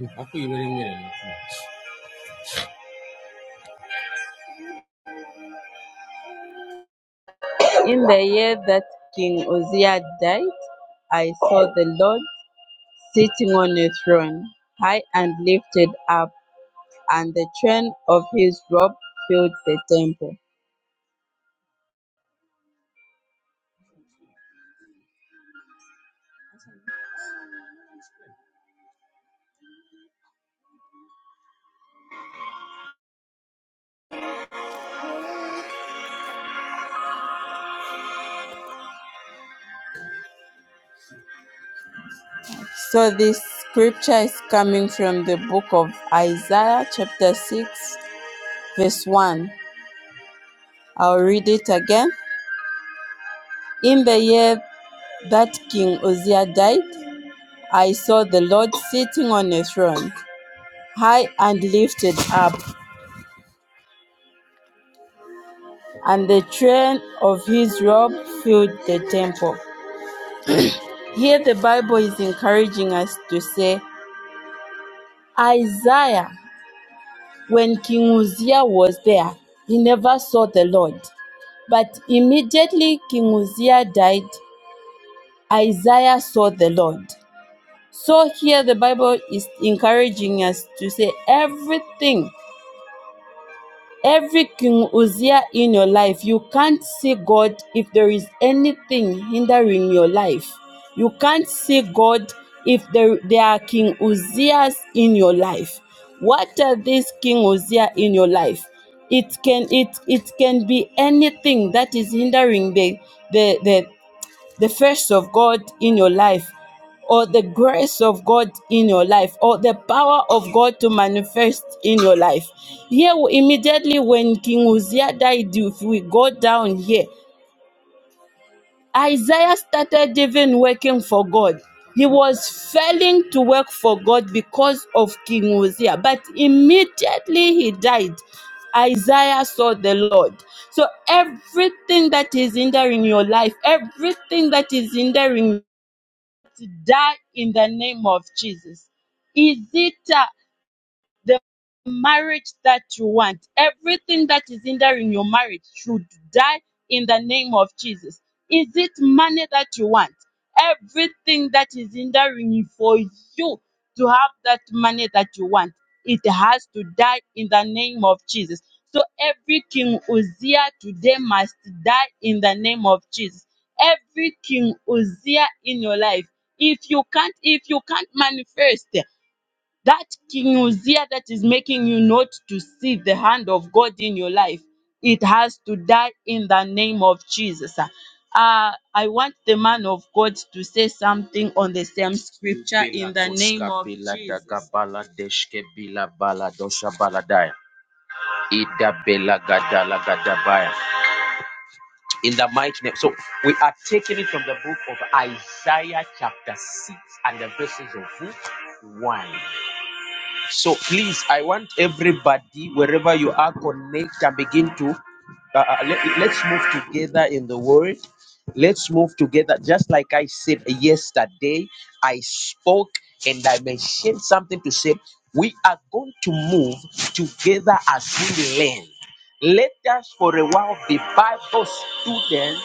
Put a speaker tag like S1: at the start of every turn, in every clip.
S1: In the year that King Uzziah died, I saw the Lord sitting on a throne, high and lifted up, and the train of his robe filled the temple. So, this scripture is coming from the book of Isaiah, chapter 6, verse 1. I'll read it again. In the year that King Uzziah died, I saw the Lord sitting on a throne, high and lifted up, and the train of his robe filled the temple. Here the Bible is encouraging us to say, Isaiah, when King Uzziah was there, he never saw the Lord. But immediately King Uzziah died, Isaiah saw the Lord. So here the Bible is encouraging us to say everything Every King Uzziah in your life, you can't see God if there is anything hindering your life. You can't see God if there, there are King Uzziahs in your life. What are these King Uzziah in your life? It can it it can be anything that is hindering the the the the first of God in your life, or the grace of God in your life, or the power of God to manifest in your life. Here, immediately when King Uzziah died, if we go down here, Isaiah started even working for God. He was failing to work for God because of King Uzziah, but immediately he died. Isaiah saw the Lord. So everything that is hindering your life, everything that is hindering die in the name of Jesus. Is it uh, the marriage that you want. Everything that is hindering your marriage should die in the name of Jesus. Is it money that you want? Everything that is hindering you for you to have that money that you want, it has to die in the name of Jesus. So every King Uzziah today must die in the name of Jesus. Every King Uzziah in your life, if you can't, if you can't manifest that king Uzziah that is making you not to see the hand of God in your life, it has to die in the name of Jesus. Uh, I want the man of God to say something on the same scripture in the name of Jesus. In the mighty name. So we are taking it from the book of Isaiah chapter 6 and the verses of which? 1. So please, I want everybody, wherever you are, connect and begin to. Uh, uh, let, let's move together in the word. Let's move together. Just like I said yesterday, I spoke and I mentioned something to say. We are going to move together as we learn. Let us for a while be Bible students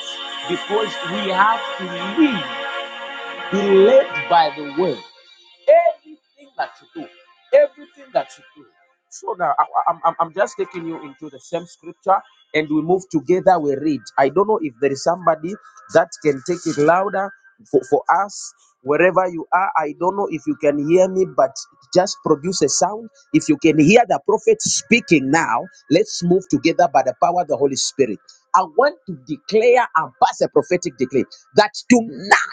S1: because we have to live, be led by the word. Everything that you do, everything that you do. So now I, I- am I'm I'm just taking you into the same scripture and we move together. We read. I don't know if there is somebody that can take it louder for, for us wherever you are. I don't know if you can hear me, but just produce a sound. If you can hear the prophet speaking now, let's move together by the power of the Holy Spirit. I want to declare and pass a prophetic decree that tonight.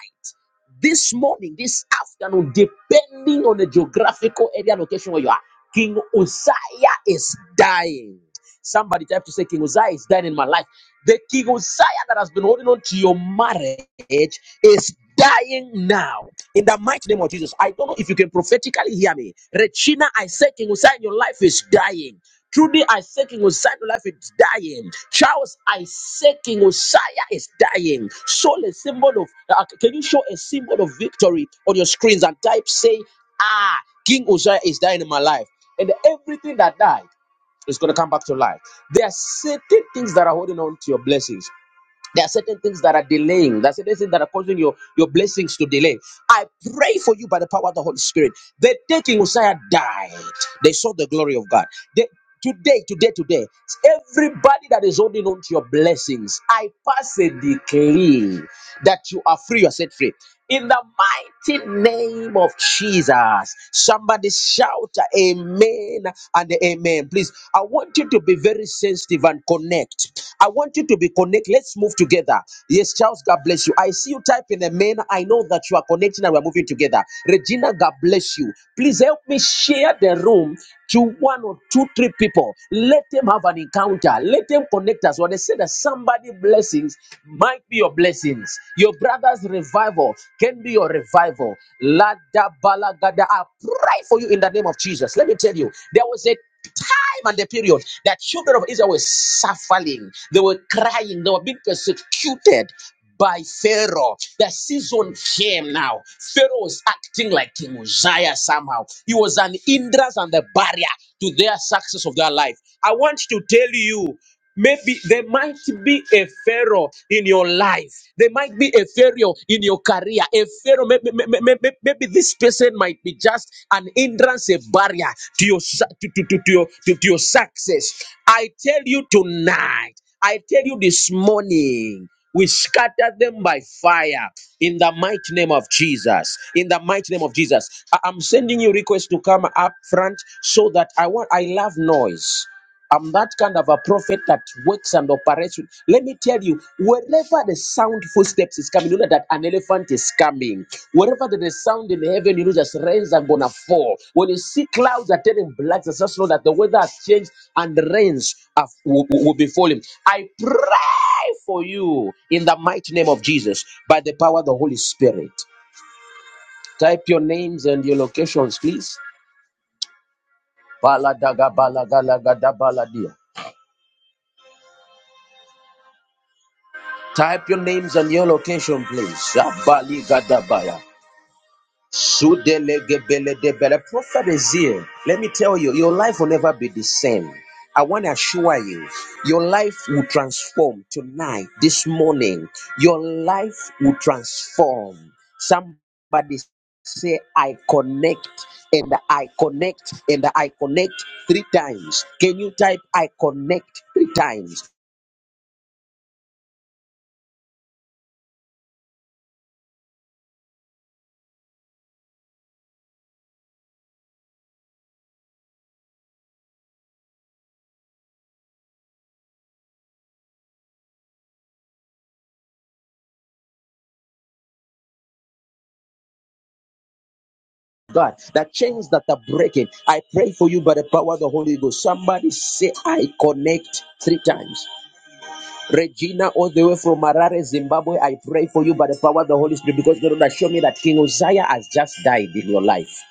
S1: This morning, this afternoon, depending on the geographical area and location where you are, King Uzziah is dying. Somebody type to say, King Uzziah is dying in my life. The King Uzziah that has been holding on to your marriage is dying now. In the mighty name of Jesus, I don't know if you can prophetically hear me. Regina, I say, King Uzziah in your life is dying. Truly, Isaac King Uzziah to life is dying. Charles Isaac King Uzziah is dying. Soul a symbol of. uh, can you show a symbol of victory on your screens and type say, Ah, King Uzziah is dying in my life, and everything that died is going to come back to life. There are certain things that are holding on to your blessings. There are certain things that are delaying. There are certain things that are causing your, your blessings to delay. I pray for you by the power of the Holy Spirit. The day King Uzziah died, they saw the glory of God. They, today, today, today, everybody that is holding on to your blessings, I pass a decree that you are free, you are set free in the mighty name of Jesus. Somebody shout amen and amen. Please, I want you to be very sensitive and connect. I want you to be connect. Let's move together. Yes, Charles, God bless you. I see you typing amen. I know that you are connecting and we're moving together. Regina, God bless you. Please help me share the room to one or two, three people. Let them have an encounter. Let them connect us. When they say that somebody blessings might be your blessings. Your brother's revival can be your revival. Lada balagada. I pray for you in the name of Jesus. Let me tell you, there was a time and the period that children of Israel were suffering, they were crying, they were being persecuted by Pharaoh. The season came now. Pharaoh was acting like King Uzziah somehow. He was an hindrance and a barrier to their success of their life. I want to tell you. Maybe there might be a pharaoh in your life. There might be a pharaoh in your career. A pharaoh, maybe, maybe, maybe this person might be just an hindrance, a barrier to your su- to, to, to, to your, to to your success. I tell you tonight. I tell you this morning, we scatter them by fire in the mighty name of Jesus. In the mighty name of Jesus. I- am sending you requests to come up front so that I want, I love noise. I'm that kind of a prophet that works and operates. with- Let me tell you, wherever the sound footsteps is coming, you know that an elephant is coming. Wherever there is sound in heaven, you know that rains are gonna fall. When you see clouds are turning black, it's just know that the weather has changed and the rains are, will, will be falling. I pray for you in the mighty name of Jesus by the power of the Holy Spirit. Type your names and your locations, please. Baladaga balagalagada baladia. Type your names and your location, please. Abaligadabaya. Sudelegebele Prophet is here. Let me tell you, your life will never be the same. I want to assure you, your life will transform tonight, this morning. Your life will transform. Somebody say, I connect and I connect and I connect three times. Can you type, I connect three times? God, the chains that are breaking, I pray for you by the power of the Holy Ghost. Somebody say, I connect three times. Regina, all the way from Harare, Zimbabwe, I pray for you by the power of the Holy Spirit because God will show me that King Uzziah has just died in your life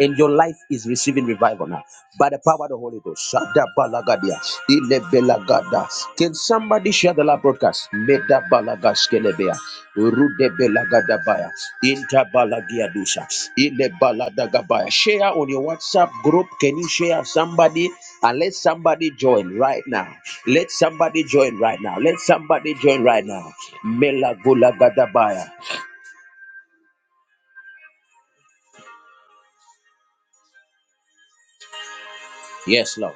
S1: and your life is receiving revival now by the power of the Holy Ghost. Shada balagadia, ile belagada. Can somebody share the live broadcast? Meda balagas kelebea, rude belagada baya, inta balagia dusha, ile baladaga baya. Share on your WhatsApp group. Can you share somebody and let somebody join right now? Let somebody join right now. Let somebody join right now. Mela gulagada baya. Yes, Lord.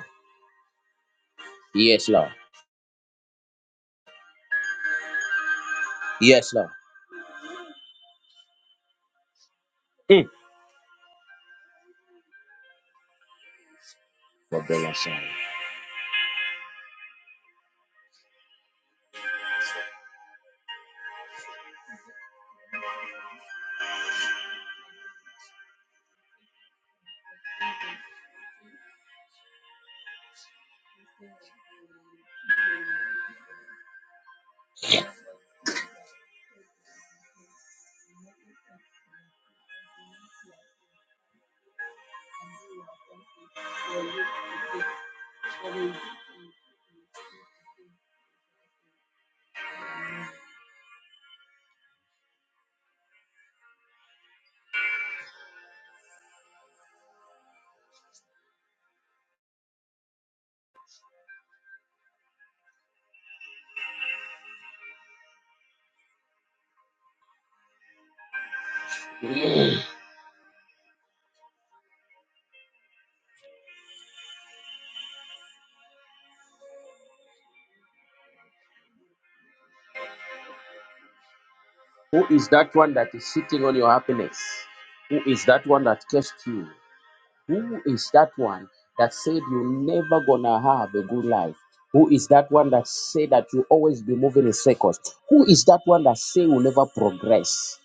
S1: Yes, Lord. Yes, Lord. Mm. God bless you. Who is that one that is sitting on your happiness? Who is that one that cursed you? Who is that one that said you never gonna have a good life? Who is that one that said that you always be moving in circles? Who is that one that say you never progress?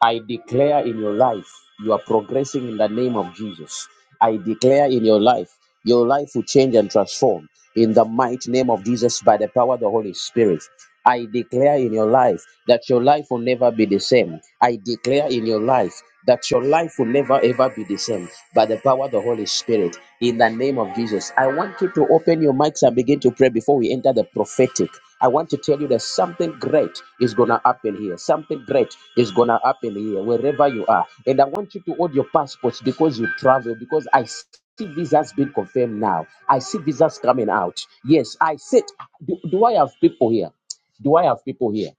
S1: I declare in your life, you are progressing in the name of Jesus. I declare in your life, your life will change and transform in the mighty name of Jesus by the power of the Holy Spirit. I declare in your life that your life will never be the same. I declare in your life that your life will never ever be the same by the power of the Holy Spirit in the name of Jesus. I want you to open your mics and begin to pray before we enter the prophetic. I want to tell you that something great is going to happen here. Something great is going to happen here, wherever you are. And I want you to hold your passports because you travel, because I see visas being confirmed now. I see visas coming out. Yes, I said, do, do I have people here? Do I have people here?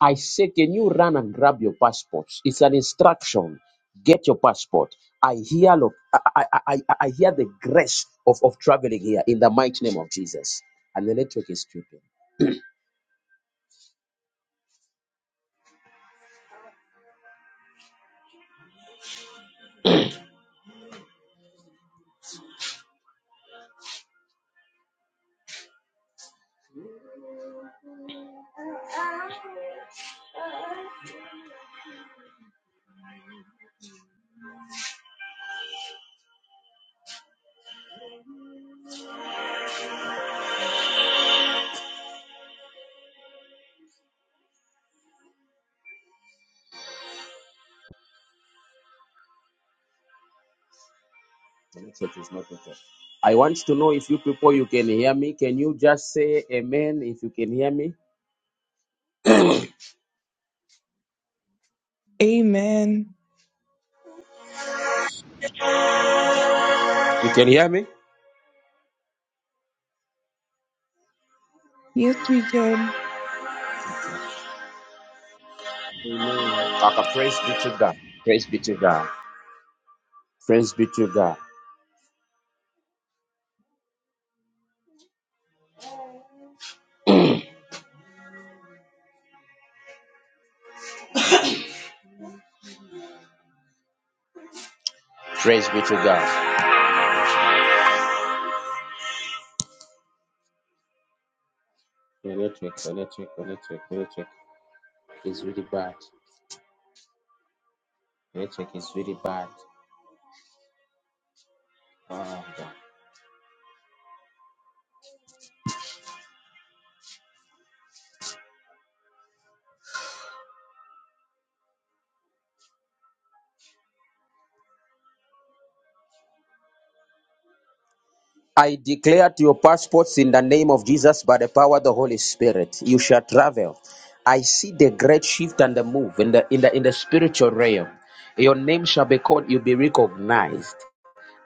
S1: I say, can you run and grab your passports? It's an instruction. Get your passport. I hear, look, I, I, I, I I hear the grace of, of traveling here in the mighty name of Jesus. And the network is tripping. The network is not okay. I want to know if you people you can hear me. Can you just say amen if you can hear me?
S2: Amen.
S1: You can hear me?
S2: Yes, we can.
S3: Amen.
S1: Okay, praise be to God. Praise be to God. Praise be to God. Praise be to God. The network, the network, the network, the network is really bad. The network is really bad. Ah, I declare to your passports in the name of Jesus by the power of the Holy Spirit, you shall travel. I see the great shift and the move in the in the in the spiritual realm. Your name shall be called, you'll be recognized.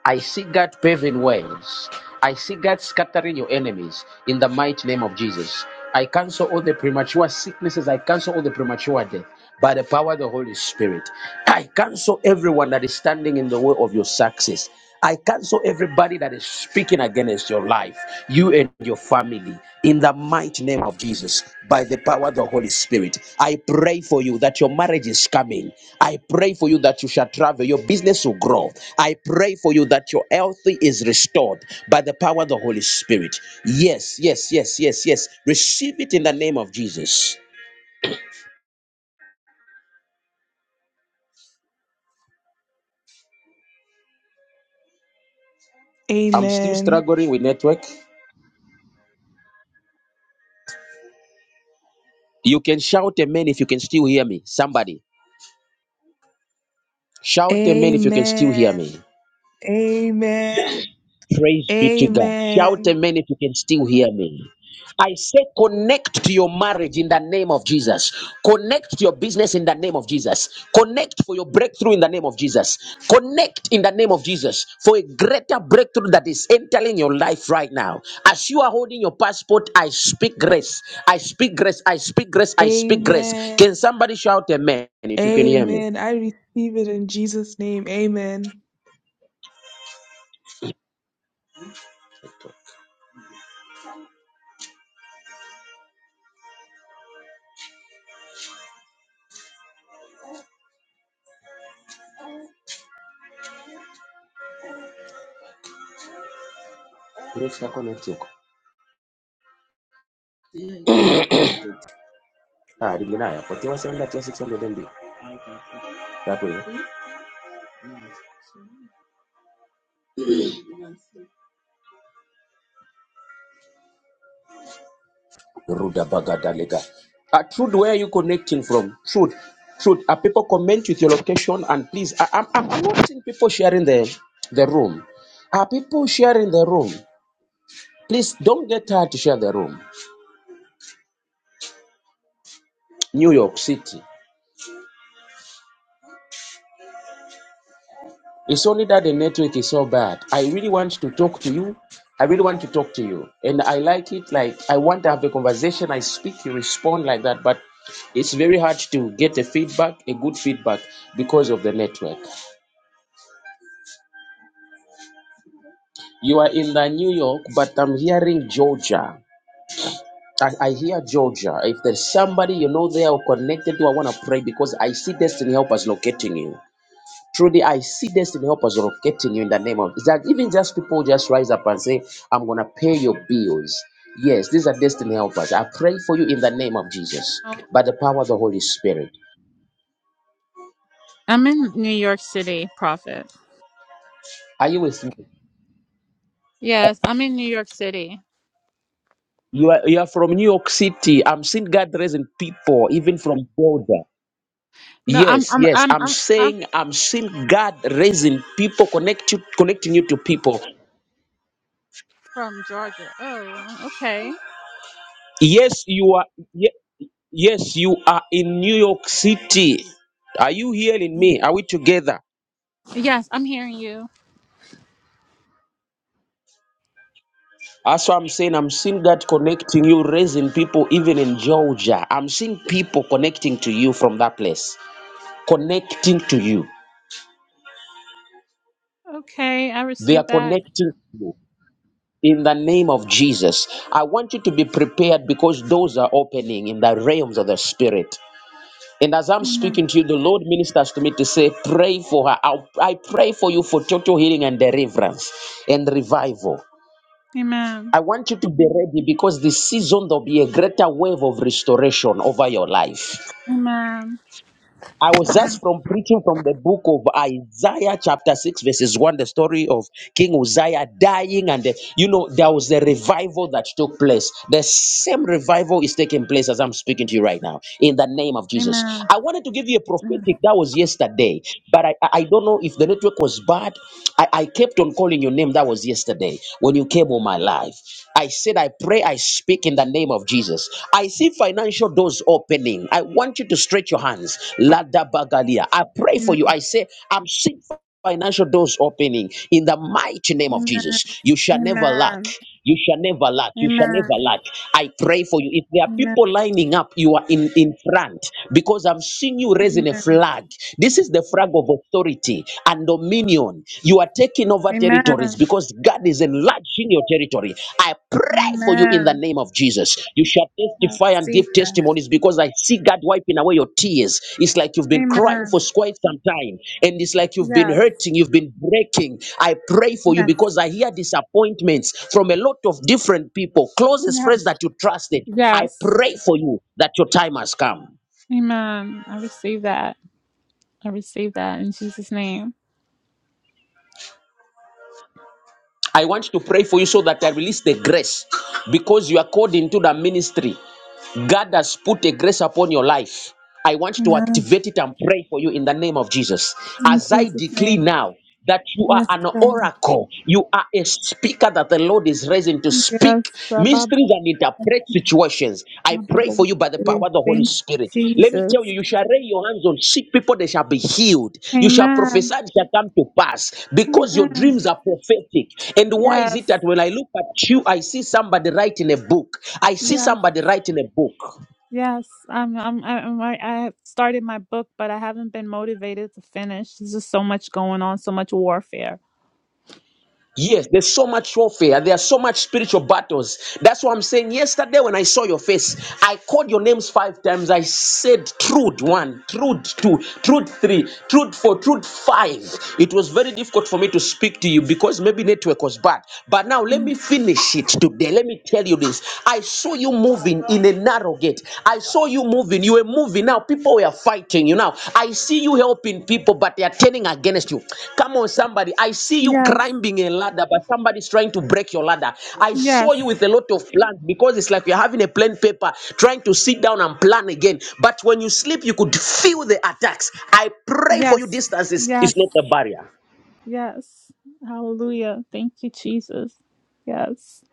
S1: I see God paving ways. I see God scattering your enemies in the mighty name of Jesus. I cancel all the premature sicknesses. I cancel all the premature death by the power of the Holy Spirit. I cancel everyone that is standing in the way of your success. I cancel everybody that is speaking against your life. You and your family in the mighty name of Jesus by the power of the Holy Spirit. I pray for you that your marriage is coming. I pray for you that you shall travel, your business will grow. I pray for you that your health is restored by the power of the Holy Spirit. Yes, yes, yes, yes, yes. Receive it in the name of Jesus. I'm still
S2: Amen.
S1: struggling with network. You can shout amen if you can still hear me. Somebody shout amen if you can still hear
S2: Amen.
S1: me.
S2: Amen.
S1: Praise be to God. Shout
S2: Amen.
S1: amen if you can still hear me. I say connect to your marriage in the name of Jesus. Connect to your business in the name of Jesus. Connect for your breakthrough in the name of Jesus. Connect in the name of Jesus for a greater breakthrough that is entering your life right now. As you are holding your passport, I speak grace. I speak grace. I speak grace. I speak
S2: Amen.
S1: grace. Can somebody shout amen if you can hear me?
S2: Amen. I receive it in Jesus' name. Amen.
S1: Grace na connect yako. Ah, rigi nayo. 41 600 MB. Rudabagadalega. Uh, Trude, where are you connecting from? Trude, Trude, Are people comment with your location and please, I, I'm, I'm I'm not seeing people sharing the, the room. Are people sharing the room? Please don't get tired to share the room. New York City. It's only that the network is so bad. I really want to talk to you. I really want to talk to you. And I like it. Like, I want to have a conversation. I speak, you respond like that. But it's very hard to get a feedback, a good feedback, because of the network. You are in the New York, but I'm hearing Georgia. I, I hear Georgia. If there's somebody you know there or connected to, I want to pray because I see destiny helpers locating you. Truly, I see destiny helpers locating you in the name of Is that. Even just people just rise up and say, I'm gonna pay your bills. Yes, these are destiny helpers. I pray for you in the name of Jesus,
S4: Oh,
S1: by the power of the Holy Spirit.
S4: I'm in New York City, Prophet.
S1: Are you with me?
S4: Yes, I'm in New York City.
S1: You are you are from New York City. I'm seeing God raising people, even from Georgia.
S4: No, I'm
S1: Yes,
S4: I'm
S1: yes.
S4: I'm
S1: I'm
S4: I'm, I'm
S1: saying I'm seeing God raising people, connect you, connecting you to people.
S4: from Georgia. Oh, okay.
S1: Yes, you are. ye- Yes, you are in New York City. Are you hearing me? Are we together?
S4: Yes, I'm hearing you.
S1: That's what I'm saying. I'm seeing God connecting you, raising people, even in Georgia. I'm seeing people connecting to you from that place, connecting to you.
S4: Okay, I
S1: They
S4: received
S1: are
S4: that.
S1: connecting to you in the name of Jesus. I want you to be prepared because doors are opening in the realms of the Spirit. And as I'm
S4: Amen.
S1: speaking to you, the Lord ministers to me to say, Pray for her. I'll- I pray for you for total healing and deliverance and revival.
S4: Amen.
S1: I want you to be ready because this season there'll be a greater wave of restoration over your life.
S4: Amen.
S1: I was just from preaching from the book of Isaiah, chapter 6, verses 1, the story of King Uzziah dying. And, uh, you know, there was a revival that took place. The same revival is taking place as I'm speaking to you right now, in the name of Jesus.
S4: Amen.
S1: I wanted to give you a prophetic that was yesterday, but I, I I don't know if the network was bad. I, I kept on calling your name. That was yesterday when you came on my life. I said, I pray, I speak in the name of Jesus. I see financial doors opening. I want you to stretch your hands. Lada Bagalia. I pray for
S4: Amen.
S1: you. I say, I'm seeing financial doors opening in the mighty name of
S4: Amen.
S1: Jesus. You shall never lack.
S4: Amen.
S1: You shall never lack. You shall never
S4: Amen.
S1: lack. I pray for you. If there are
S4: Amen.
S1: people lining up, you are in, in front because I'm seeing you raising a
S4: Amen.
S1: flag. This is the flag of authority and dominion. You are taking over territories
S4: Amen.
S1: because God is enlarging enlarging your territory. I pray for you in the
S4: Amen.
S1: name of Jesus. You shall
S4: I
S1: testify and give
S4: receive that.
S1: testimonies because I see God wiping away your tears. It's like you've been crying for
S4: Amen.
S1: quite some time, and it's like you've been
S4: Yes.
S1: hurting, you've been breaking. I pray for you
S4: Yes.
S1: because I hear disappointments from a lot of different people, closest
S4: Yes.
S1: friends that you trusted. I
S4: Yes.
S1: pray for you that your time has come.
S4: Amen. I receive that. I receive that in Jesus' name.
S1: I want to pray for you so that I release the grace because you are called into the ministry. God has put a grace upon your life. I want to
S4: Amen.
S1: activate it and pray for you in the name of Jesus.
S4: In
S1: As I
S4: Jesus' name.
S1: declare now that you are
S4: Yes,
S1: an
S4: God.
S1: oracle, you are a speaker that the Lord is raising to speak
S4: Yes, Baba.
S1: mysteries and interpret situations. I pray
S4: Baba.
S1: pray for you by the
S4: Thank
S1: power of the Holy
S4: you,
S1: Spirit. Let me tell you,
S4: Jesus.
S1: you shall lay your hands on sick people, they shall be healed. You shall
S4: Amen.
S1: prophesy, it shall come to pass because your
S4: Amen.
S1: dreams are prophetic. And why is
S4: Yes.
S1: it that when I look at you, I see somebody writing a book? I see
S4: Yes.
S1: somebody writing a book.
S4: Yes. I'm. I'm. I'm. I I have started my book, but I haven't been motivated to finish. There's just so much going on, so much warfare.
S1: Yes, there's so much warfare. There are so much spiritual battles. That's what I'm saying. Yesterday, when I saw your face, I called your names five times. I said truth one, truth two, truth three, truth four, truth five. It was very difficult for me to speak to you because maybe network was bad. But now let me finish it today. Let me tell you this. I saw you moving in a narrow gate. I saw you moving. You were moving. Now people were fighting you. Now I see you helping people, but they are turning against you. Come on, somebody. I see you
S4: Yes.
S1: climbing a ladder, but somebody's trying to break your ladder. I saw
S4: Yes.
S1: you with a lot of plans because it's like you're having a plain paper, trying to sit down and plan again. But when you sleep, you could feel the attacks. I pray for you.
S4: Yes.
S1: Distance is, is
S4: Yes.
S1: not a barrier.
S4: Yes. Hallelujah. Thank you, Jesus. Yes.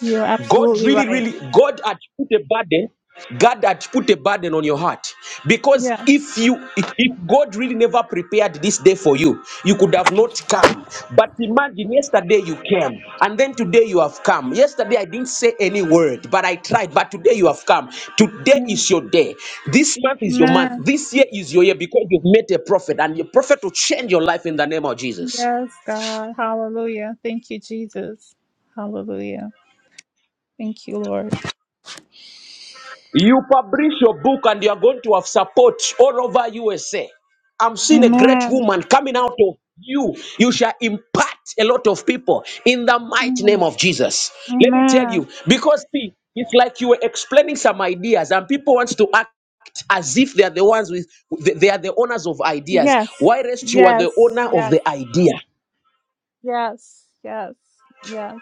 S4: You're
S1: God
S4: absolutely
S1: really,
S4: right.
S1: really, God had put a burden. God had put a burden on your heart because
S4: Yeah.
S1: if you, if if God really never prepared this day for you, you could have not come. But imagine yesterday you came, and then today you have come. Yesterday I didn't say any word, but I tried. But today you have come. Today
S4: yeah.
S1: is your day. This month is your month.
S4: Man.
S1: This year is your year because you've met a prophet, and your prophet will change your life in the name of Jesus.
S4: Yes, God. Hallelujah. Thank you, Jesus. Hallelujah. Thank you, Lord.
S1: You publish your book and you are going to have support all over USA. I'm seeing a great
S4: Amen.
S1: woman coming out of you. You shall impact a lot of people in the mighty name
S4: Amen.
S1: of Jesus. Let me tell you,
S4: Amen.
S1: because see, it's like you were explaining some ideas and people want to act as if they are the ones with they they are the owners of ideas.
S4: Yes.
S1: Why rest you are the
S4: Yes.
S1: owner of
S4: Yes.
S1: the idea?
S4: Yes. Yes. Yes.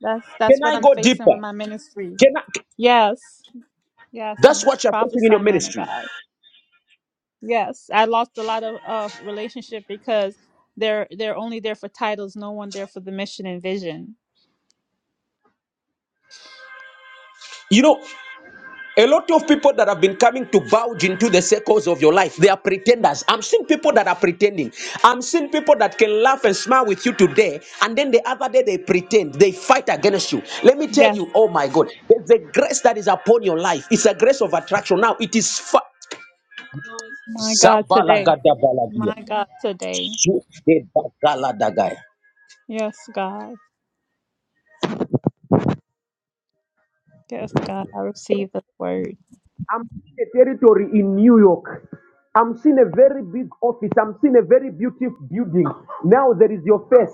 S4: That's
S1: Can
S4: that's what
S1: I
S4: I'm
S1: go
S4: facing with
S1: deeper?
S4: my ministry.
S1: Can I
S4: Yes. Yes.
S1: that's
S4: m-
S1: what you're facing in your
S4: Prophesy, man of
S1: ministry.
S4: God. Yes. I lost a lot of uh, relationship because they're they're only there for titles, no one there for the mission and vision.
S1: You know, A lot of people that have been coming to vouch into the circles of your life, they are pretenders. I'm seeing people that are pretending. I'm seeing people that can laugh and smile with you today, and then the other day they pretend, they fight against you. Let me tell
S4: Yes.
S1: you, oh my God, there's a grace that is upon your life. It's a grace of attraction. Now it is fa-
S4: My God, today.
S1: Zabalagadabaladiya.
S4: My God, today.
S1: Sudebagaladagai.
S4: Yes, God. Yes, God. I receive the word.
S1: I'm seeing a territory in New York. I'm seeing a very big office. I'm seeing a very beautiful building. Now there is your face.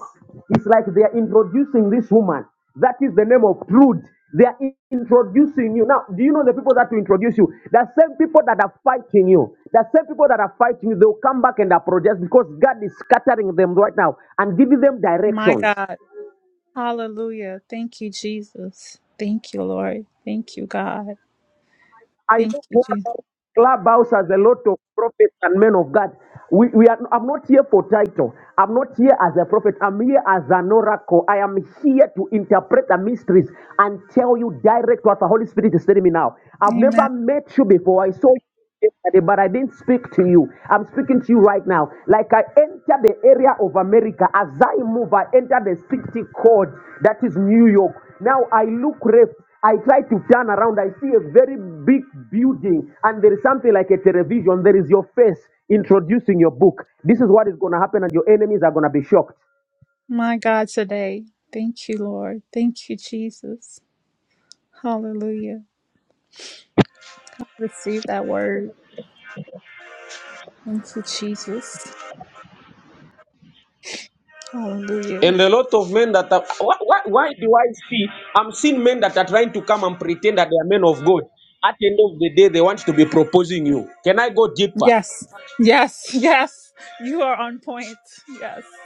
S1: It's like they are introducing this woman. That is the name of Trude. They are in- introducing you. Now, do you know the people that will introduce you? The same people that are fighting you. The same people that are fighting you, they'll come back and apologize because God is scattering them right now and giving them
S4: My
S1: directions.
S4: God. Hallelujah. Thank you, Jesus. Thank you, Lord. Thank you, God.
S1: I
S4: Thank
S1: know
S4: you, Jesus.
S1: Clubhouse Clubhouse has a lot of prophets and men of God. We, we are, I'm not here for title. I'm not here as a prophet. I'm here as an oracle. I am here to interpret the mysteries and tell you direct what the Holy Spirit is telling me now. I've
S4: Amen.
S1: never met you before. I saw you yesterday, but I didn't speak to you. I'm speaking to you right now. Like I enter the area of America, as I move, I enter the city code that is New York. Now I look left. I try to turn around. I see a very big building, and there is something like a television. There is your face introducing your book. This is what is going to happen, and your enemies are going to be shocked.
S4: My God, today. Thank you, Lord. Thank you, Jesus. Hallelujah. I receive that word. Thank you, Jesus. Hallelujah.
S1: And a lot of men that are, why, why, why do I see? I'm seeing men that are trying to come and pretend that they are men of God. At the end of the day, they want to be proposing you. Can I go deeper?
S4: Yes. Yes. Yes. You are on point. Yes.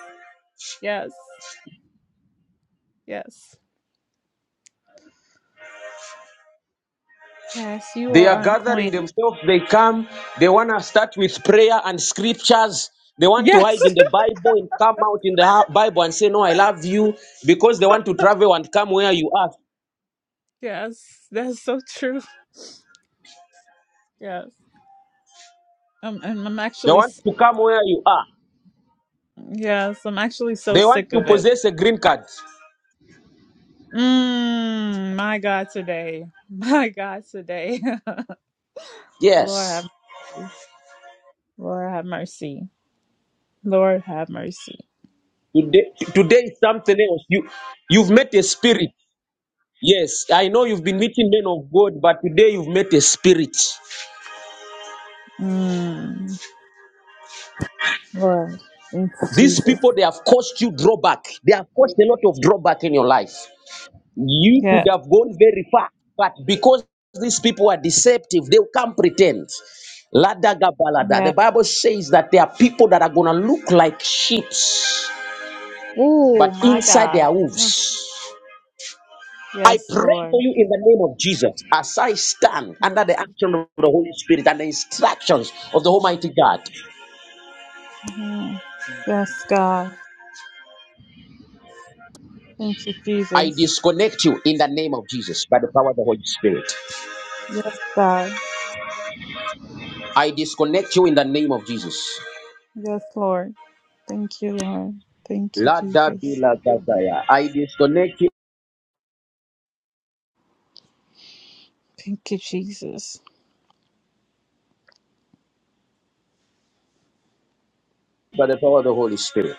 S4: Yes. Yes. Yes, you
S1: They
S4: are
S1: are
S4: on
S1: gathering
S4: point.
S1: themselves, they come, they want to start with prayer and scriptures. They want to
S4: Yes.
S1: hide in the Bible and come out in the ha- Bible and say, No, I love you because they want to travel and come where you are.
S4: Yes. That's so true. Yes. Um, and I'm
S1: They
S4: actually,
S1: want
S4: s-
S1: to come where you are.
S4: yes, I'm actually so
S1: They want
S4: sick
S1: to
S4: of it.
S1: possess a green card.
S4: Mm, my God, today. My God, today. Lord
S1: Yes.
S4: have, Lord have mercy. Lord have mercy.
S1: Today, today is something else. You, you've met a spirit. Yes, I know you've been meeting men of God, but today you've met a spirit.
S4: Mm, Lord. Thank you,
S1: These
S4: Jesus.
S1: people, they have caused you drawback. They have caused a lot of drawback in your life. You could
S4: Yeah.
S1: have gone very far, but because these people are deceptive, they'll come pretend. Ladagabalada. The
S4: Yeah.
S1: Bible says that there are people that are going to look like sheep,
S4: Oh,
S1: but
S4: my
S1: inside they
S4: God.
S1: are
S4: Mm,
S1: wolves. I
S4: Yes,
S1: pray for
S4: Lord.
S1: you in the name of Jesus as I stand
S4: Yes.
S1: under the action of the Holy Spirit and the instructions of the Almighty God.
S4: Mhm. yes, God. Thank you,
S1: I
S4: Jesus.
S1: disconnect you in the name of Jesus by the power of the Holy Spirit.
S4: Yes, God.
S1: I disconnect you in the name of Jesus.
S4: Yes, Lord. Thank you, Lord. Thank you,
S1: Lada
S4: Jesus.
S1: bila gadaya. I disconnect you
S4: Thank you, Jesus.
S1: by the power of the Holy Spirit.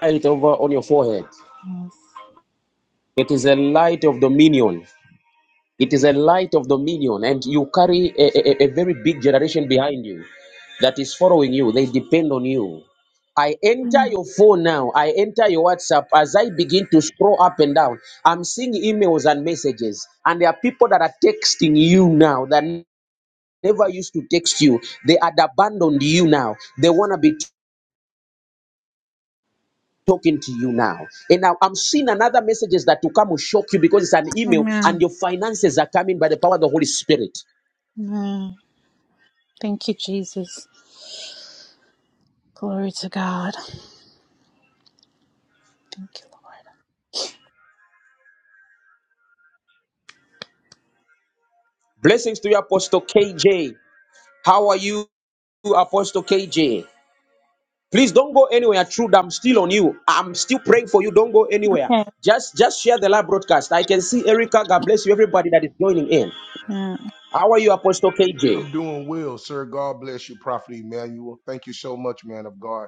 S1: Light over on your forehead.
S4: Yes.
S1: It is a light of dominion. It is a light of dominion, and you carry a, a, a very big generation behind you that is following you. They depend on you. I enter
S4: Mm.
S1: your phone now. I enter your WhatsApp. As I begin to scroll up and down, I'm seeing emails and messages. And there are people that are texting you now that never used to text you. They had abandoned you now. They want to be talking to you now. And now I'm seeing another messages that will come will shock you because it's an email and
S4: Amen.
S1: your finances are coming by the power of the Holy Spirit.
S4: Amen. Thank you, Jesus. Glory to God. Thank you,
S1: Blessings to you, Apostle KJ. How are you, Apostle KJ? Please don't go anywhere. Truth, I'm still on you. I'm still praying for you. Don't go anywhere.
S4: Lord. Okay.
S1: Just, just share the live broadcast. I can see Erica. God bless you, everybody that is joining in.
S4: Yeah.
S1: How are you, Apostle KJ?
S5: I'm doing well, sir. God bless you, Prophet Emmanuel. Thank you so much, man of God.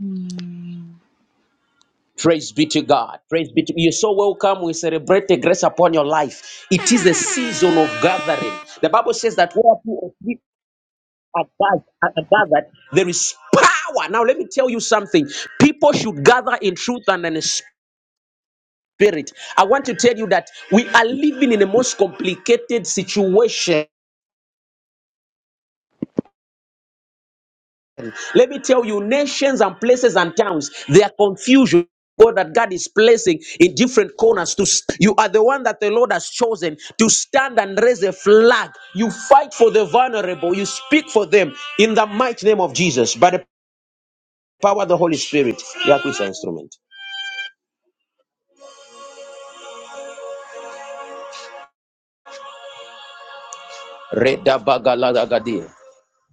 S4: Mm.
S1: Praise be to God. Praise be to you. You're so welcome. We celebrate the grace upon your life. It is a season of gathering. The Bible says that where two or three are gath- are gathered, there is power. Now, let me tell you something. People should gather in truth and in spirit spirit. I want to tell you that we are living in the most complicated situation. Let me tell you, nations and places and towns, they are confusion. God that God is placing in different corners to s- you are the one that the Lord has chosen to stand and raise a flag. You fight for the vulnerable, you speak for them in the mighty name of Jesus by the power of the Holy Spirit. You are instrument. Reda bagalagagadia.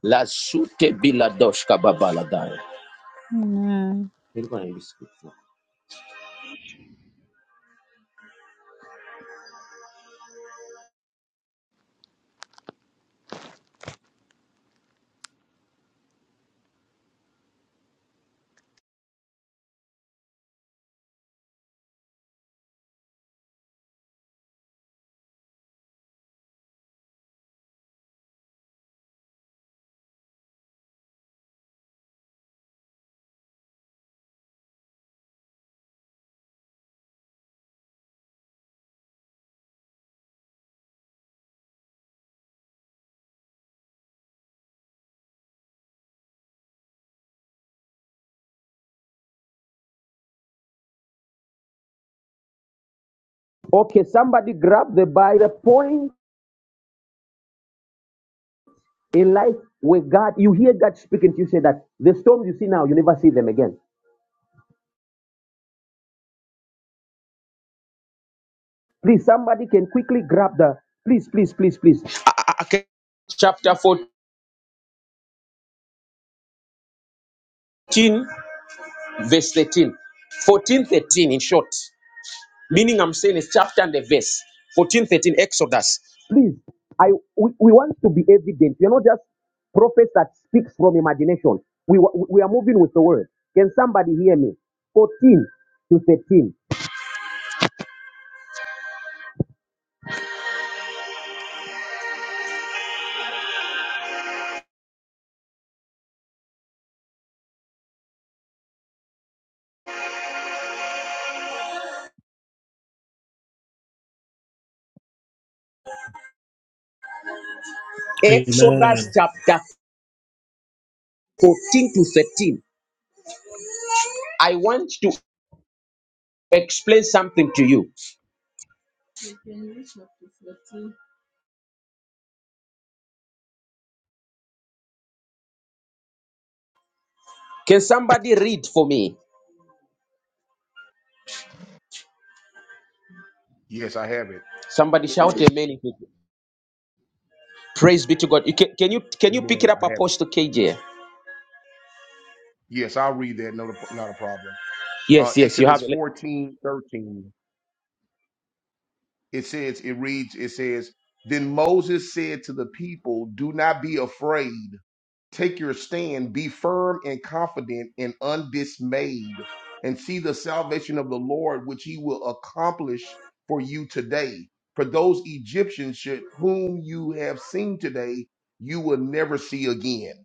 S1: La sute bila doshka babaladaya.
S4: Amen.
S1: Okay, somebody grab the Bible. The point in life where God, you hear God speaking to you, say that the storms you see now, you never see them again. Please, somebody can quickly grab the. Please, please, please, please. Ah, ah, ah, okay. Chapter 14, verse 13. 14, thirteen, in short. Meaning, I'm saying is chapter and the verse 14, 13, Exodus. Please, I we, we want to be evident. We are not just prophets that speak from imagination. We, wa- we are moving with the word. Can somebody hear me? 14 to 13. Exodus
S6: Amen.
S1: chapter 14 to 13. I want to explain something to you. Can somebody read for me?
S5: Yes, I have it.
S1: Somebody shout amen. if you can. Praise be to God. You can, can you can you pick it
S5: Amen.
S1: up,
S5: I have it.
S1: Apostle KJ?
S5: Yes, I'll read that. No, not a problem. Uh,
S1: Yes, yes, you have
S5: Exodus
S1: it.
S5: 14 13. It says, it reads, it says, Then Moses said to the people, Do not be afraid. Take your stand, be firm and confident and undismayed, and see the salvation of the Lord, which he will accomplish for you today. For those Egyptians should, whom you have seen today, you will never see again.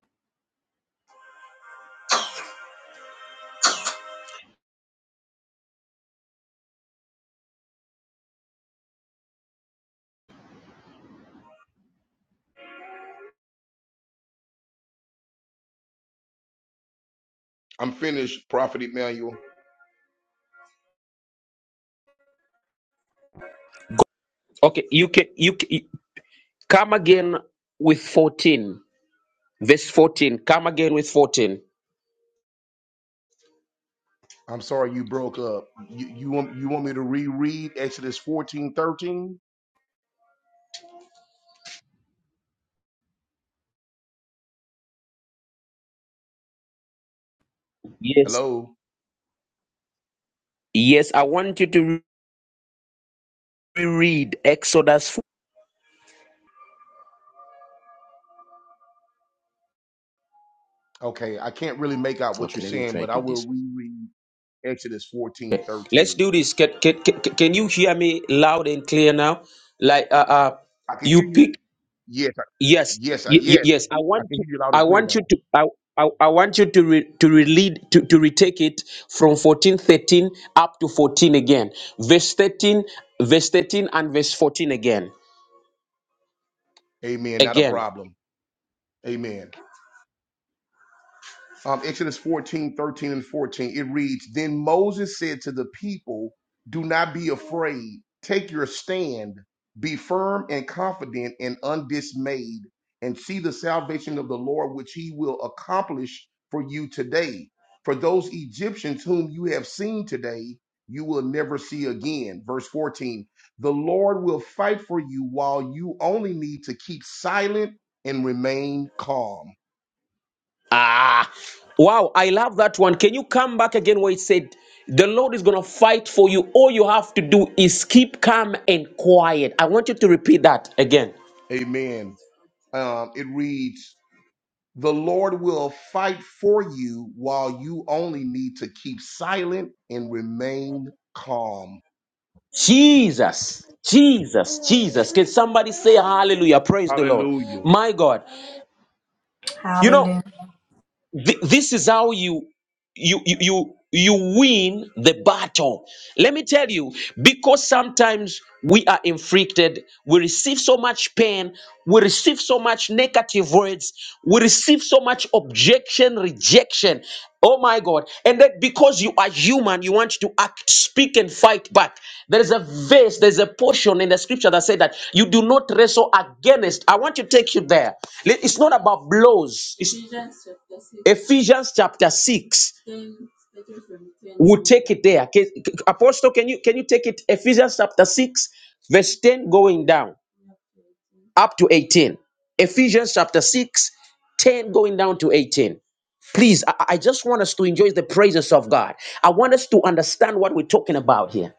S5: I'm finished, Prophet Emmanuel.
S1: Okay, you can you can. Come again with 14. Verse 14. Come again with 14.
S5: I'm sorry you broke up. You, you want you want me to reread Exodus 14 13?
S1: Yes.
S5: Hello?
S1: Yes, I want you to reread Exodus 4.
S5: Okay, I can't really make out what
S1: Okay,
S5: you're
S1: let me
S5: saying,
S1: try
S5: but I
S1: to
S5: will
S1: this.
S5: reread Exodus 14
S1: Okay, let's
S5: 13.
S1: do this. Can, can, can, can you hear me loud and clear now? Like, uh, uh
S5: I can hear
S1: you
S5: you.
S1: pick.
S5: Yes.
S1: Yes, y-
S5: Yes, I,
S1: y-
S5: yes,
S1: yes. I
S5: I
S1: want
S5: can
S1: you.
S5: hear you loud
S1: I
S5: and clear
S1: want you
S5: now.
S1: to. I, I, I want you to re, to relead to, to retake it from fourteen thirteen up to fourteen again. Verse thirteen, verse thirteen, and verse fourteen again.
S5: Amen. Not a
S1: Again.
S5: problem. Amen. um, Exodus 14 13 and 14, it reads, Then Moses said to the people, Do not be afraid. Take your stand. Be firm and confident and undismayed, and see the salvation of the Lord, which he will accomplish for you today. For those Egyptians whom you have seen today, you will never see again. Verse 14 The Lord will fight for you while you only need to keep silent and remain calm.
S1: Ah, wow, I love that one. Can you come back again where it said, The Lord is going to fight for you? All you have to do is keep calm and quiet. I want you to repeat that again.
S5: Amen. Um, it reads, The Lord will fight for you while you only need to keep silent and remain calm.
S1: Jesus, Jesus, Jesus. Can somebody say hallelujah? Praise the Lord.
S5: Hallelujah.
S1: My God. You know,
S7: Hallelujah.
S1: Th- this is how you you you you you win the battle let me tell you because sometimes we are inflicted we receive so much pain we receive so much negative words we receive so much objection rejection oh my god and that because you are human you want to act speak and fight back. There is a verse, there's a portion in the scripture that said that you do not wrestle against. I want to take you there. Li- It's not about blows. It's- Ephesians chapter 6. We'll take it there. Ca- Apostle, can you can you take it? Ephesians chapter 6, verse 10 going down up to 18. Ephesians chapter 6, 10 going down to 18. Please, I I just want us to enjoy the praises of God. I want us to understand what we're talking about here.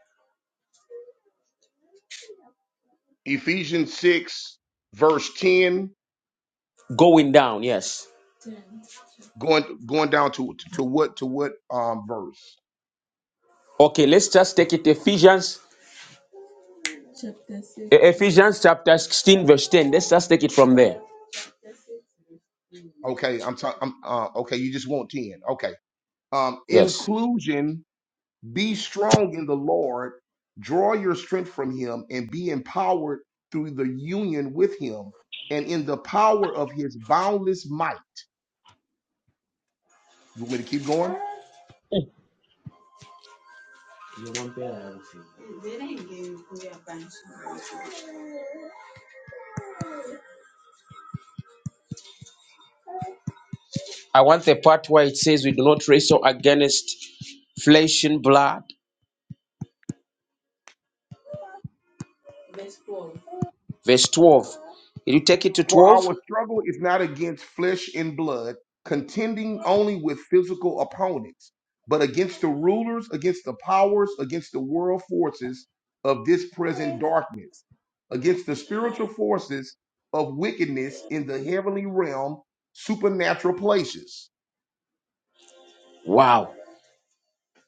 S5: Ephesians 6, verse 10,
S1: Going down, yes.
S5: going going down to to what to what um verse?
S1: Okay, let's just take it Ephesians Chapter six. E- Ephesians chapter 16 verse 10. Let's just take it from there.
S5: Okay, I'm talking I'm uh, okay, you just want 10. Okay. Um
S1: Yes.
S5: inclusion Be strong in the Lord, draw your strength from him, and be empowered through the union with him and in the power of his boundless might. You want me to keep going?
S1: I want the part where it says we do not wrestle against flesh and blood. Verse 12. Did you take it to
S5: For
S1: 12?
S5: our struggle is not against flesh and blood, contending only with physical opponents, but against the rulers, against the powers, against the world forces of this present darkness, against the spiritual forces of wickedness in the heavenly realm, supernatural places.
S1: Wow.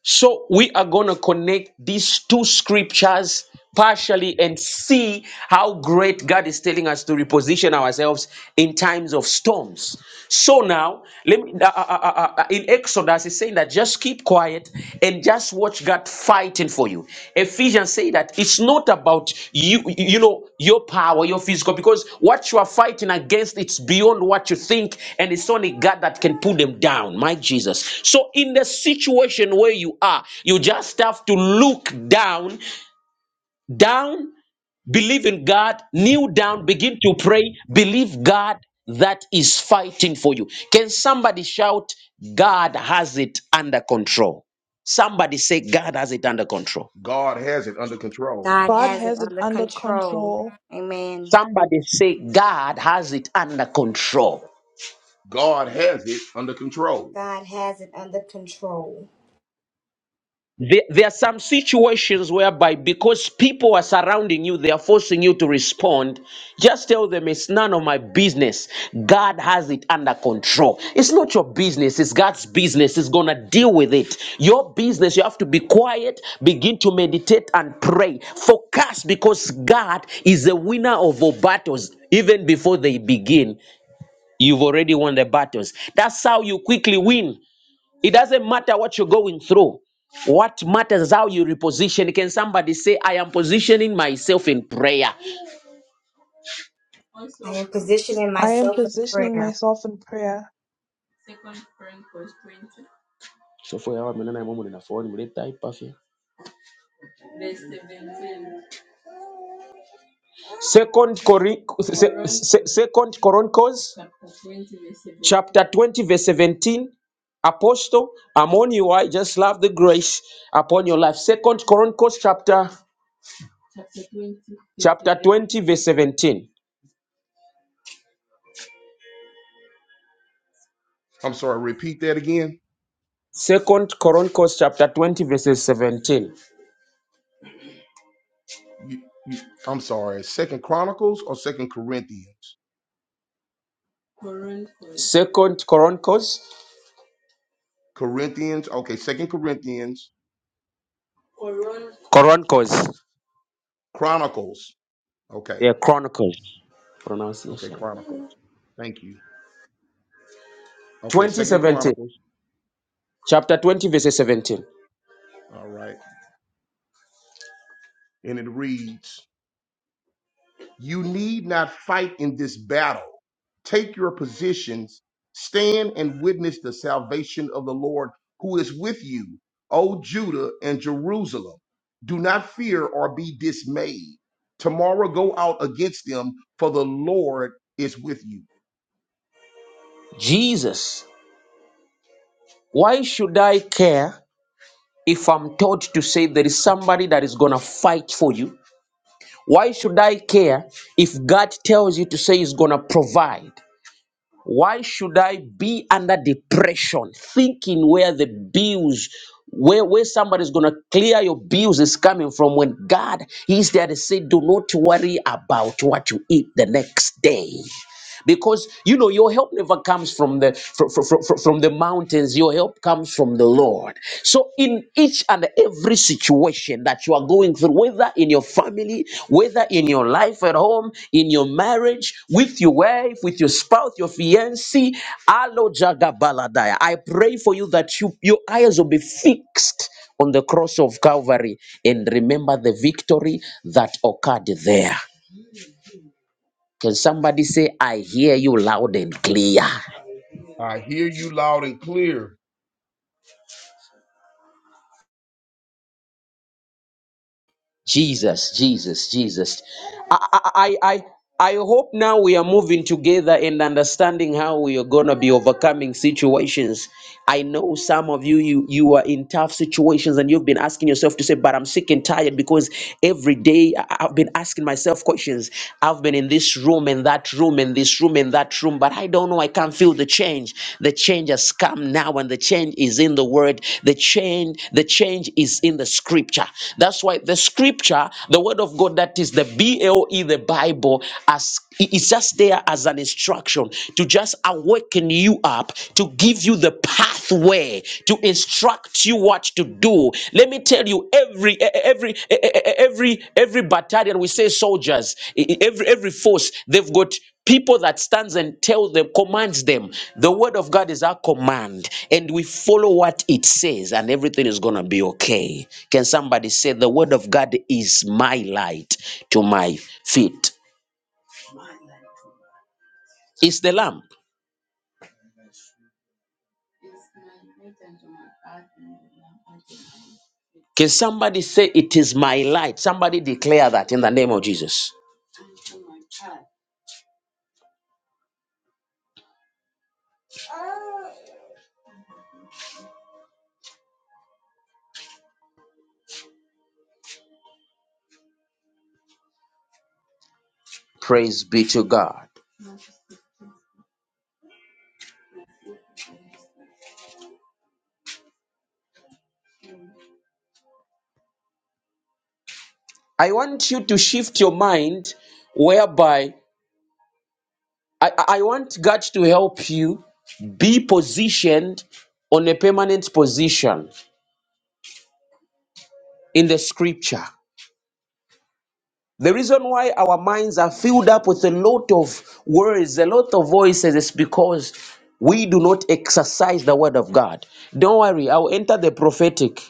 S1: So we are going to connect these two scriptures partially and see how great God is telling us to reposition ourselves in times of storms. So now, let me uh, uh, uh, uh, uh, in Exodus, it's saying that just keep quiet and just watch God fighting for you. Ephesians say that it's not about you, you know, your power, your physical, because what you are fighting against, it's beyond what you think, and it's only God that can put them down. My Jesus. So in the situation where you are, you just have to look down, down, believe in God, kneel down, begin to pray, believe God that is fighting for you. Can somebody shout, God has it under control? Somebody say, God has it under control.
S5: God has it under control.
S7: God
S2: God
S7: has it
S2: has it
S7: under
S2: under
S7: control.
S2: control.
S7: Amen.
S1: Somebody say, God has it under control.
S5: God has it under control.
S7: God has it under control.
S1: There, there are some situations whereby because people are surrounding you, they are forcing you to respond. Just tell them it's none of my business. God has it under control. It's not your business, it's God's business. He's going to deal with it. Your business, you have to be quiet, begin to meditate and pray. Focus because God is the winner of all battles. Even before they begin, you've already won the battles. That's how you quickly win. It doesn't matter what you're going through. What matters is how you reposition. Can somebody say, I am positioning myself in prayer? Also,
S7: I am positioning
S2: I am
S7: myself in
S2: positioning
S7: prayer.
S2: myself in prayer.
S1: Second Chronicles twenty. So for our men and I woman in a phone, we type of here. Verse seventeen. Second Cori- se- se- Second Chronicles chapter 20, verse 17. chapter twenty, verse seventeen. Apostle, I'm on you. I just love the grace upon your life. Second Chronicles chapter chapter 20, chapter twenty, verse 17.
S5: I'm sorry, repeat that again.
S1: Second Chronicles chapter 20 verses 17.
S5: You, you, I'm sorry, Second Chronicles or Second Corinthians?
S1: Second Chronicles.
S5: Corinthians, okay, Second Corinthians,
S1: Chronicles.
S5: Chronicles. Okay,
S1: Yeah, Chronicles.
S5: okay,
S1: Pronunciation.
S5: Chronicles. Thank you. Okay, Second
S1: 2017.
S5: Chronicles.
S1: Chapter 20 verses 17.
S5: All right. And it reads. You need not fight in this battle. Take your positions, stand and witness the salvation of the Lord who is with you, O Judah and Jerusalem. Do not fear or be dismayed. Tomorrow go out against them, for the Lord is with you.
S1: Jesus, why should I care if I'm told to say there is somebody that is gonna fight for you? Why should I care if God tells you to say He's gonna provide? Why should I be under depression, thinking where the bills, where, where somebody's going to clear your bills is coming from when God is there to say, do not worry about what you eat the next day because you know your help never comes from the from, from, from the mountains your help comes from the lord so in each and every situation that you are going through whether in your family whether in your life at home in your marriage with your wife with your spouse your fiancé alo jagabaladaya i pray for you that you your eyes will be fixed on the cross of calvary and remember the victory that occurred there can somebody say, I hear you loud and clear?
S5: I hear you loud and clear.
S1: Jesus, Jesus, Jesus. I, I, I, I I hope now we are moving together and understanding how we are gonna be overcoming situations. I know some of you, you, you are in tough situations and you've been asking yourself to say, but I'm sick and tired because every day I- I've been asking myself questions. I've been in this room and that room and this room and that room room, but I don't know. I can't feel the change. The change has come now, and the change is in the word. The change, the change is in the scripture. That's why the scripture, the word of God, that is the B L E, the Bible, as it- it's just there as an instruction to just awaken you up, to give you the pathway, to instruct you what to do. Let me tell you, every e- e- every e- e- e- every every battalion, we say soldiers, e- e- every every force, they've got people that stands and tells them commands them the word of god is our command and we follow what it says and everything is gonna be okay can somebody say the word of god is my light to my feet it's the lamp can somebody say it is my light somebody declare that in the name of jesus praise be to god i want you to shift your mind whereby I, I want God to help you be positioned on a permanent position in the scripture. The reason why our minds are filled up with a lot of words, a lot of voices, is because we do not exercise the word of God. Don't worry, I'll enter the prophetic.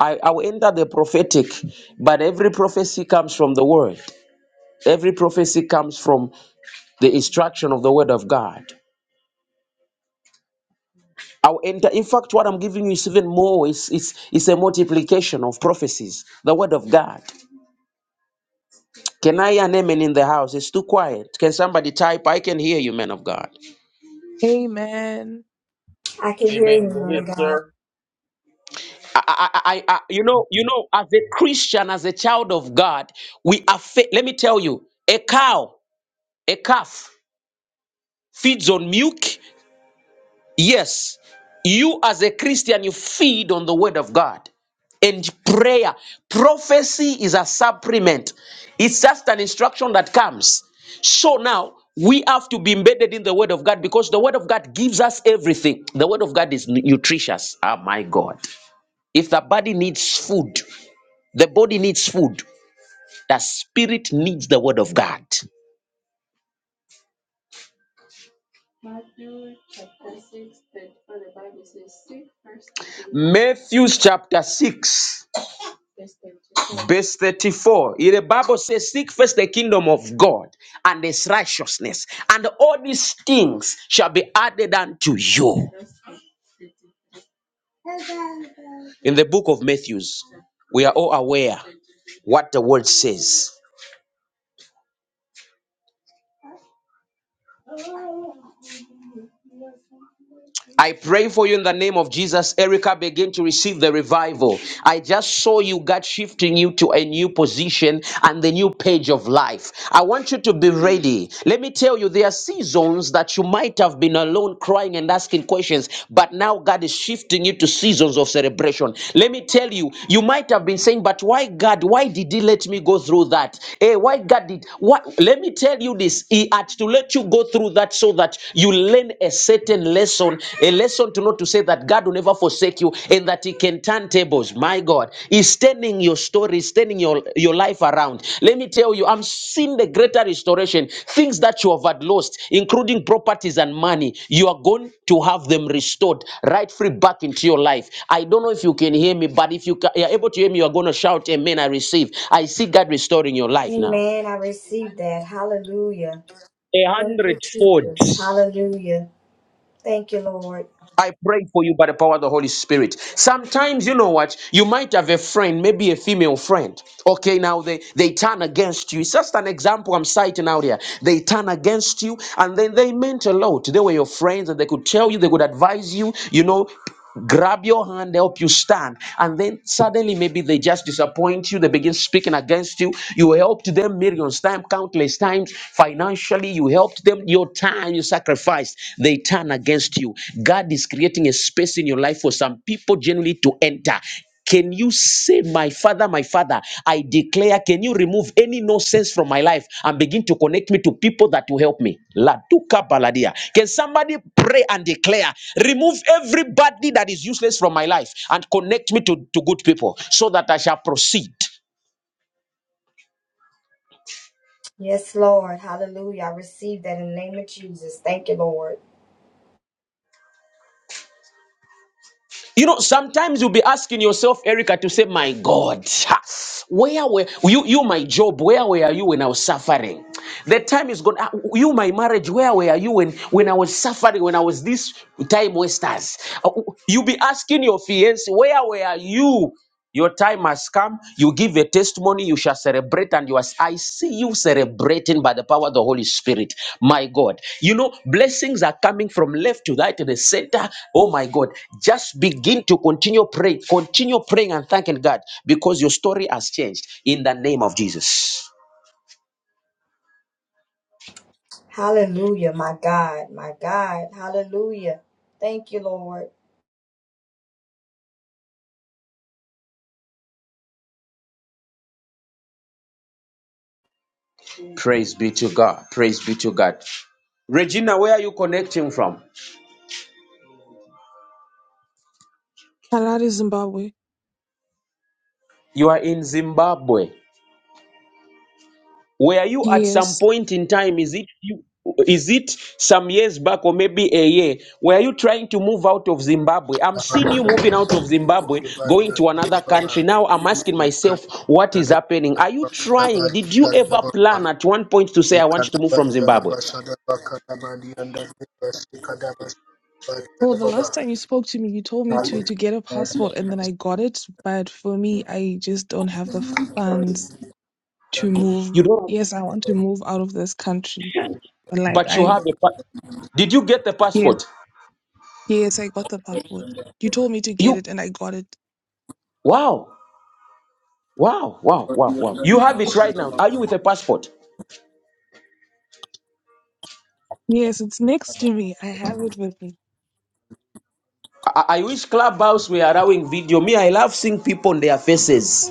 S1: I, I will enter the prophetic, but every prophecy comes from the word. Every prophecy comes from the instruction of the word of God. Our enter, in fact, what I'm giving you is even more. It's, it's, it's a multiplication of prophecies, the word of God. Can I hear an amen in the house? It's too quiet. Can somebody type? I can hear you, man of God.
S2: Amen.
S7: I can hear you,
S5: Amen. Go
S7: man
S5: ahead,
S7: of God.
S5: sir.
S1: I, I, I, I, I- you know, you know, as a Christian, as a child of God, we are. Fa- Let me tell you, a cow, a calf feeds on milk Yes, you as a Christian, you feed on the word of God and prayer. Prophecy is a supplement, it's just an instruction that comes. So now we have to be embedded in the word of God because the word of God gives us everything. The word of God is nu- nutritious. Ah, my God. If the body needs food, the body needs food. The spirit needs the word of God. Matthew chapter 6. Verse 34, the Bible says, Seek first the kingdom of God and his righteousness, and all these things shall be added unto you. In the book of Matthew, we are all aware what the word says. I pray for you in the name of Jesus, Erica. Begin to receive the revival. I just saw you God shifting you to a new position and the new page of life. I want you to be ready. Let me tell you, there are seasons that you might have been alone crying and asking questions, but now God is shifting you to seasons of celebration. Let me tell you, you might have been saying, But why God? Why did He let me go through that? Hey, why God did what? Let me tell you this. He had to let you go through that so that you learn a certain lesson, a lesson to not to say that God will never forsake you and that He can turn tables. My God, He's turning your story, He's turning your, your life around. Let me tell you, I'm seeing the greater restoration. Things that you have had lost, including properties and money, you are going to have them restored right free back into your life. I don't know if you can hear me, but if you ca- you are able to hear me, you are going to shout, Amen. I receive. I see God restoring your life now.
S7: Amen. I received that. Hallelujah.
S1: A
S7: Thank you,
S1: hundredfold.
S7: Jesus. Hallelujah. Thank you, Lord.
S1: I pray for you by the power of the Holy Spirit. Sometimes, you know what? You might have a friend, maybe a female friend. Okay, now they, they turn against you. It's just an example I'm citing out here. They turn against you, and then they meant a lot. They were your friends, and they could tell you, they could advise you, you know grab your hand, help you stand. And then suddenly, maybe they just disappoint you. They begin speaking against you. You helped them millions times, countless times. Financially, you helped them. Your time you sacrificed, they turn against you. God is creating a space in your life for some people genuinely to enter. Can you say, My Father, my Father, I declare, can you remove any nonsense from my life and begin to connect me to people that will help me? Laduka baladia. Can somebody pray and declare, remove everybody that is useless from my life and connect me to, to good people so that I shall proceed?
S7: Yes, Lord. Hallelujah. I received that in the name of Jesus. Thank you, Lord.
S1: You know, sometimes you'll be asking yourself, Erica, to say, My God, ha, where were you, you, my job, where were you when I was suffering? The time is gone. Ah, You, my marriage, where were you when, when I was suffering, when I was this time wasters? Ah, You'll be asking your fiance, Where were you? Your time has come. You give a testimony. You shall celebrate. And you are, I see you celebrating by the power of the Holy Spirit. My God. You know, blessings are coming from left to right to the center. Oh, my God. Just begin to continue praying. Continue praying and thanking God because your story has changed in the name of Jesus.
S7: Hallelujah. My God. My God. Hallelujah. Thank you, Lord.
S1: Praise be to God. Praise be to God. Regina, where are you connecting from?
S2: Harare, Zimbabwe.
S1: You are in Zimbabwe. Were you at some
S2: Yes.
S1: point in time? Is it you? Is it some years back or maybe a year? Were you trying to move out of Zimbabwe? I'm seeing you
S6: Amen.
S1: moving out of Zimbabwe, going to another country. Now I'm asking myself, what is happening? Are you trying? Did you ever plan at one point to say, I want to move from Zimbabwe?
S2: Well, the last time you spoke to me, you told me to to get a passport, and then I got it. But for me, I just don't have the funds to move.
S1: You don't,
S2: Yes, I want to move out of this country. Like
S1: but you
S2: I
S1: have a. pa- Did you get the
S2: yes,
S1: passport?
S2: yes, I got the passport. You told me to get
S1: You
S2: it and I got it.
S1: wow, wow, wow, wow, wow. You have it right now. Are you with a passport?
S2: Yes, it's next to me. I have it with me.
S1: I, I wish Clubhouse were allowing video. Me, I love seeing people on their faces.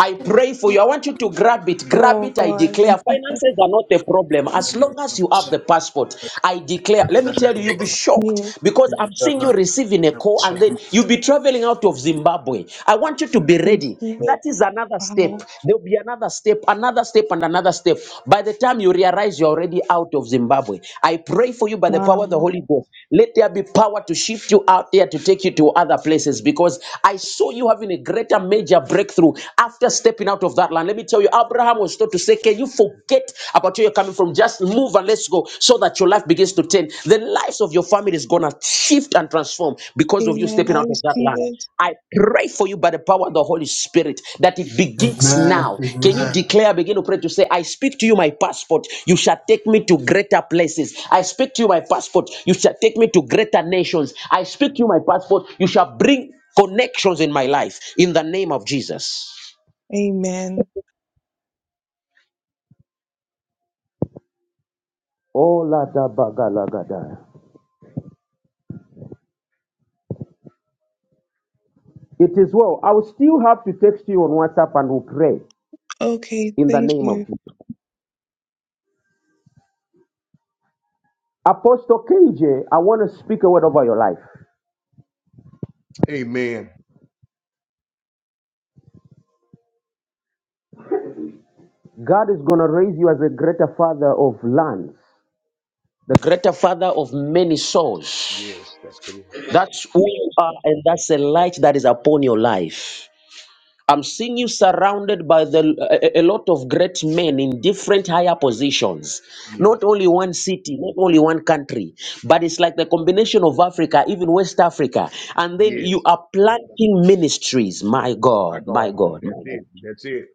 S1: I pray for you. I want you to grab it. Grab
S2: Oh
S1: it, I
S2: God.
S1: declare. Finances are not a problem. As long as you have the passport, I declare. Let me tell you, you'll be
S2: Yes,
S1: shocked because I'm seeing you receiving a call and then you'll be traveling out of Zimbabwe. I want you to be
S2: I
S1: ready.
S2: receive
S1: That
S2: it.
S1: is another step.
S2: Wow.
S1: There'll be another step, another step, and another step. By the time you realize you're already out of Zimbabwe, I pray for you by the power of the
S2: Wow.
S1: Holy Ghost. Let there be power to shift you out there to take you to other places because I saw you having a greater major breakthrough after stepping out of that land. Let me tell you, Abraham was told to say, Can you forget about where you're coming from? Just move and let's go so that your life begins to turn. The lives of your family is going to shift and transform because of you
S2: Amen.
S1: stepping
S2: I
S1: out of that
S2: receive
S1: land.
S2: it.
S1: I pray for you by the power of the Holy Spirit that it begins now.
S6: Amen.
S1: Can you declare, begin to pray to say, I speak to you my passport, you shall take me to greater places. I speak to you my passport, you shall take me to greater nations. I speak to you my passport, you shall bring connections in my life in the name of Jesus.
S2: Amen.
S1: Oh, Lada Bagalagada. It is well. I will still have to text you on WhatsApp and we'll pray
S2: Okay,
S1: in the
S2: thank
S1: name
S2: you.
S1: of Jesus. Apostle KJ, I want to speak a word over your life.
S5: Amen.
S1: God is going to raise you as a greater father of lands, the greater father of many souls.
S5: Yes, that's correct.
S1: That's who you are, and that's a light that is upon your life. I'm seeing you surrounded by the a, a- lot of great men in different higher positions.
S5: Yes,
S1: Not only one city, not only one country, but it's like the combination of Africa, even West Africa, and then you
S5: yes.
S1: are planting ministries. My
S5: My
S1: God, my
S5: God.
S1: God, my
S5: That's
S1: God.
S5: it. That's it.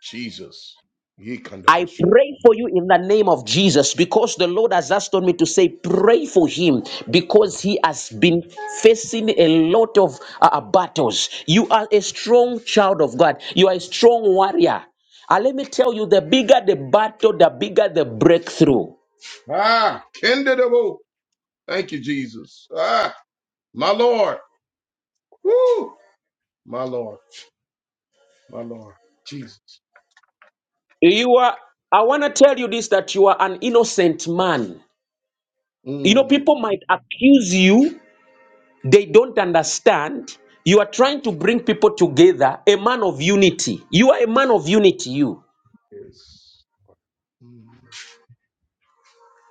S5: Jesus. Ye
S1: I
S5: kandabasho.
S1: pray for you in the name of Jesus because the Lord has asked on me to say, pray for him because he has been facing a lot of uh, uh, battles. You are a strong child of God, you are a strong warrior. And let me tell you, the bigger the battle, the bigger the breakthrough.
S5: Ah, Kendadabo. Thank you, Jesus. Ah, my Lord. Woo. My Lord. My Lord. Jesus.
S1: You are, I want to tell you this that you are an innocent man. You know,
S5: Mm,
S1: people might accuse you They don't understand. You are trying to bring people together, a man of unity. You are a man of unity, you.
S5: yes. Mm,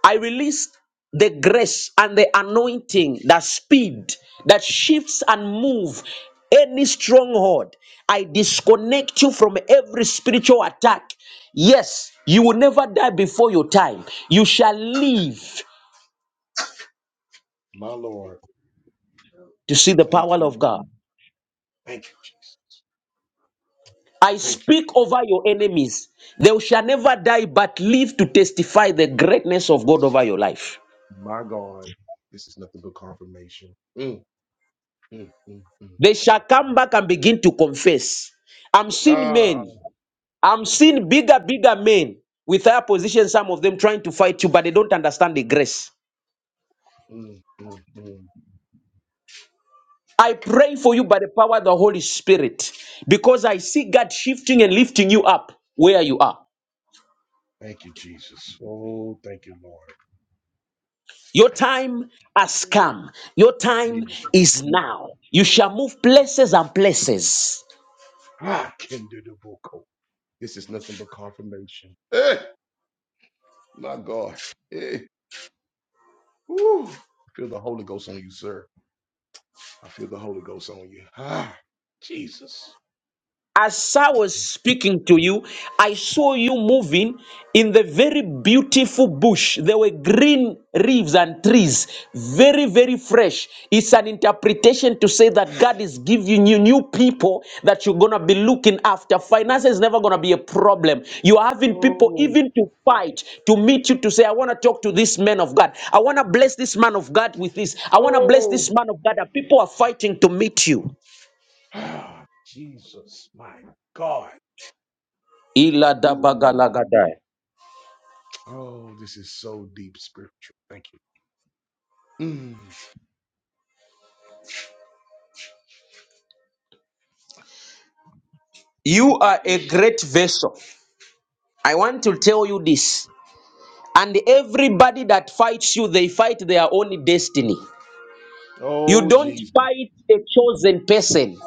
S1: I release the grace and the anointing, the speed that shifts and move any stronghold. I disconnect you from every spiritual attack. Yes, you will never die before your time. You shall live
S5: my Lord.
S1: to see the
S5: Thank
S1: power
S5: you,
S1: of God.
S5: Jesus. Thank you, Jesus.
S1: I
S5: Thank you.
S1: speak over your enemies. They shall never die but live to testify the greatness of God over your life.
S5: My God. This is nothing but confirmation. Mm, mm, mm, mm.
S1: They shall come back and begin to confess. I'm seeing
S5: Ah.
S1: men, I'm seeing bigger, bigger men with higher positions, some of them trying to fight you, but they don't understand the grace.
S5: Mm, mm, mm.
S1: I pray for you by the power of the Holy Spirit because I see God shifting and lifting you up where you are.
S5: Thank you, Jesus. Oh, thank you, Lord.
S1: Your time has come. Your
S5: Yes.
S1: time is now. You shall move places and places.
S5: Ah, Kendadabo. This is nothing but confirmation. Hey, my God. Eh. Woo! I feel the Holy Ghost on you, sir. I feel the Holy Ghost on you. Ah, Jesus.
S1: As I was speaking to you, I saw you moving in the very beautiful bush. There were green leaves and trees, very, very fresh. It's an interpretation to say that God is giving you new people that you're going to be looking after. Finance is never going to be a problem. You're having people
S5: Oh,
S1: even to fight, to meet you, to say, I want to talk to this man of God. I want to bless this man of God with this. I want to bless
S5: oh.
S1: this man of God. And people are fighting to meet you.
S5: Ah, Jesus, my God.
S1: Ila da baga
S5: Ooh.
S1: la gadai.
S5: Oh, this is so deep spiritual. Thank you. Mm.
S1: You are a great vessel. I want to tell you this. And everybody that fights you, they fight their own destiny. You
S5: Oh,
S1: don't
S5: Jesus,
S1: fight a chosen person.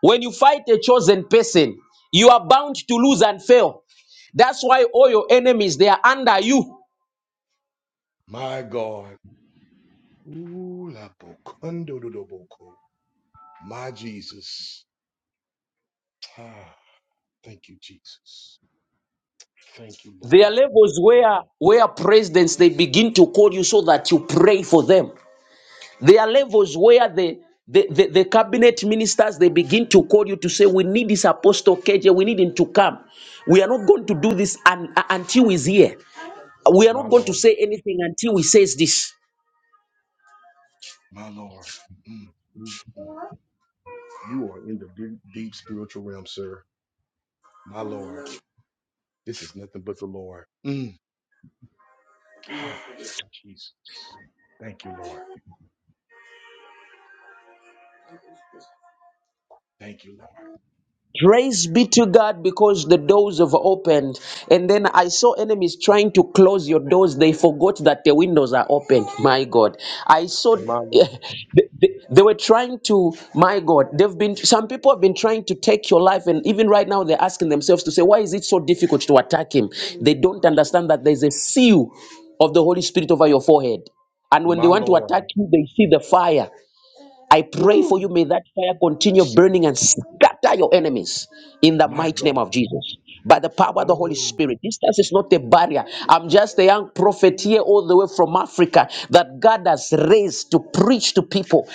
S1: When you fight a chosen person, you are bound to lose and fail. That's why all your enemies they are under you.
S5: my God. Ooh, la bocundo do do boco. My Jesus. Ah, thank you, Jesus. Thank you,
S1: There are
S5: Lord.
S1: levels where where presidents they begin to call you so that you pray for them. There are levels where the the, the, the cabinet ministers they begin to call you to say we need this apostle KJ we need him to come we are not going to do this un, uh, until he's here we are
S5: My
S1: not going to
S5: Lord.
S1: say anything until he says this
S5: My Lord. Mm. mm, mm. You are in the deep, deep spiritual realm, sir. My Lord, this is nothing but the Lord. Mm. Gosh, Jesus. Thank you, Lord. Thank you, Lord.
S1: Praise be to God because the doors have opened. And then I saw enemies trying to close your doors. They forgot that the windows are open. My God. I saw
S5: My Lord.
S1: they, they- they were trying to, my God, they've been some people have been trying to take your life, and even right now they're asking themselves to say, Why is it so difficult to attack him? They don't understand that there's a seal of the Holy Spirit over your forehead. And when they
S5: My
S1: want to
S5: Lord.
S1: attack you, they see the fire. I pray for
S5: Woo.
S1: you. May that fire continue
S5: Gee,
S1: burning and scatter your enemies in the
S5: My
S1: mighty
S5: God.
S1: name of Jesus. By the power of the Holy
S5: Oh,
S1: Spirit. Distance is not a barrier. I'm just a young prophet here all the way from Africa that God has raised to preach to people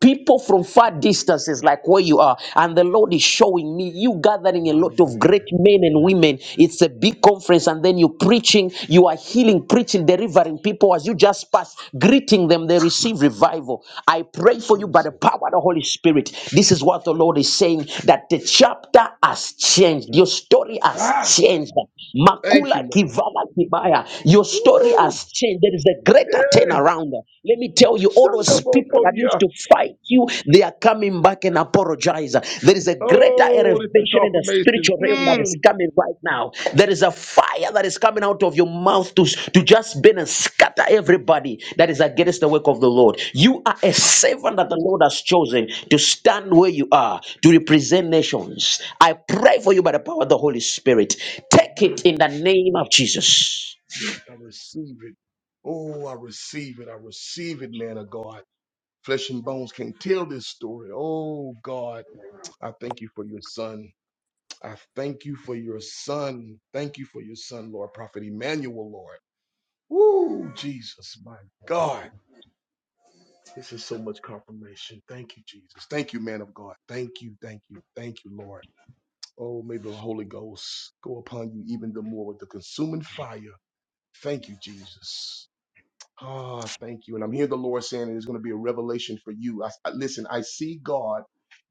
S1: people from far distances like where you are and the lord is showing me you gathering a
S5: my
S1: lot of
S5: Lord.
S1: great men and women it's a big conference and then you preaching you are healing preaching delivering people as you just pass greeting them they receive revival i pray for you by the
S5: Jesus.
S1: power of the holy spirit this is what the lord is saying that the chapter has changed your story has
S5: Ah,
S1: changed
S5: thank
S1: Makula
S5: you, Lord.
S1: Kivala Kibaya. Your story
S5: Woo.
S1: has changed. There is a greater
S5: Yeah.
S1: turnaround. Let me tell you, all those people that used
S5: Shandabokoya.
S1: to fight you, they are coming back and apologize. There is a greater
S5: Oh, this is
S1: elevation in the
S5: confirmation.
S1: spiritual realm that is
S5: Mm.
S1: coming right now. There is a fire that is coming out of your mouth to, to just burn and scatter everybody that is against the work of the Lord. You are a servant that the Lord has chosen to stand where you are, to represent nations. I pray for you by the power of the Holy Spirit Take it in the name of Jesus.
S5: Yeah, I receive it. Oh, I receive it. I receive it, man of God. Flesh and bones can tell this story. Oh God, I thank you for your son. I thank you for your son. Thank you for your son, Lord Prophet Emmanuel, Lord. Woo, Jesus, my God. This is so much confirmation. Thank you, Jesus. Thank you, man of God. Thank you, thank you, thank you, Lord. Oh, may the Holy Ghost go upon you even the more with the consuming fire. Thank you, Jesus. Ah, thank you. And I'm hearing the Lord saying there's going to be a revelation for you. I, I- listen, I see God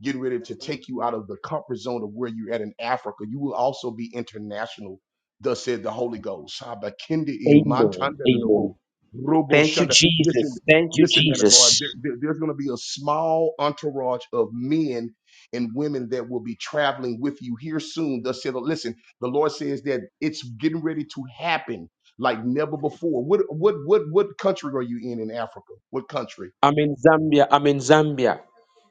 S5: getting ready to take you out of the comfort zone of where you're at in Africa. You will also be international, thus said the Holy Ghost. Abakindi
S1: Amen.
S5: imatanda
S1: Amen.
S5: dodobo, robo
S1: Thank you,
S5: shanda. Listen,
S1: Jesus. Thank you,
S5: listen, man of God, there,
S1: Jesus.
S5: there- there's going to be a small entourage of men and women that will be traveling with you here soon. Thus said, listen, the Lord says that it's getting ready to happen like never before. What what what what country are you in in Africa? What country?
S1: I'm in Zambia. I'm in Zambia.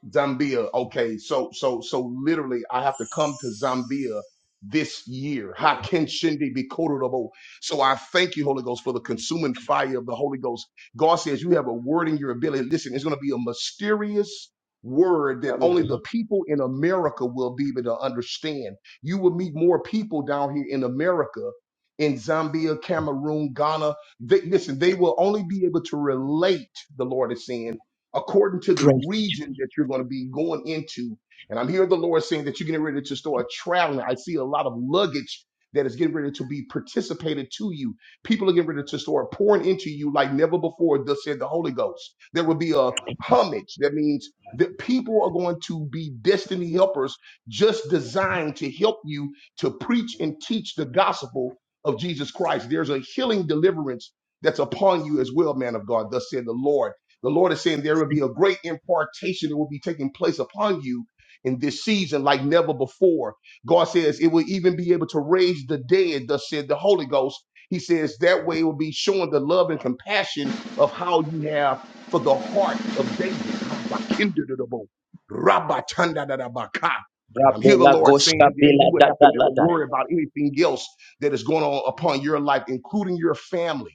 S5: Zambia. Okay, so so so literally, I have to come to Zambia this year. How can Shindi be quotable? So I thank you, Holy Ghost, for the consuming fire of the Holy Ghost. God says you have a word in your ability. Listen, it's going to be a mysterious word that
S1: Coming to
S5: only the
S1: the
S5: people in America will be able to understand. You will meet more people down here in America. In Zambia, Cameroon, Ghana, they, listen, they will only be able to relate, the Lord is saying according to the
S1: praise.
S5: region that you're going to be going into. And I'm hearing the Lord saying that you're getting ready to start traveling. I see a lot of luggage that is getting ready to be participated to you. People are getting ready to start pouring into you like never before, thus said the Holy Ghost. There will be a homage. That means that people are going to be destiny helpers just designed to help you to preach and teach the gospel of Jesus Christ. There's a healing deliverance that's upon you as well, man of God, thus said the Lord. The Lord is saying there will be a great impartation that will be taking place upon you in this season like never before. God says it will even be able to raise the dead, thus said the Holy Ghost. He says that way it will be showing the love and compassion of how you have for the heart of David. Rabakindadabo, rabatandadadabaka. And I'm here the
S1: Rabela
S5: Lord
S1: goshka
S5: saying that you
S1: bela
S5: will
S1: da
S5: have
S1: da
S5: to never
S1: la da.
S5: worry about anything else that is going on upon your life, including your family.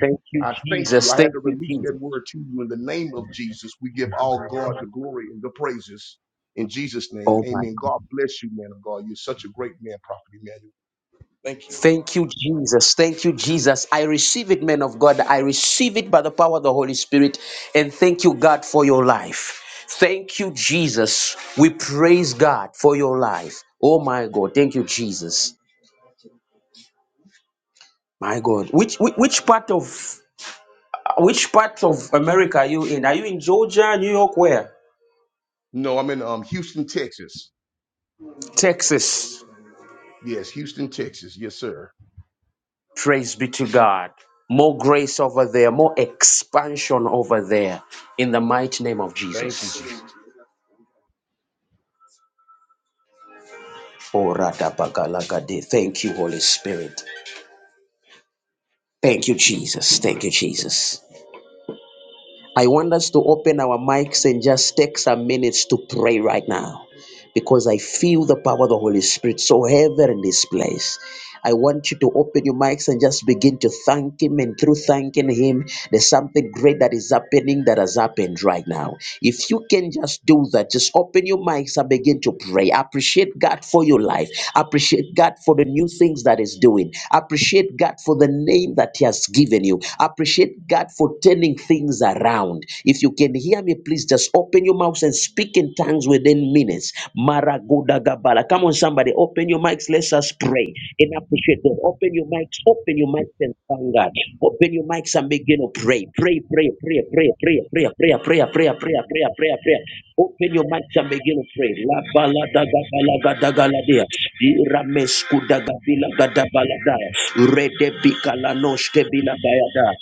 S1: Thank you,
S5: I thank you.
S1: Jesus.
S5: I had
S1: Thank
S5: to
S1: you,
S5: release
S1: Jesus.
S5: that word to you in the name of Jesus. We give all God the glory and the praises in Jesus' name.
S1: Oh my
S5: Amen.
S1: God.
S5: God bless you, man of God. You're such a great man, Prophet Emmanuel. Thank you.
S1: Thank you, Jesus. Thank you, Jesus. I receive it, man of God. I receive it by the power of the Holy Spirit. And thank you, God, for your life. Thank you, Jesus. We praise God for your life. Oh my God. Thank you, Jesus. My God, which which, which part of which part of America are you in? Are you in Georgia, New York, where?
S5: No, I'm in um Houston, Texas.
S1: Texas.
S5: Yes, Houston, Texas. Yes, sir.
S1: Praise be to God. More grace over there, more expansion over there. In the mighty name of
S5: Thank you,
S1: Jesus.
S5: Jesus.
S1: Oh, radabagalagade. Thank you, Holy Spirit. Thank you, Jesus. Thank you, Jesus. I want us to open our mics and just take some minutes to pray right now. because I feel the power of the Holy Spirit so heavy in this place. I want you to open your mics and just begin to thank Him. And through thanking Him, there's something great that is happening that has happened right now. If you can just do that, just open your mics and begin to pray. Appreciate God for your life. Appreciate God for the new things that He's doing. Appreciate God for the name that He has given you. Appreciate God for turning things around. If you can hear me, please just open your mouth and speak in tongues within minutes. Maragodagabala. Come on, somebody, open your mics. Let us pray and appreciate God. Open your mics, open your mics and thank God. Open your mics and begin to pray. Pray, pray, pray, pray, pray, pray, pray, pray, pray, pray, pray, pray, pray. Open your mics and begin to pray. La bala daga bala gada gala dia. Iramesku daga bila gada bala daya. Rede bika la noshke bila daya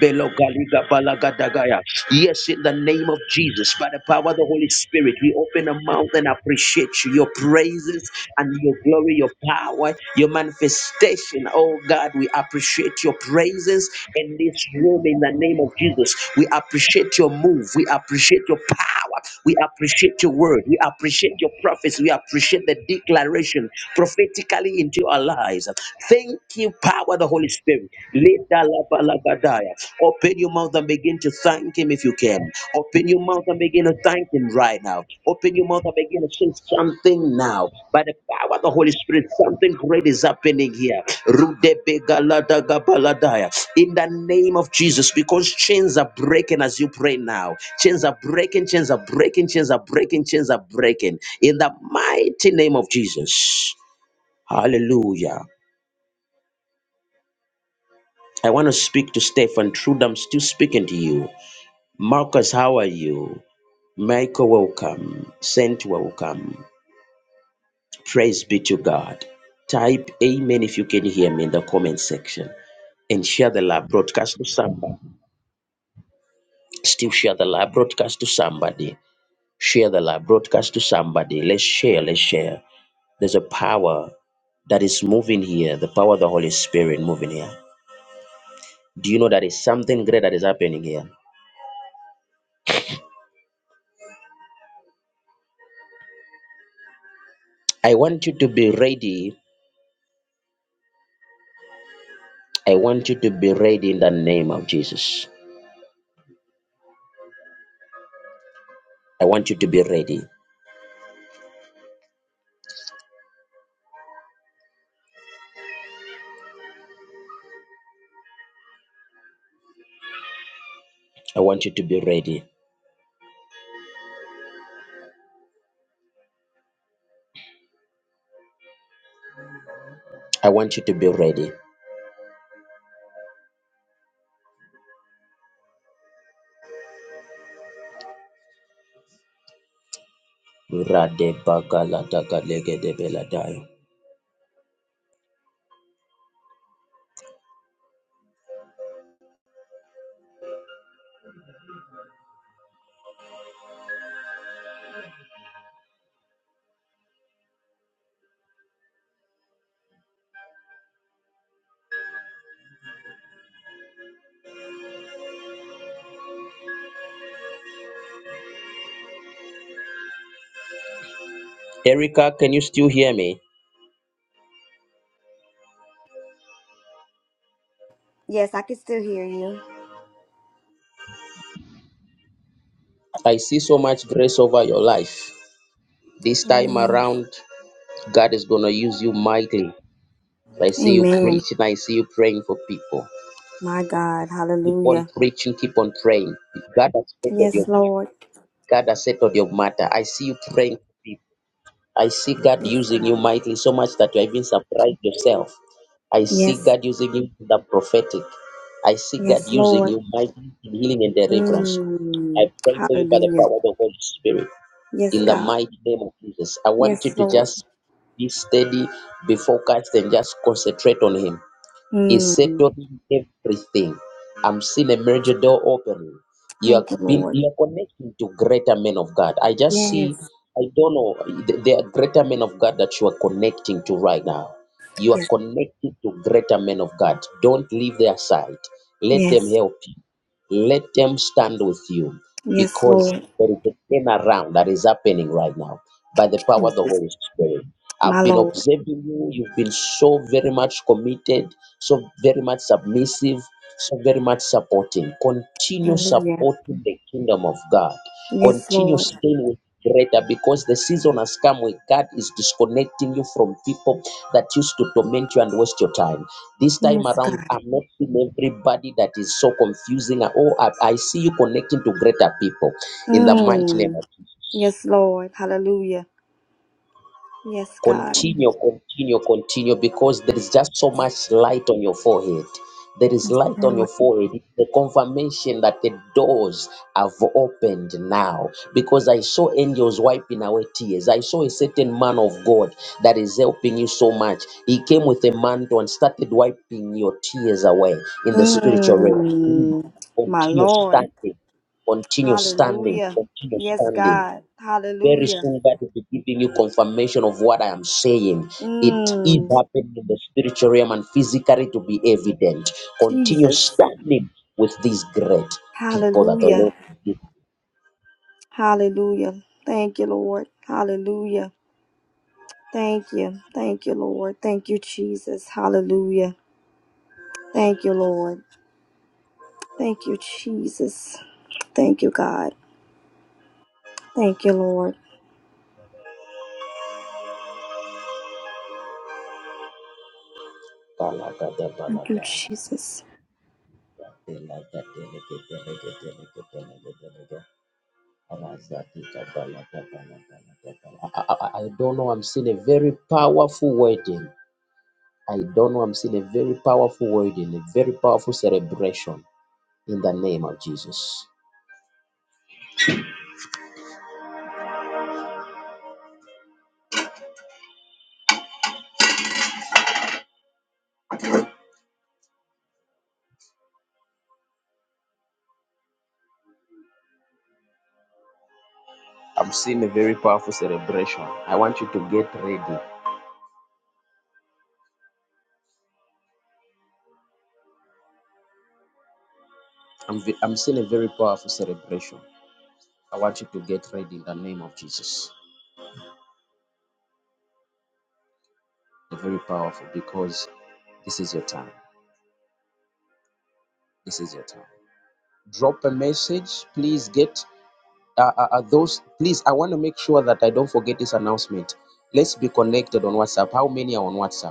S1: da. Velo Galiga Balagadagaya. Yes, in the name of Jesus, by the power of the Holy Spirit, we open our mouth and appreciate you, your praises and your glory, your power, your manifestation. Oh God, we appreciate your praises in this room in the name of Jesus. We appreciate your move, we appreciate your power, we appreciate your word, we appreciate your prophets, we appreciate the declaration prophetically into our lives. Thank you, power of the Holy Spirit. Lida laba laba daya. Open your mouth and begin to thank Him if you can. Open your mouth and begin to thank Him right now. Open your mouth and begin to say something now. By the power of the Holy Spirit, something great is happening here. Rude bega lada gaba ladaya. In the name of Jesus, because chains are breaking as you pray now. Chains are breaking, chains are breaking, chains are breaking, chains are breaking. In the mighty name of Jesus. Hallelujah. I want to speak to Stefan Trude. I'm still speaking to you. Marcus, how are you? Michael, welcome. Saint, welcome. Praise be to God. Type Amen if you can hear me in the comment section and share the live broadcast to somebody. Still share the live broadcast to somebody. Share the live broadcast to somebody. Let's share, let's share. There's a power that is moving here, the power of the Holy Spirit moving here. Do you know that is something great that is happening here? I want you to be ready I want you to be ready in the name of Jesus. I want you to be ready. I want you to be ready. I want you to be ready. Radebagaladagalegedebeladayo. Erica, can you still hear me?
S7: Yes, I can still hear you.
S1: I see so much grace over your life. This time
S7: Amen.
S1: around, God is going to use you mightily. I see you
S7: Amen.
S1: preaching. I see you praying for people.
S7: My God.
S1: Keep on
S7: Hallelujah.
S1: preaching. Keep on praying. God has settled your
S7: Yes,
S1: matter.
S7: Lord.
S1: God has settled your matter. I see you praying for people. I see God
S7: Yes,
S1: using you
S7: God.
S1: mightily so much that you are even surprised yourself. I see
S7: Yes.
S1: God using you in the prophetic. I see God
S7: Yes,
S1: using
S7: Lord.
S1: you mightily in healing and deliverance. I
S7: Mm.
S1: pray for you by the
S7: Hallelujah.
S1: power of the Holy Spirit
S7: Yes,
S1: in the
S7: God.
S1: mighty name of Jesus. I want
S7: Yes,
S1: you to
S7: Lord.
S1: just be steady, be focused, and just concentrate on Him is
S7: Mm.
S1: settling everything. I'm seeing a major door opening. You are
S7: Thank you,
S1: being
S7: Lord.
S1: you are connecting to greater men of God. I just see,
S7: Yes.
S1: I don't know, th- there are greater men of God that you are connecting to right now. You are
S7: Yes.
S1: connected to greater men of God. Don't leave their side. Let them
S7: Yes.
S1: help you. Let them stand with you
S7: Yes,
S1: because
S7: Lord.
S1: there is a turnaround that is happening right now by the power of the
S7: Jesus.
S1: Holy Spirit.
S7: My
S1: I've been
S7: Lord.
S1: observing you. You've been so very much committed, so very much submissive, so very much supporting. Continue
S7: Hallelujah.
S1: supporting the kingdom of God.
S7: Yes,
S1: Continue
S7: Lord.
S1: staying with greater because the season has come where God is disconnecting you from people that used to torment you and waste your time. This time
S7: Yes,
S1: around,
S7: God.
S1: I'm not seeing everybody that is so confusing. Oh, I, I see you connecting to greater people in the mighty name
S7: Mm.
S1: of
S7: Yes, Lord. Hallelujah. Yes, God.
S1: Continue, continue, continue, because there is just so much light on your forehead. There is
S7: Yes,
S1: light on your
S7: Lord.
S1: forehead. It's the confirmation that the doors have opened now. Because I saw angels wiping away tears. I saw a certain man of God that is helping you so much. He came with a mantle and started wiping your tears away in the spiritual realm.
S7: Mm. My
S1: Continue
S7: Lord.
S1: standing. Continue standing.
S7: Hallelujah.
S1: Continue
S7: Yes,
S1: standing.
S7: God.
S1: Very
S7: Hallelujah.
S1: soon, God will be giving you confirmation of what I am saying. It is
S7: Mm,
S1: happening in the spiritual realm and physically to be evident. Continue
S7: Jesus.
S1: standing with these great people that the
S7: Hallelujah.
S1: Lord will give.
S7: Hallelujah. Thank you, Lord. Hallelujah. Thank you. Thank you, Lord. Thank you, Jesus. Hallelujah. Thank you, Lord. Thank you, Jesus. Thank you, God. Thank you, Lord. Thank you,
S1: Kalagadabalaga,
S7: Jesus.
S1: yatelagadeleketeleketeleketeleketelega, razakikabalagabalagalaga. I, I, I I don't know. I'm seeing a very powerful wedding. I don't know. I'm seeing a very powerful wedding, a very powerful celebration in the name of Jesus. I'm seeing a very powerful celebration. I want you to get ready. I'm, I'm seeing a very powerful celebration. I want you to get ready in the name of Jesus. They're very powerful because this is your time. This is your time. Drop a message. Please get uh, uh, uh, those. Please, I want to make sure that I don't forget this announcement. Let's be connected on WhatsApp. How many are on WhatsApp?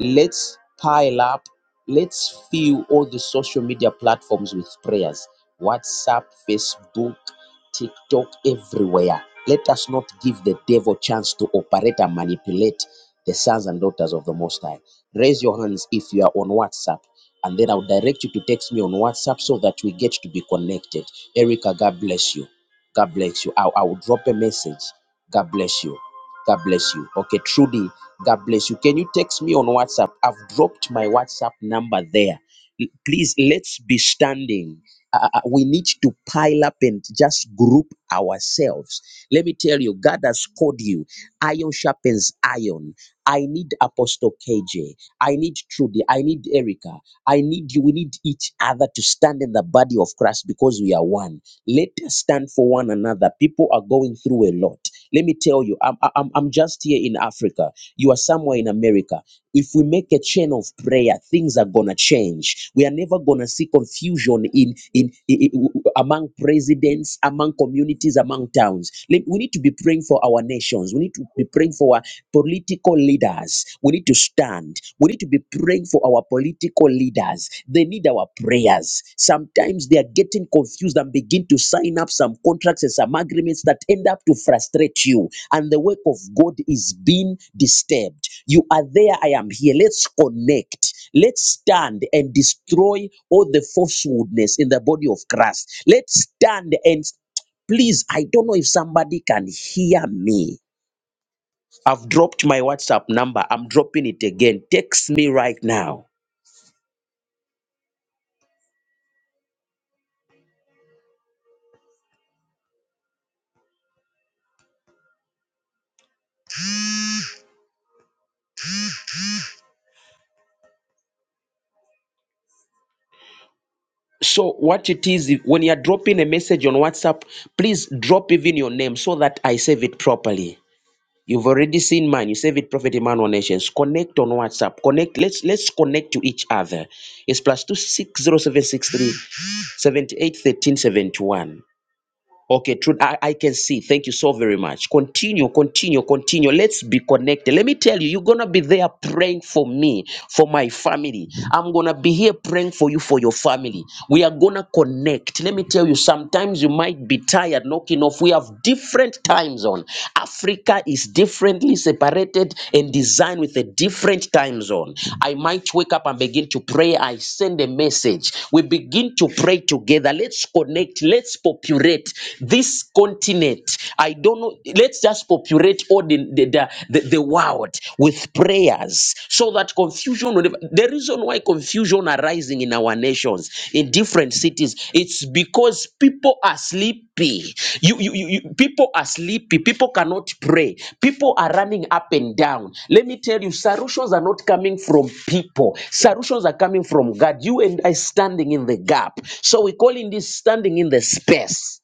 S1: Let's pile up, let's fill all the social media platforms with prayers WhatsApp, Facebook, TikTok, everywhere. Let us not give the devil chance to operate and manipulate the sons and daughters of the Most High. Raise your hands if you are on WhatsApp, and then I'll direct you to text me on WhatsApp so that we get to be connected. Erica, God bless you. God bless you. I, I will drop a message. God bless you. God bless you. Okay, Trudy, God bless you. Can you text me on WhatsApp? I've dropped my WhatsApp number there. L- Please, let's be standing. Uh, uh, we need to pile up and just group ourselves. Let me tell you, God has called you. Iron sharpens iron. I need Apostle KJ. I need Trudy. I need Erica. I need you. We need each other to stand in the body of Christ because we are one. Let us stand for one another. People are going through a lot. Let me tell you, I'm, I'm, I'm just here in Africa. You are somewhere in America. If we make a chain of prayer, things are gonna change. We are never gonna see confusion in in, i- among presidents, among communities, among towns. Let- We need to be praying for our nations. We need to be praying for our political leaders. We need to stand. We need to be praying for our political leaders. They need our prayers. Sometimes they are getting confused and begin to sign up some contracts and some agreements that end up to frustrate you, and the work of God is being disturbed. You are there, I am here. Let's connect. Let's stand and destroy all the falsehoodness in the body of Christ. Let's stand and please, I don't know if somebody can hear me. I've dropped my WhatsApp number. I'm dropping it again. Text me right now. So what it is, if- when you are dropping a message on WhatsApp, please drop even your name so that I save it properly. You've already seen mine. You save it, Prophet Emmanuel Nations. Connect on WhatsApp. Connect. Let's let's connect to each other. It's plus two six zero seven six three seventy eight thirteen seventy one. Okay, truth. I, I can see. Thank you so very much. Continue, continue, continue. Let's be connected. Let me tell you, you're gonna be there praying for me, for my family. I'm gonna be here praying for you, for your family. We are gonna connect. Let me tell you, sometimes you might be tired knocking off. We have different time zone. Africa is differently separated and designed with a different time zone. I might wake up and begin to pray. I send a message. We begin to pray together. Let's connect. Let's populate continent, this continent. I don't know. Let's just populate all the the, the, the, the world with prayers so that confusion. will never- The reason why confusion arising in our nations, in different cities, it's because people are sleepy. You, you, you, you people are sleepy. People cannot pray. People are running up and down. Let me tell you, solutions are not coming from people. Solutions are coming from God. You and I standing in the gap. So we call in this standing in the space.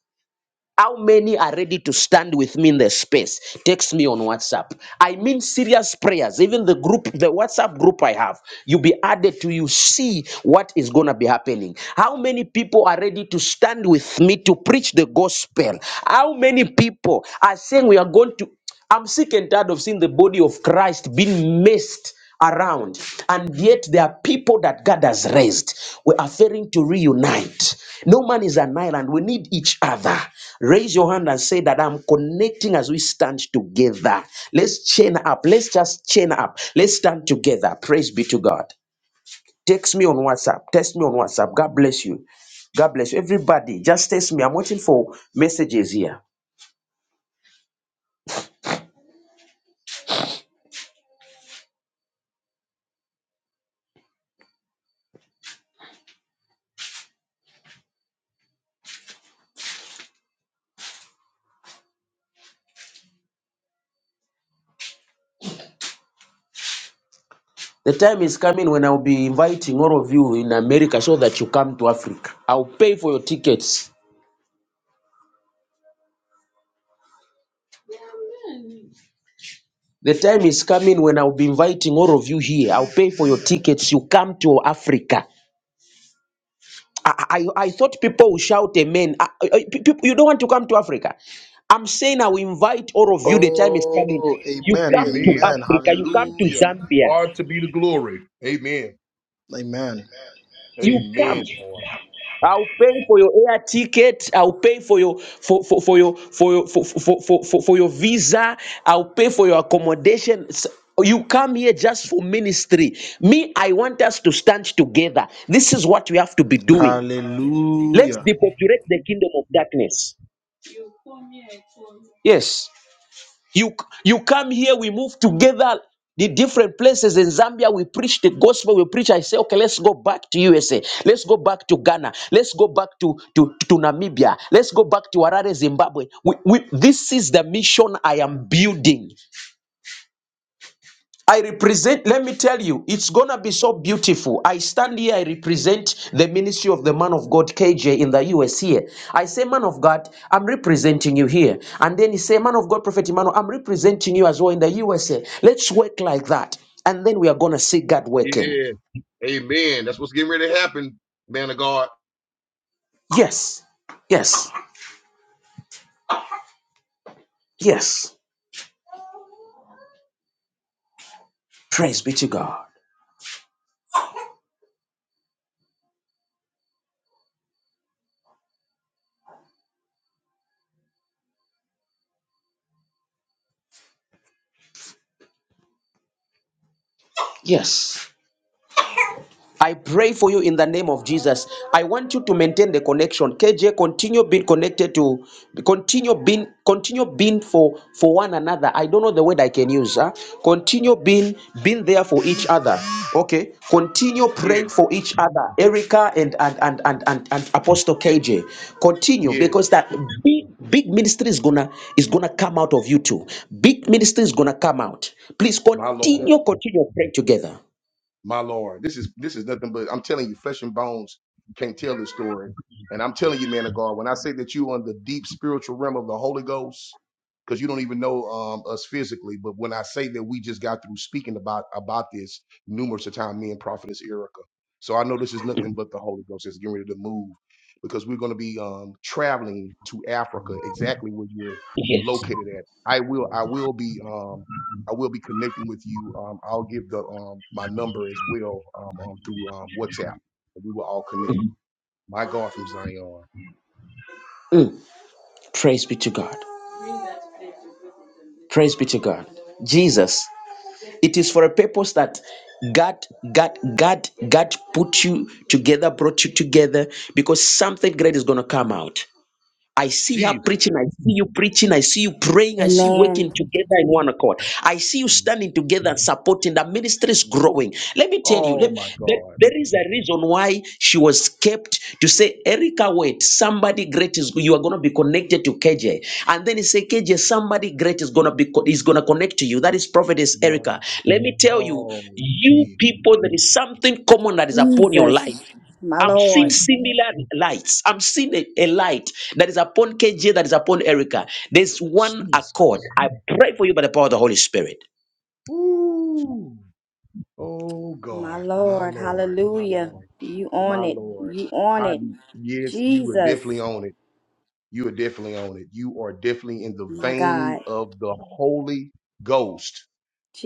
S1: How many are ready to stand with me in the space? Text me on WhatsApp. I mean serious prayers. Even the group, the WhatsApp group I have, you'll be added to you see what is gonna be happening. How many people are ready to stand with me to preach the gospel? How many people are saying we are going to I'm sick and tired of seeing the body of Christ being missed around and yet there are people that god has raised we are failing to reunite no man is an island we need each other raise your hand and say that i'm connecting as we stand together let's chain up let's just chain up let's stand together praise be to god text me on whatsapp text me on whatsapp god bless you god bless you everybody just text me i'm waiting for messages here the time is coming when I'll be inviting all of you in America so that you come to Africa. I'll pay for your tickets. The time is coming when I'll be inviting all of you here. I'll pay for your tickets. You come to Africa. I, I, I thought people will shout amen. I, I, I- people, you don't want to come to Africa. I'm saying I will invite all of you. The time is coming.
S6: Oh,
S1: You
S6: amen.
S1: come to Africa.
S5: Amen.
S6: Amen.
S1: You come to
S6: Hallelujah.
S1: Zambia.
S5: God to be the glory. Amen.
S6: Amen.
S1: You
S5: Amen,
S1: come.
S5: Lord.
S1: I'll pay for your air ticket. I'll pay for your for for, for your for your for, for, for, for for your visa. I'll pay for your accommodation. S- You come here just for ministry. Me, I want us to stand together. This is what we have to be doing. Let's
S6: Hallelujah.
S1: depopulate the kingdom of darkness. Yes. You, you come here, we move together. The different places in Zambia, we preach the gospel, we preach. I say, okay, let's go back to USA. Let's go back to Ghana. Let's go back to, to, to Namibia. Let's go back to Harare, Zimbabwe. We, we, this is the mission I am building. I represent, let me tell you, it's gonna be so beautiful. I stand here, I represent the ministry of the man of God, KJ, in the US here. I say, man of God, I'm representing you here. And then he say, man of God, Prophet Emmanuel, I'm representing you as well in the USA. Let's work like that. And then we are gonna see God working.
S5: Yeah. Amen. That's what's getting ready to happen, man of God.
S1: Yes, yes, yes. Praise be to God. Yes. I pray for you in the name of Jesus. I want you to maintain the connection. KJ, continue being connected to, continue being, continue being for for one another. I don't know the word I can use. Huh? Continue being being there for each other. Okay. Continue
S5: Yeah.
S1: praying for each other. Erica and and and and and, and Apostle KJ. Continue
S5: Yes,
S1: because that big big ministry is gonna is gonna come out of you too. Big ministry is gonna come out. Please
S5: my Lord.
S1: continue continue praying together.
S5: my lord this is this is nothing but i'm telling you flesh and bones can't tell this story and i'm telling you man of god when i say that you on the deep spiritual realm of the holy ghost because you don't even know um, us physically but when i say that we just got through speaking about about this numerous of time me and prophetess erica so i know this is nothing but the holy ghost that's getting ready to move because we're going to be um, traveling to africa exactly where you're
S1: Yes.
S5: located at i will i will be Um, I will be connecting with you. Um, I'll give the um, my number as well um, um, through um, WhatsApp. We will all connect. My God from Zion,
S1: Mm. Praise be to God. Praise be to God. Jesus, it is for a purpose that God, God, God, God put you together, brought you together, because something great is going to come out. I see her
S5: Jesus.
S1: preaching. I see you preaching. I see you praying. I see you working
S7: Amen.
S1: together in one accord. I see you
S5: Mm-hmm.
S1: standing together and supporting. The ministry is growing. Let me tell you,
S5: Oh
S1: let-
S5: my
S1: there
S5: God.
S1: there is a reason why she was kept to say, Erica, wait, somebody great is you are going to be connected to KJ. And then he said, KJ, somebody great is going to be co- is going to connect to you. That is prophetess
S5: My,
S1: Erica. Let me tell you,
S5: oh
S1: you
S5: Jesus,
S1: people, there is something common that is upon your life.
S7: Jesus. My
S1: I'm
S7: Lord.
S1: seeing
S5: Jesus,
S1: similar lights. I'm seeing a, a light that is upon KJ, that is upon Erica. There's one accord.
S5: Jesus.
S1: I pray for you by the power of the Holy Spirit.
S5: Ooh. Oh
S7: My
S5: God, my
S7: Lord,
S5: Lord, my
S7: hallelujah.
S5: Lord,
S7: You
S5: my
S7: on it.
S5: Lord.
S7: You on
S5: I
S7: it.
S5: yes, you are
S7: Jesus.
S5: definitely on it. You are definitely on it. You are definitely in the
S7: My
S5: vein
S7: God.
S5: of the Holy Ghost.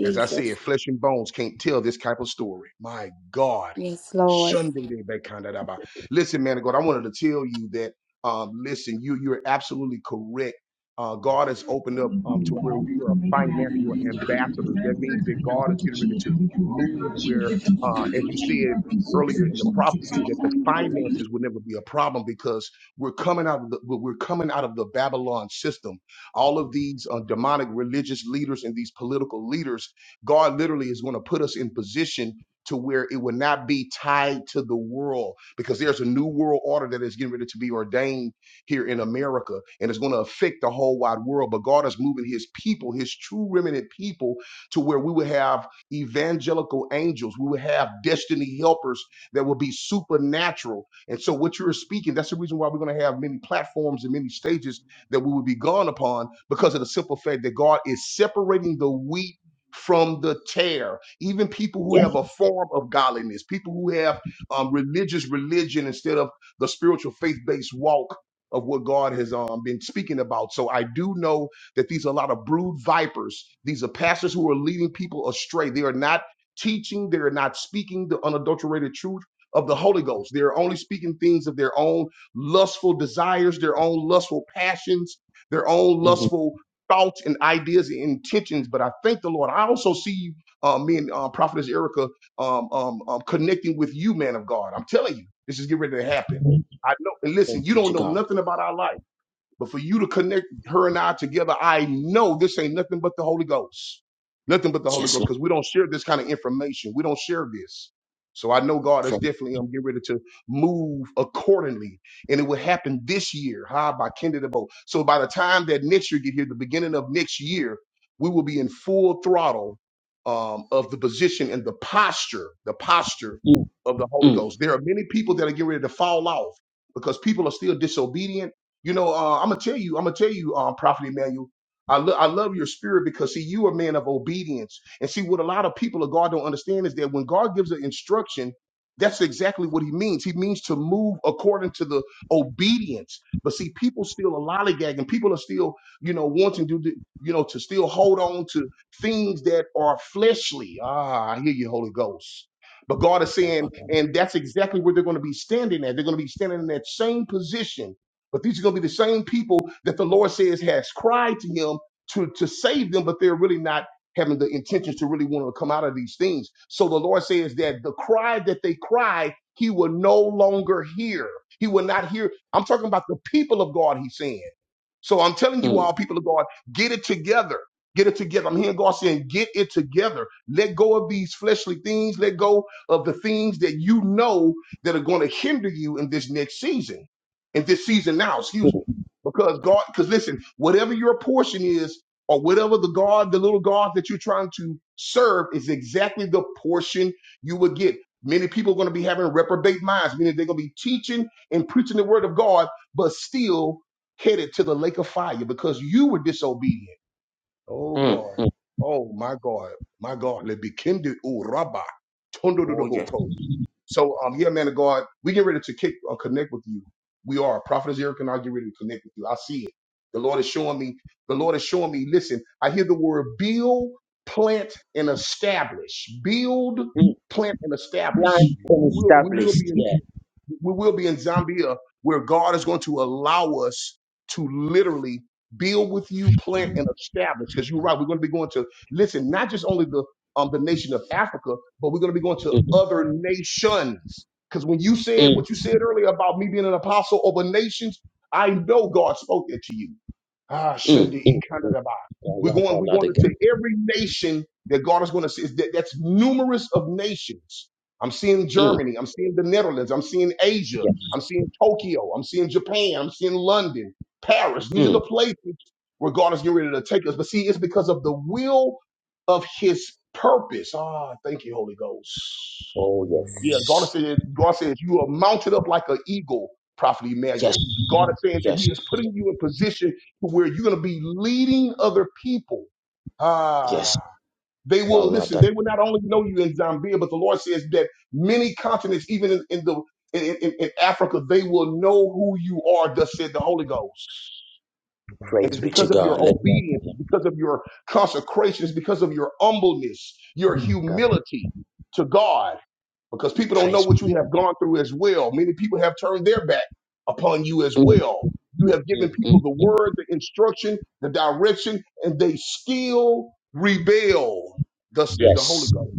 S5: As I said, flesh and bones can't tell this type of story. My God.
S7: Yes, Lord.
S5: Sunday day back kind of about. Listen, man of God, I wanted to tell you that um, listen, you you're absolutely correct. Uh, God has opened up um, to where we are financial ambassadors. That means that God is getting ready to move where, uh, as you said earlier in the prophecy, that the finances will never be a problem because we're coming out of the we're coming out of the Babylon system. All of these uh, demonic religious leaders and these political leaders God literally is going to put us in position to where it will not be tied to the world because there's a new world order that is getting ready to be ordained here in America and it's going to affect the whole wide world. But God is moving his people, his true remnant people, to where we will have evangelical angels, we will have destiny helpers that will be supernatural. And so, what you're speaking, that's the reason why we're going to have many platforms and many stages that we will be gone upon because of the simple fact that God is separating the wheat from the chair. Even people who
S1: Yes.
S5: have a form of godliness, people who have um, religious religion instead of the spiritual faith based walk of what God has um, been speaking about. So I do know that these are a lot of brood vipers. These are pastors who are leading people astray. They are not teaching, they are not speaking the unadulterated truth. Of the Holy Ghost. They're only speaking things of their own lustful desires, their own lustful passions, their own
S1: Mhm.
S5: lustful thoughts and ideas and intentions. But I thank the Lord. I also see you, uh, me and uh, Prophetess Erica, um, um, um, connecting with you, man of God. I'm telling you, this is getting ready to happen. I know. And listen,
S1: Thank
S5: you
S1: you
S5: don't
S1: to
S5: know
S1: God.
S5: nothing about our life. But for you to connect her and I together, I know this ain't nothing but the Holy Ghost. Nothing but the Holy
S1: Yes,
S5: Ghost,
S1: Lord.
S5: because we don't share this kind of information. We don't share this. So I know God is
S1: Pray.
S5: definitely I'm getting ready to move accordingly. And it will happen this year, huh? By Kendidabo. So by the time that next year get here, the beginning of next year, we will be in full throttle um, of the position and the posture, the posture
S1: Mm,
S5: of the Holy
S1: mm,
S5: Ghost. There are many people that are getting ready to fall off because people are still disobedient you know, uh, I'm gonna tell you, I'm gonna tell you, um, Prophet Emmanuel. I, lo- I love your spirit because see, you are a man of obedience. And see, what a lot of people of God don't understand is that when God gives an instruction, that's exactly what He means. He means to move according to the obedience. But see, people still are lollygagging. People are still, you know, wanting to, do, you know, to still hold on to things that are fleshly. Ah, I hear you, Holy Ghost. But God is saying, and that's exactly where they're going to be standing at. They're going to be standing in that same position but these are going to be the same people that the Lord says has cried to him to, to save them, but they're really not having the intentions to really want to come out of these things. So the Lord says that the cry that they cry, he will no longer hear. He will not hear. I'm talking about the people of God, he's saying. So I'm telling you all,
S1: mm,
S5: people of God, get it together. Get it together. I'm hearing God saying, get it together. Let go of these fleshly things. Let go of the things that you know that are going to hinder you in this next season, in this season now, excuse me. Because God, because listen, whatever your portion is, or whatever the God, the little God that you're trying to serve is exactly the portion you will get. Many people are going to be having reprobate minds, meaning they're going to be teaching and preaching the word of God, but still headed to the lake of fire because you were disobedient. Oh
S1: mm,
S5: God.
S1: mm.
S5: Oh my God. My God. Let be kindred. Ooh, rabba.
S1: Oh, yes.
S5: Tundududuboko. So um yeah, man of God, we get ready to kick uh, connect with you. We are. Prophet Eric and I get ready to connect with you. I see it. The Lord is showing me. The Lord is showing me. Listen, I hear the word build, plant, and establish. Build,
S1: Mm.
S5: plant, and establish.
S1: Blind
S5: We
S1: and
S5: will, we will be
S1: established.
S5: in
S1: Yeah.
S5: we will be in Zambia where God is going to allow us to literally build with you, plant and establish. Because you're right, we're going to be going to listen, not just only the um the nation of Africa, but we're going to be going to
S1: Mm,
S5: other nations. Because when you said
S1: mm,
S5: what you said earlier about me being an apostle over nations, I know God spoke that to you. Ah,
S1: mm,
S5: Sunday,
S1: mm, mm. I
S5: we're
S1: love
S5: going,
S1: that
S5: we're
S1: lot
S5: going into
S1: again.
S5: every nation that God is going to see. That, that's numerous of nations I'm seeing
S1: Mm,
S5: Germany. I'm seeing the Netherlands. I'm seeing Asia.
S1: yes.
S5: I'm seeing Tokyo. I'm seeing Japan. I'm seeing London, Paris. These are the
S1: Mm.
S5: places where God is getting ready to take us. But see, it's because of the will of his purpose. Ah, thank you, Holy Ghost.
S1: Oh,
S5: Yeah, God
S1: yes.
S5: said, God says, you are mounted up like an eagle, Prophet
S1: Yes.
S5: Emmanuel. God is saying that he
S1: Yes.
S5: is putting you in position to where you're going to be leading other people.
S1: Yes.
S5: Ah. They
S1: I
S5: will
S1: love
S5: listen.
S1: that.
S5: They will not only know you in Zambia, but the Lord says that many continents, even in, in the in, in, in Africa, they will know who you are, thus said the Holy Ghost. And
S1: Praise
S5: it's
S1: be to
S5: because of
S1: God.
S5: your
S1: Let
S5: obedience, it's because of your consecration, it's because of your humbleness, your
S1: God.
S5: humility to God because people don't know
S1: Praise.
S5: what you have gone through as well. Many people have turned their back upon you as
S1: Mm,
S5: well. You have given
S1: mm, mm,
S5: people the
S1: mm.
S5: word, the instruction, the direction, and they still rebel. Thus said the Holy
S1: Yes.
S5: Ghost.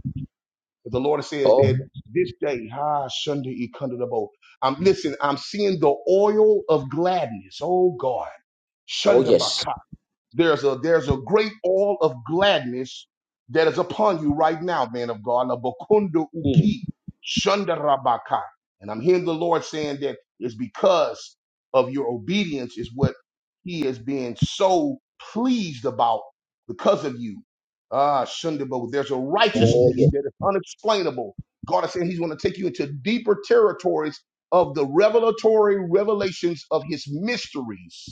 S5: But the Lord says
S1: Oh,
S5: that this day, ha, Sunday, e kunda da bo. I'm listen. I'm seeing the oil of gladness. Oh God.
S1: oh
S5: Shunda
S1: yes.
S5: there's a there's a great all of gladness that is upon you right now, man of God. Labakundu
S1: Mm,
S5: uki shandarabakai. And I'm hearing the Lord saying that it's because of your obedience is what He is being so pleased about because of you. Ah, Shundabo, there's a
S1: oh
S5: righteousness
S1: yes.
S5: that is unexplainable. God is saying He's going to take you into deeper territories of the revelatory revelations of His mysteries.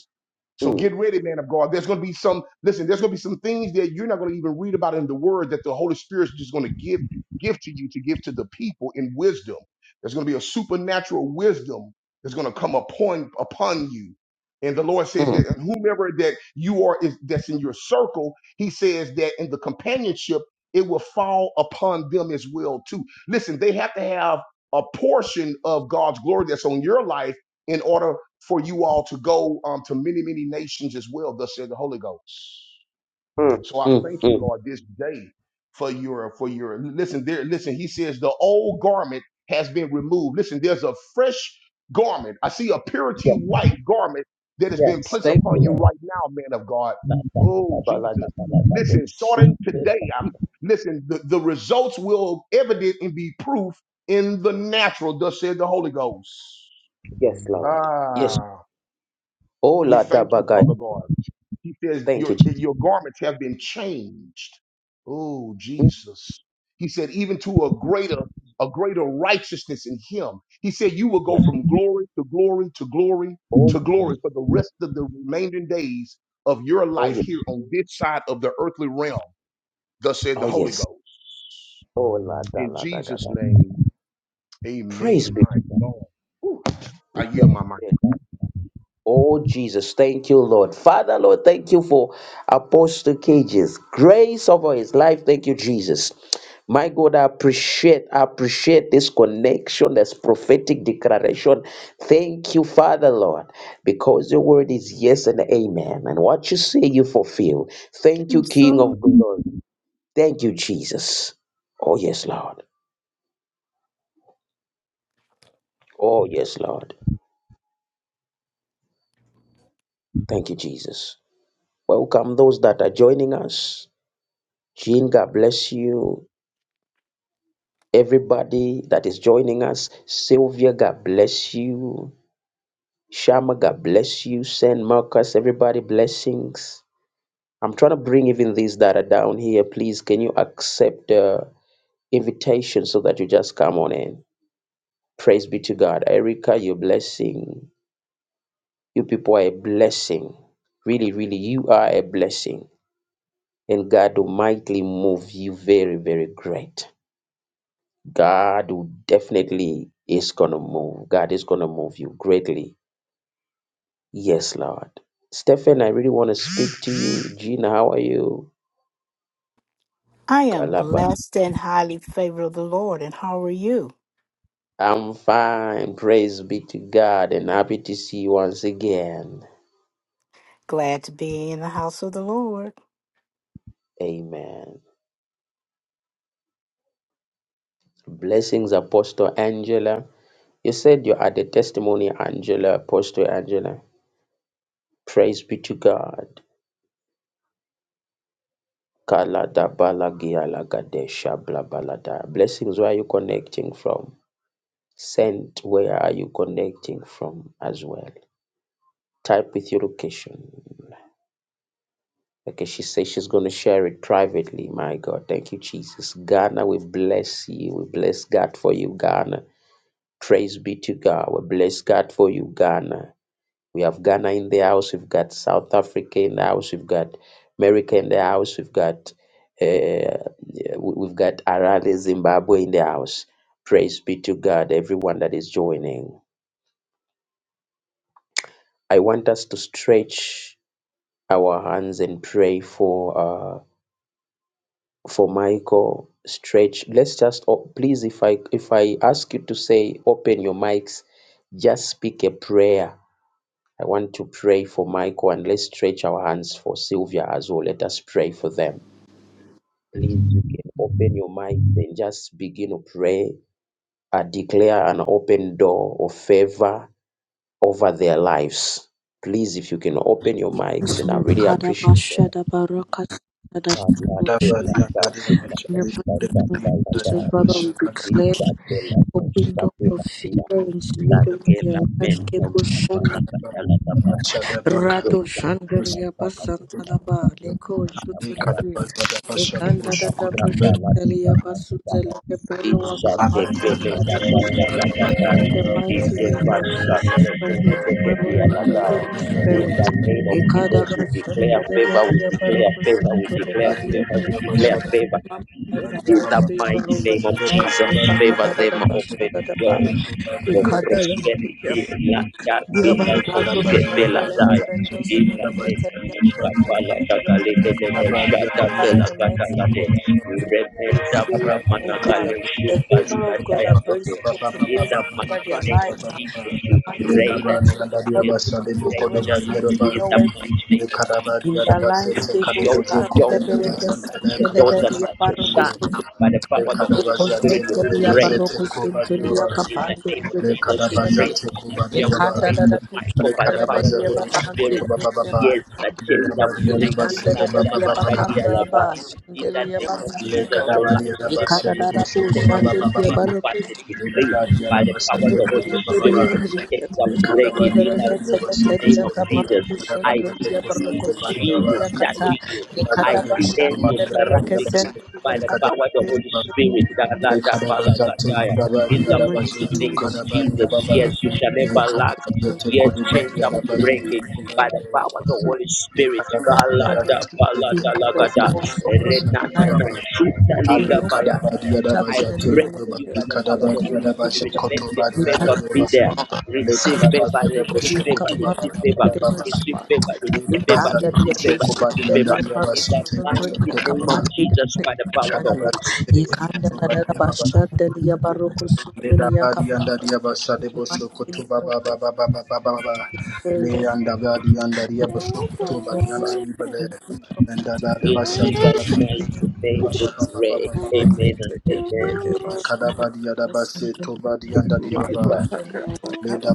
S5: So
S1: Mm,
S5: get ready, man of God. There's going to be some, listen, there's going to be some things that you're not going to even read about in the word that the Holy Spirit's just going to give, give to you to give to the people in wisdom. There's going to be a supernatural wisdom that's going to come upon, upon you. And the Lord says
S1: mm,
S5: that whomever that you are is that's in your circle, he says that in the companionship, it will fall upon them as well, too. Listen, they have to have a portion of God's glory that's on your life in order for you all to go um, to many, many nations as well, thus said the Holy Ghost.
S1: mm,
S5: So I
S1: mm,
S5: thank you,
S1: mm.
S5: Lord, this day for your for your listen there. Listen, he says the old garment has been removed. Listen, there's a fresh garment. I see a purity
S1: Yes,
S5: white garment that has been
S1: yes.
S5: placed
S1: Thank you,
S5: upon you
S1: Lord.
S5: right now, man of God.
S1: La, da, ba,
S5: Oh
S1: ba, ba, la, da,
S5: Jesus.
S1: ba, la, da, de,
S5: Listen,
S1: su,
S5: starting
S1: de,
S5: today,
S1: ba.
S5: I'm listen, the, the results will evident and be proof in the natural, thus said the Holy Ghost.
S1: Yes, Lord. Yes.
S5: Ah.
S1: Oh,
S5: We
S1: la da
S5: thank you,
S1: bagai.
S5: Father God. He says,
S1: Thank
S5: Your,
S1: you, Jesus.
S5: your garments have been changed. Oh,
S1: Mm,
S5: Jesus. He said, even to a greater, a greater righteousness in him. He said, You will go
S1: yes.
S5: from glory to glory to glory
S1: Oh,
S5: to glory for the rest of the remaining days of your
S1: oh
S5: life
S1: yes.
S5: here on this side of the earthly realm. Thus said the
S1: Oh
S5: Holy
S1: yes.
S5: Ghost.
S1: Oh la da
S5: In
S1: la da ga
S5: Jesus'
S1: da.
S5: name, amen.
S1: Praise be to
S5: My
S1: God.
S5: God. Whew. I yield my mic.
S1: Oh, Jesus, thank you, Lord. Father, Lord, thank you for Apostle Cage's grace over his life. Thank you, Jesus. My God, I appreciate, I appreciate this connection, this prophetic declaration. Thank you, Father, Lord, because your word is yes and amen. And what you say, you fulfill. Thank
S8: And
S1: you, King
S8: So
S1: of glory. Thank you, Jesus. Oh, yes, Lord. Oh, yes, Lord. Thank you, Jesus. Welcome those that are joining us. Jean, God bless you. everybody that is joining us. Sylvia, God bless you. Shama, God bless you. Saint Marcus, everybody, blessings. I'm trying to bring even these that are down here. Please, can you accept the invitation so that you just come on in? Praise be to God. Erica, you're a blessing. You people are a blessing. Really, really, you are a blessing. And God will mightily move you very, very great. God will definitely is gonna move. God is gonna move you greatly. Yes, Lord. Stephen, I really want to speak to you. Gina, how are you?
S8: I am
S1: Kalaba.
S8: blessed and highly favored of the Lord. And how are you?
S1: I'm fine. Praise be to God and happy to see you once again.
S8: Glad to be in the house of the Lord.
S1: Amen. Blessings, Apostle Angela. You said you had a testimony, Angela, Apostle Angela. Praise be to God. Kalada balagia lagadesha bla balada. Blessings, where are you connecting from? send where are you connecting from as well type with your location okay she says she's going to share it privately my god thank you jesus ghana we bless you we bless god for you ghana praise be to god we bless god for you ghana we have ghana in the house we've got south africa in the house we've got america in the house we've got uh, yeah, we- we've got Arale Zimbabwe in the house. Praise be to God, everyone that is joining. I want us to stretch our hands and pray for uh, for Michael. Stretch. Let's just oh, please, if I if I ask you to say, open your mics, just speak a prayer. I want to pray for Michael, and let's stretch our hands for Sylvia as well. Let us pray for them. Please, you can open your mics and just begin to pray. I declare an open door of favor over their lives. Please, if you can open your mics, and I really
S9: Kada
S1: appreciate that.
S9: bashada barakata da da
S1: La de
S9: bush.
S1: Malatela
S6: Dabaria, daria,
S1: babela
S6: bacha,
S9: In the mighty
S1: moshata
S9: name
S6: dabaria,
S9: of
S1: balabala
S6: daria,
S9: Jesus,
S1: la
S9: Father,
S6: bacha,
S9: we
S6: kabacha,
S9: declare open
S1: moshata
S9: doors of
S1: la
S9: favor
S6: dabato,
S9: and speed over
S6: dabato,
S9: their
S1: lakela
S9: lives.
S1: mendo
S9: Kebo
S1: kabala
S9: shandi,
S6: kadaba,
S1: katala kaba
S6: bacha, dabaka,
S9: rato
S1: esa
S6: bacha,
S1: kabala
S9: shandaria basantalaba,
S1: kabala
S9: leko
S6: ale,
S1: kabala
S9: tutulivi.
S6: kadaba,
S1: in the name of
S6: dabacha,
S9: Ekanda da
S6: debosho,
S9: da
S6: kutube,
S9: bush, talia
S1: Jesus,
S9: basu zele kepelo
S6: dabaria,
S9: wakapande
S6: daria, bacha, kadabaria,
S9: in the mighty
S6: dabacha, dabacha,
S9: name of Jesus Christ, by
S6: dabacha,
S9: the power of the
S6: mandabaria, daria, bacha, dabaria,
S9: Holy
S6: daria, bacha, dabaria,
S9: Spirit.
S6: baba,
S1: we declare favor, we declare favor, we declare favor, we declare
S9: Ikadabashandadabadiyabarubasantodabidiyabushandi.
S1: favor.
S9: I
S1: In
S9: declare
S1: the
S9: favor
S1: mighty
S9: over
S1: name of
S9: their
S6: ale,
S9: lives.
S1: Jesus,
S6: kadabaria,
S1: favor them
S6: daria,
S1: open
S9: Debakadadadabashadadaba.
S1: doors
S6: bacha,
S1: of
S6: debosho,
S1: prosperity. La carpina
S6: Thank
S1: la daya. Ita
S9: Ikadadabiyabaradoshandelebelendosmeneketeliya.
S1: tena skapala kakale tene shata
S9: But in
S1: tela
S9: the mighty
S1: kakala
S9: name
S1: de.
S9: of
S1: Urebe
S9: the
S1: da
S9: favor, oh
S1: bramana
S9: God,
S1: kale
S9: the
S1: shukali
S9: favor of God
S1: daya
S9: that brings
S1: Lift
S9: protocols
S1: up my
S9: over their
S1: name of
S9: lives.
S1: Jesus.
S9: uh, in the
S1: we
S9: Mighty
S1: Pray
S9: name
S1: that
S9: of
S1: let it
S9: Jesus, Father,
S1: kill
S9: we will
S1: right
S9: be where there seems
S1: now.
S9: to be
S1: In
S9: no
S1: the
S9: way.
S1: mighty name of Jesus.
S9: In their lives,
S1: Touch
S9: they will
S1: your
S9: start the level where
S1: daughters,
S9: there
S1: touch
S9: seems
S1: your
S9: to be
S1: daughter,
S9: the
S1: touch your
S9: barrocos
S1: son.
S9: to go.
S1: By the power of the Holy Spirit, we
S9: Constantly, a
S1: pray for this
S9: barrocos into
S1: family.
S9: the
S6: you.
S1: In the
S9: capacity
S1: name
S9: to
S1: of
S9: do
S6: Le
S9: the
S1: Jesus, we
S6: kadabaza
S1: pray
S9: Sunday.
S1: for
S6: teko
S9: We
S1: Cynthia,
S6: badia
S1: we
S9: can't do,
S1: pray
S6: baba.
S1: for
S9: that
S6: Le
S1: Michael by the power of
S6: kadabaza
S1: the
S6: debo
S1: Holy Spirit.
S6: sokoto baba
S9: they should.
S6: baba.
S1: Yes, the
S6: Le
S1: chains are
S6: dabaria
S1: breaking.
S6: nabase de baba baba baba.
S9: Thank
S1: In the name of
S6: Le
S1: Jesus, your life
S6: kadabaria
S1: will never
S6: nabase
S1: be the
S6: debo soko
S1: same.
S6: baba
S1: We
S6: baba
S1: decree, we
S6: baba.
S1: fast and
S6: Le
S1: decree
S6: dabaria
S1: by the
S6: nabase
S1: power of the
S6: teko
S1: Holy
S6: to baba
S1: Spirit.
S6: baba.
S1: Things
S6: Le
S1: break breaking
S6: kadabaria
S1: in
S6: ndaria base
S1: the name
S6: kesho
S1: of
S6: baba
S1: Jesus. I
S6: dabaza teko
S1: see
S6: soko badia baba.
S1: Jesus touching you.
S6: Dabaza
S1: I
S6: teko
S1: see
S6: to
S1: angels
S6: madia ndaria
S1: surrounding
S6: base.
S1: you by
S6: Le
S1: the power of the Holy
S6: kadabaria
S1: Spirit.
S6: Le Lekanabazate
S1: Galadabalakadaya. In
S6: kudabadi
S1: the mighty
S6: yadabazutu
S1: name of
S6: kadabadi
S1: Jesus,
S6: yababa.
S1: yes, you shall never lack.
S6: Lekanabazate
S1: Yes, chains
S6: kudubadi
S1: are
S6: yadabazutu
S1: breaking by
S6: kubadi
S1: the power
S6: yababa.
S1: of the Holy Spirit.
S6: Lekanabadi yadabazate kudubadi
S1: Galadabalakadalagada.
S9: you.
S6: yadababa.
S9: And
S6: Ale
S9: no one
S1: Renananasutaligabaya.
S9: can
S6: kadabadi
S9: stop
S1: I
S9: in the
S6: yadabazate
S1: pray
S9: name of
S1: for you by
S6: kudubadi
S1: the power of the
S6: kadabadi
S9: Jesus.
S1: Holy
S6: yadabaje
S1: Spirit. Let their
S6: kotobadi
S9: We come
S1: favor
S9: to
S1: be
S9: the
S6: yadababa.
S1: there.
S9: Lord. We
S6: Le
S1: Receive
S9: come to
S1: favor,
S6: kadabadi
S9: the
S1: receive
S6: yadaboshe
S1: favor,
S9: Lord.
S6: kotobaba
S1: receive
S6: baba
S1: favor
S6: baba. Baba
S1: receive favor,
S6: Le
S1: receive
S9: We
S1: favor,
S9: come to the Lord. We come to the Lord. We come to
S6: dabazade
S1: receive
S6: boshe
S1: favor, receive
S6: kobadi
S9: the
S1: favor. In the
S6: yadabasete
S9: Lord.
S6: boshe
S1: mighty name of
S6: kobaba.
S1: Jesus, by the power of the Holy
S6: Kadabadi
S9: We
S1: Spirit.
S9: come
S6: boshe
S9: to the Lord.
S6: kobadi yababa.
S9: Bashan Delia Baroko
S6: Leda
S9: Sutulia
S6: badi
S9: Kapa.
S6: anda dia basha
S9: In
S6: de
S9: the
S6: bosho
S9: mighty name
S6: koto ba ba ba ba ba ba ba ba ba. Le
S9: of
S6: anda badi anda dia bosho
S10: Mako
S6: koto badi anda ribele. Anda da de
S1: In
S6: basha
S1: Jesus'
S6: tada ba
S1: mighty
S6: ba
S1: name, we
S6: ba ba
S9: Jesus,
S6: ba ba
S1: pray.
S6: ba ba ba.
S1: Amen and
S9: God, we
S1: amen.
S6: Le
S9: just
S6: kada
S9: thank you
S6: badi
S9: for
S6: anda
S9: the Lord. Let every prayer must be the name of Jesus. Kadishan
S6: base to badi anda
S1: Praise be
S6: dia ba
S1: to God.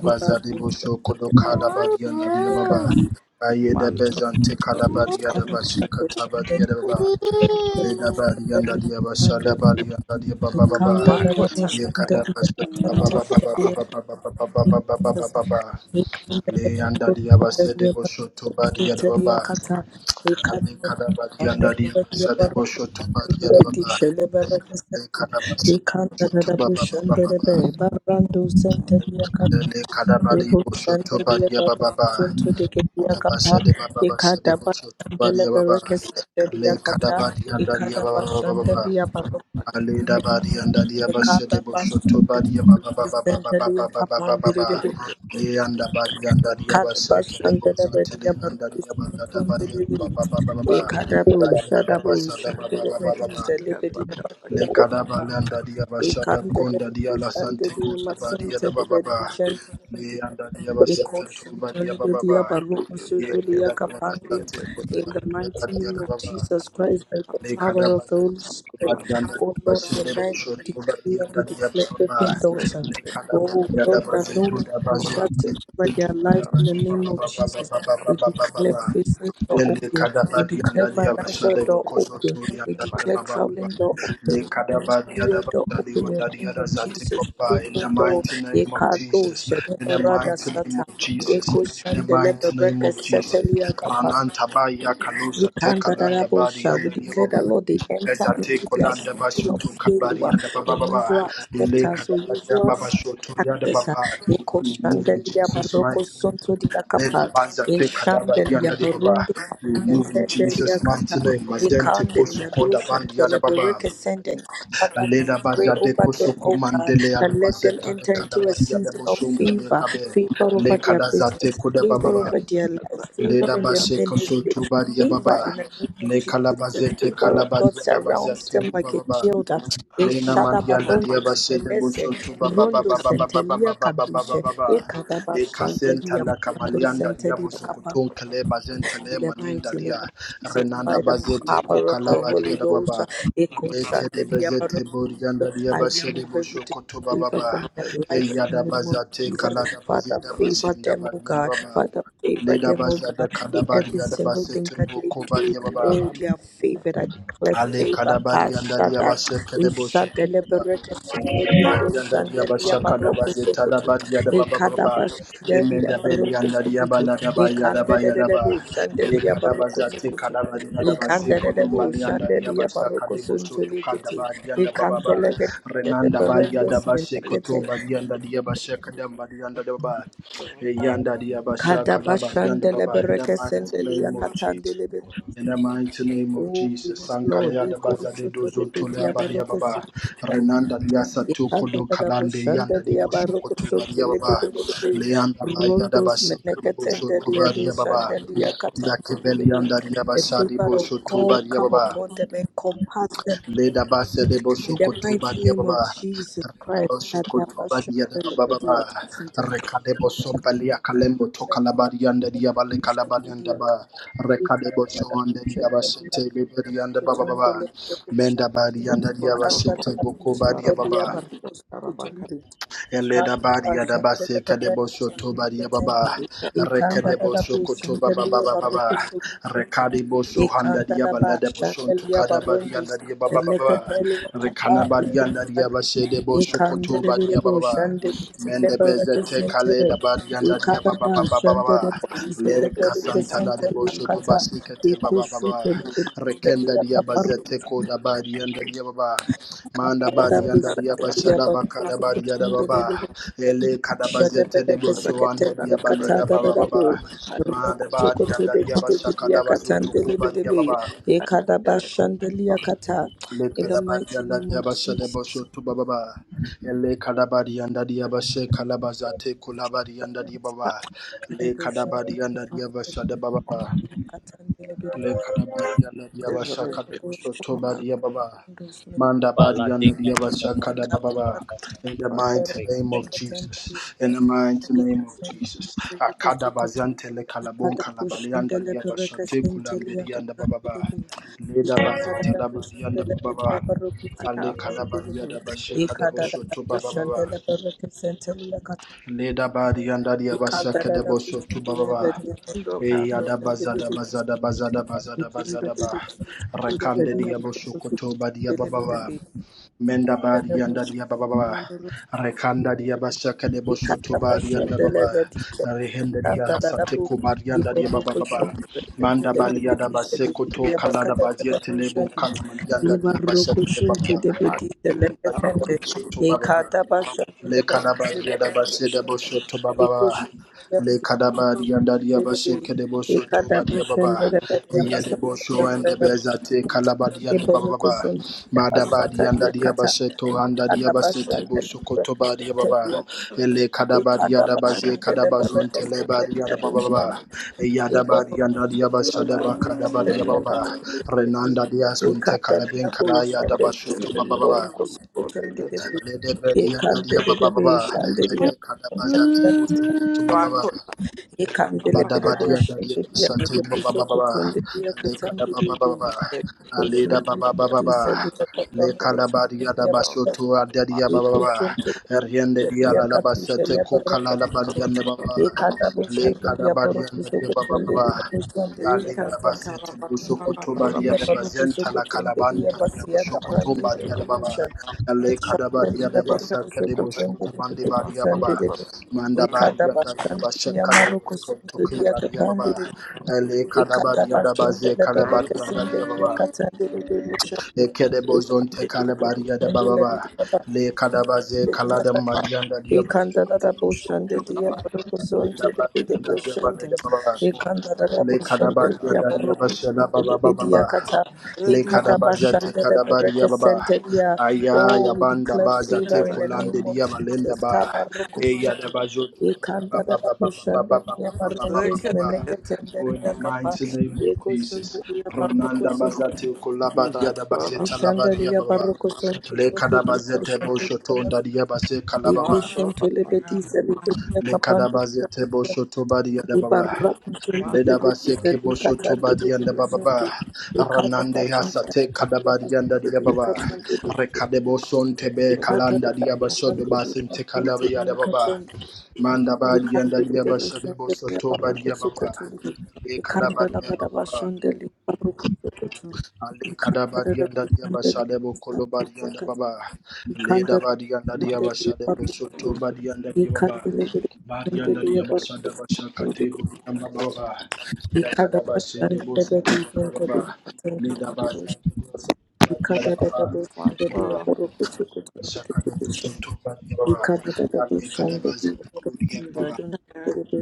S9: Thank
S6: bosho kodo kada badi anda dia Aye de bezante kada badi anda bashe kata badi anda ba ba. Leda badi anda le badi anda dia ba ba ba ba.
S9: you. Ikada bashandele
S6: Le kadaba sede bosho baba
S9: bereke
S6: baba baba.
S9: sendele
S6: Aleda badi anda dia basha de boshoto badi ya ba ba ba ba ba ba ba ba ba ba ba ba.
S9: yakapandirele
S6: Le anda badi anda dia basha kele bosa
S9: Kadabashandarabadia
S6: tele anda dia banda da badi anda ba
S9: Barukusukutundiribit.
S6: ba ba ba ba
S9: E
S6: ba.
S9: Kadabu
S6: Aya da
S9: Shadabu
S6: basha da ba ba ba ba ba ba.
S9: Shandarabadia Libidia
S6: Le kada ba
S9: Bakadababa.
S6: le anda dia
S9: In
S6: basha da
S9: the
S6: konda dia la sante konda badi ya da ba ba ba. Le anda dia basha ketu badi ya ba ba ba. Ye anda dia la sante konda
S9: mighty
S6: badi ya
S9: name
S6: da ba
S9: of
S6: ba.
S9: Jesus Christ, by the
S6: Le
S9: power
S6: kadaba
S9: of the Holy
S6: zete
S9: Spirit,
S6: badi yanda
S9: oh Lord,
S6: basinde
S9: tonight
S6: bosho
S9: we
S6: badi
S9: declare and
S6: yanda
S9: we
S6: diya
S9: declare
S6: baba
S9: open doors.
S6: le kadaba
S9: Oh,
S6: diya da
S9: doors that no
S6: bazeto
S9: man
S6: da
S9: can
S6: bazeto
S9: shut over their
S6: bosho badi
S9: lives in the
S6: badi baba
S9: name of
S6: baba
S9: Jesus.
S6: baba baba
S9: We
S6: baba
S9: declare faces door
S6: le
S9: open. We
S6: kadaba diya
S9: declare
S6: da diya basha
S9: financial
S6: de
S9: door
S6: bokoso
S9: open.
S6: to
S9: We
S6: yanda diya
S9: declare
S6: baba
S9: traveling door open.
S6: Le kadaba di
S9: Ministerial
S6: adaba
S9: door
S6: zadi
S9: open in the
S6: wanda di
S9: name
S6: ada
S9: of
S6: zate
S9: Jesus.
S6: baba. In the
S9: Favor door.
S6: mighty name of
S9: Yekado
S6: Jesus, in the
S9: shenera rada
S6: mighty name
S9: sata.
S6: of Jesus,
S9: Yeko
S6: in the
S9: shendelebe
S6: mighty name
S9: reke
S6: of Jesus.
S9: seteli
S6: Rananta ba ya
S9: we
S6: kalusa te
S9: can't that
S6: kalanda teka landa
S9: other
S6: badi
S9: shall.
S6: yanda
S9: We declare that
S6: diyababa.
S9: Lord they enter
S6: Ezate
S9: into their
S6: kolanda basho
S9: season of
S6: to kabari
S9: failure
S6: yanda baba baba.
S9: unusual
S6: Ile
S9: acceptance or
S6: kabari yanda
S9: usual
S6: baba shoto yanda
S9: access. ah.
S6: baba.
S9: Eko
S6: You move in
S9: shandelia
S6: Jesus'
S9: baroko
S6: mighty name.
S9: sonto dia
S6: Nena
S9: kapa.
S6: banza
S9: E
S6: te kadaba
S9: shandelia
S6: dianda di baba.
S9: barondo
S6: You move in
S9: sentendelia
S6: Jesus' mighty
S9: kata.
S6: name.
S9: We
S6: Mazente
S9: can't that
S6: kosu
S9: other
S6: koda
S9: bullshit.
S6: bandi yada baba.
S9: Celebrate sending.
S6: Aleda
S9: Pray
S6: bazade
S9: over
S6: koso
S9: them, oh God,
S6: komandele ya
S9: and let them
S6: bazeta le
S9: enter
S6: kada
S9: into a
S6: bazia de
S9: season of
S6: boshum
S9: favor,
S6: kabe
S9: favor
S6: le
S9: over their business,
S6: kadazate zate kuda
S9: favor
S6: baba
S9: over their lives, favor
S6: leda
S9: in their
S6: bashe koso
S9: ministry,
S6: tubari ya
S9: favor
S6: baba
S9: in the name of
S6: le
S9: Jesus.
S6: kala
S9: The
S6: bazete
S9: favor
S6: kala
S9: of God
S6: badia da
S9: surrounds them
S6: kuba
S9: like a
S6: baba
S9: shield.
S6: le na
S9: Eshadaba
S6: mandia da dia
S9: rondos
S6: bashe de
S9: menese,
S6: bosho tuba baba baba
S9: rondos
S6: baba baba
S9: centelia
S6: baba baba
S9: kadushe,
S6: baba
S9: ekadaba
S6: e kasenta
S9: shandelia
S6: la
S9: mando
S6: kamalianda dia
S9: centelia
S6: bosho
S9: kapa.
S6: kutun bazente le
S9: In the
S6: maninda
S9: mighty name
S6: dia
S9: of Jesus,
S6: renanda
S9: by the
S6: bazete
S9: power of
S6: kukala
S9: the
S6: badia
S9: Holy
S6: da
S9: Ghost,
S6: baba Ekede bezete burganda diye
S9: I
S6: başladı
S9: remove
S6: bu şu
S9: every
S6: kutu baba
S9: favor
S6: baba.
S9: from their
S6: Ey
S9: lives
S6: ya da
S9: in the name of
S6: bazate
S9: Jesus.
S6: kalada
S9: Father,
S6: bazida
S9: favor
S6: başında
S9: them, oh
S6: badiyan
S9: God.
S6: baba.
S9: Father, favor
S6: Leda
S9: them, oh God,
S6: bazada kada
S9: in every
S6: badiyada
S9: single thing
S6: basete
S9: that
S6: bu
S9: they do.
S6: kubadiya baba.
S9: Oh, they are favored. I declare
S6: Ale
S9: favor.
S6: kadabari anda
S9: Kashada,
S6: diabashe kadeboshe
S9: Ishadele
S6: kebaba.
S9: Bereke,
S6: Lena
S9: Sendelia Do
S6: bari anda
S9: Shandelia
S6: diabasha
S9: Baroko
S6: kadabaze
S9: Sokoto,
S6: talabari yada baba baba
S9: Ekadaba
S6: baba. Emenda
S9: Shandelia
S6: beli
S9: Baroko
S6: anda
S9: Sokoto,
S6: diabala daba yada ba
S9: Ekandede
S6: yada
S9: Debu
S6: ba. Ye
S9: Shandelia Baroko
S6: kadabaza te
S9: Sokoto.
S6: kadabari yada base
S9: Ikandere bu
S6: kudumbali anda
S9: shandeliya
S6: diabasha
S9: baroko
S6: kadebosho tu
S9: suntulikiti.
S6: kadabari anda baba baba.
S9: Ikanteleke
S6: Renanda ba
S9: berendos
S6: yada bashe
S9: minekete.
S6: kotobari anda diabasha kadabari anda baba. Yanda diabasha
S9: Kadaba
S6: kadabari anda
S9: shandele
S6: baba. In the
S9: bereke
S6: mighty
S9: sendeliya
S6: name of Jesus.
S9: katandelebe.
S6: In the mighty name of
S9: Oh
S6: Jesus,
S9: yes Lord,
S6: Sankalea
S9: we
S6: da
S9: go
S6: Baza de
S9: to
S6: Dozo
S9: the bit
S6: Tolea
S9: ya
S6: Badia
S9: baroko
S6: Baba,
S9: suntuliya.
S6: Renanda Diasa Tokodo
S9: Ikandere bu
S6: Kalande Yanda di
S9: shandeliya baroko
S6: Boshoko to Badia Baba,
S9: suntulebebebebe.
S6: Leanda Baya da
S9: Rondos
S6: Basika de
S9: menekete
S6: Bosho to
S9: deliya du
S6: Badia Baba,
S9: shandeliya
S6: Dakebeli
S9: katandelebe.
S6: yanda
S9: The
S6: Diabasha de
S9: favor of
S6: Bosho to
S9: God
S6: Badia
S9: come
S6: Baba.
S9: upon them and compass them
S6: Leda basa de
S9: In the
S6: boshokoto
S9: mighty
S6: badia
S9: name
S6: baba.
S9: of Jesus
S6: Reda
S9: Christ,
S6: boshokoto badia da baba
S9: Katapashantelepedia,
S6: baba. Rekade bosom balia kalembo toka la barianda dia bale kalabarianda ba. Rekade
S9: Ikanda da
S6: bosho ande dia basete liberianda baba Menda barianda dia basete boko badia baba. Eleda badi adaba se kadebo shoto badi ababa. Rekadebo shokoto baba baba baba. Rekadebo shohanda diaba
S9: ba
S6: leda boshon to
S9: shandelia
S6: kadaba
S9: barundus,
S6: dianda diaba
S9: the
S6: baba baba.
S9: lekatelu kapa,
S6: Rekana badi anda diaba shedebo shokoto badi
S9: Ikandelebo
S6: ababa baba.
S9: shande
S6: Mende beze
S9: celebrate
S6: te kale
S9: sentere.
S6: da badi anda diaba
S9: Ikadaba
S6: baba baba
S9: shande
S6: baba. Lere
S9: celebrate
S6: kasanta la
S9: sentere
S6: debo shodo
S9: yakata.
S6: basikete baba
S9: Ikushu
S6: baba.
S9: tele
S6: Rekenda
S9: sentere
S6: diaba
S9: kaparu.
S6: zete koda badi anda diaba baba. Manda badi
S9: Kandelebo
S6: anda dia
S9: shande
S6: bashala
S9: yabaru
S6: bakada
S9: kusuku
S6: badi ada
S9: tunde
S6: baba
S9: lelele.
S6: ele kada
S9: Shade
S6: bazete de
S9: bereke
S6: boso
S9: sekete
S6: anda dia
S9: yakata
S6: baleda baba
S9: dadadabu.
S6: baba
S9: Roko
S6: manda
S9: choko
S6: badi anda
S9: tude
S6: dia
S9: kute
S6: basha
S9: kudi
S6: kada bazu
S9: yakata
S6: tukuba dia
S9: ndelebelebe.
S6: baba
S9: Ikadaba shande yakata.
S6: le
S9: In the
S6: kada badi
S9: mighty
S6: anda
S9: name
S6: dia
S9: of
S6: basha
S9: Jesus.
S6: boso tu baba baba ele kada badi anda dia basha kala bazate kula badi anda dia baba
S9: Ikada
S6: le kada badi anda dia basha baba Le kanabadi and the Yabasha Kadabosho Tobadi Yababa. Mandabadi
S1: Father,
S6: and the
S1: thank you.
S6: Yabasha Kadababa. In the mighty
S1: Thank
S6: name of Jesus. In the mighty name of Jesus. Akadabazante le kalabon kalabalianda Yabasha Tekulambedi and the Bababa. Leda Bazenta Labadi and the Bababa. Ale kadabari yadabashe kadebosho to bababa. Leda bari yandari yabasha
S9: da
S6: kadebosho to Eyada bazada, bazada,
S9: bushantele
S6: bazada, bazada,
S9: Ikata
S6: bazada, ba. Rekande diya boshokoto ba diaboshokotoba ba. Menda barianda ba. Rekanda diya bashaka de diabashaka deboshotoba rianda baba. Rehende diya hasate ko ba diahasate kubarianda diabababa. Manda baliada basekoto kalada bazietele bunkanamanianda diabashaka debababa. Ajede bashotoba baba. ba Le kadabadi yada bashe de bosho to baba. Le kadabadi yada diya bashe kede bosho to badi baba. Iye de bosho and de bezate kalabadi yanda baba
S9: Iboruku
S6: baba.
S9: Shuntelia
S6: Madabadi
S9: Basata
S6: yanda diya
S9: Yakata,
S6: bashe to handa diya bashe te
S9: kadabashan
S6: bosho koto badi baba. Ele kadabadi yada basi kadabazon tele badi yada baba baba. Yada badi yanda diya bashe de bakadabadi baba. Renanda diya son te kalabin kalaya da basho to baba baba. Lede Bedi and Nadia Baba Baba, Lekana Bazate Musukutu Baba,
S9: Ikhandele bede
S6: Badabadia Dadia
S9: boshande biya bede
S6: Sati Baba Baba
S9: kusokotonde biya
S6: Lekala
S9: katandere
S6: Baba
S9: biya.
S6: Baba Aleda Baba Baba Lekala Badia Dabasoto Adadia Baba Riende Dia La La Basate Kokala La Badia Nebaba Lekala Badia Dadia Baba Baba Aleda Basete Busokoto Badia de Bazenta La Calabandia Dia Bosokoto Badia de Baba Lekada Badia de Basaka de Bosokobandi Badia Baba Manda
S9: Ekada
S6: badia dadia
S9: bashandi
S6: basha
S9: ya
S6: kalebo
S9: maroko
S6: sonto
S9: sundi ya
S6: badia
S9: kapandi
S6: baba. Ele kada
S9: Ekanda
S6: badia da
S9: bashende
S6: baze
S9: le
S6: kada
S9: bereke
S6: badia
S9: sende
S6: dadia
S9: diye
S6: baba.
S9: katende le de buşende.
S6: Eke de
S9: Ekanda
S6: bozonte
S9: le
S6: kale
S9: de
S6: badia da
S9: buşende
S6: baba baba.
S9: le
S6: Le kada baze
S9: de diye baroko sende
S6: kala da
S9: diye kata.
S6: madia dadia basha
S9: Ekanda da da
S6: kate boshoko
S9: buşende
S6: baba.
S9: diye baroko
S6: Le
S9: sende
S6: da
S9: le de
S6: badia
S9: de
S6: dadia baba
S9: buşende.
S6: da baba.
S9: Ekanda da da
S6: Le kada
S9: buşende
S6: badia
S9: diye
S6: dadia
S9: baroko
S6: basha da baba
S9: sende le diye
S6: baba.
S9: kata.
S6: Le
S9: Ekanda
S6: kadabaza te
S9: bashende le
S6: kadabadi
S9: bereke
S6: yababa.
S9: diye.
S6: Aya
S9: Oh, we
S6: yabanda
S9: declare
S6: baza te
S9: favor in the
S6: kolande
S9: name of
S6: diyabalenda
S9: Jesus.
S6: ba.
S9: Kabaroko
S6: E
S9: sende.
S6: yadabajo te
S9: Ekanda da da koşanda diye barındos
S6: kadabababababababababababababa.
S9: meneket
S6: Oh,
S9: enderi
S6: in the
S9: ya kapa.
S6: mighty name of
S9: E
S6: Jesus.
S9: koşunda diye
S6: Rananda
S9: barroko soko.
S6: bazate kolabadi yadabaze
S9: Müşanda
S6: talabadi
S9: diye
S6: yababa.
S9: barroko son
S6: Le
S9: tutunda diye
S6: kadabazete
S9: koşanda diye
S6: boshoto
S9: nasıl.
S6: ndadi yabase
S9: E
S6: kalababa.
S9: koşun tölebeti selebe diye
S6: Le
S9: kapandı diye
S6: kadabazete
S9: koşan.
S6: boshoto badi
S9: E
S6: yadababa.
S9: barra koşun tölebeti
S6: Ledabase kebo
S9: selebe
S6: shoto
S9: katandı diye
S6: badianda
S9: koşandı.
S6: bababa.
S9: E kata
S6: Ranande
S9: başan
S6: hasate
S9: diye
S6: kadabadianda
S9: basın diye
S6: diababa.
S9: katandı diye
S6: Rekadebo
S9: koşandı.
S6: son
S9: E
S6: tebe
S9: kata da
S6: kalanda
S9: da
S6: diabashodo
S9: koşandı diye
S6: basin
S9: basın
S6: tekalabi
S9: diye
S6: adababa.
S9: kaçandı.
S6: Manda
S9: can't
S6: badianda
S9: can't can't can't
S6: diabashadebo
S9: the Ikhandele bashandele
S6: soto
S9: baroko
S6: badiababa.
S9: sokoto.
S6: Le
S9: Ikhandala bada
S6: kadabadiababa.
S9: bashandele baroko sokoto.
S6: Ali kadabari
S9: Ikhandala
S6: anda dia
S9: bashandele
S6: basale bo
S9: masantile
S6: kolobari
S9: yakati.
S6: baba. Le
S9: Ikhandala
S6: dabari anda dia
S9: bashandele
S6: basale bo
S9: baroko
S6: soto
S9: sokoto.
S6: bari anda dia baba.
S9: Ikhandele
S6: Bari anda dia
S9: bashandele baroko
S6: basada
S9: sokoto.
S6: bashakate bo baba. Ya
S9: Ikada
S6: kadabashe de bo
S9: bashandele bati
S6: baba.
S9: zintele
S6: Le dabaza
S9: yakati.
S6: de bo soto bari
S9: Ikada dada
S6: baba. Me
S9: bashandele baroko
S6: dabashakate bo
S9: sokoto.
S6: soto bari baba.
S9: Ikada dada
S6: Ali kadabaza.
S9: bashandele baroko sokoto.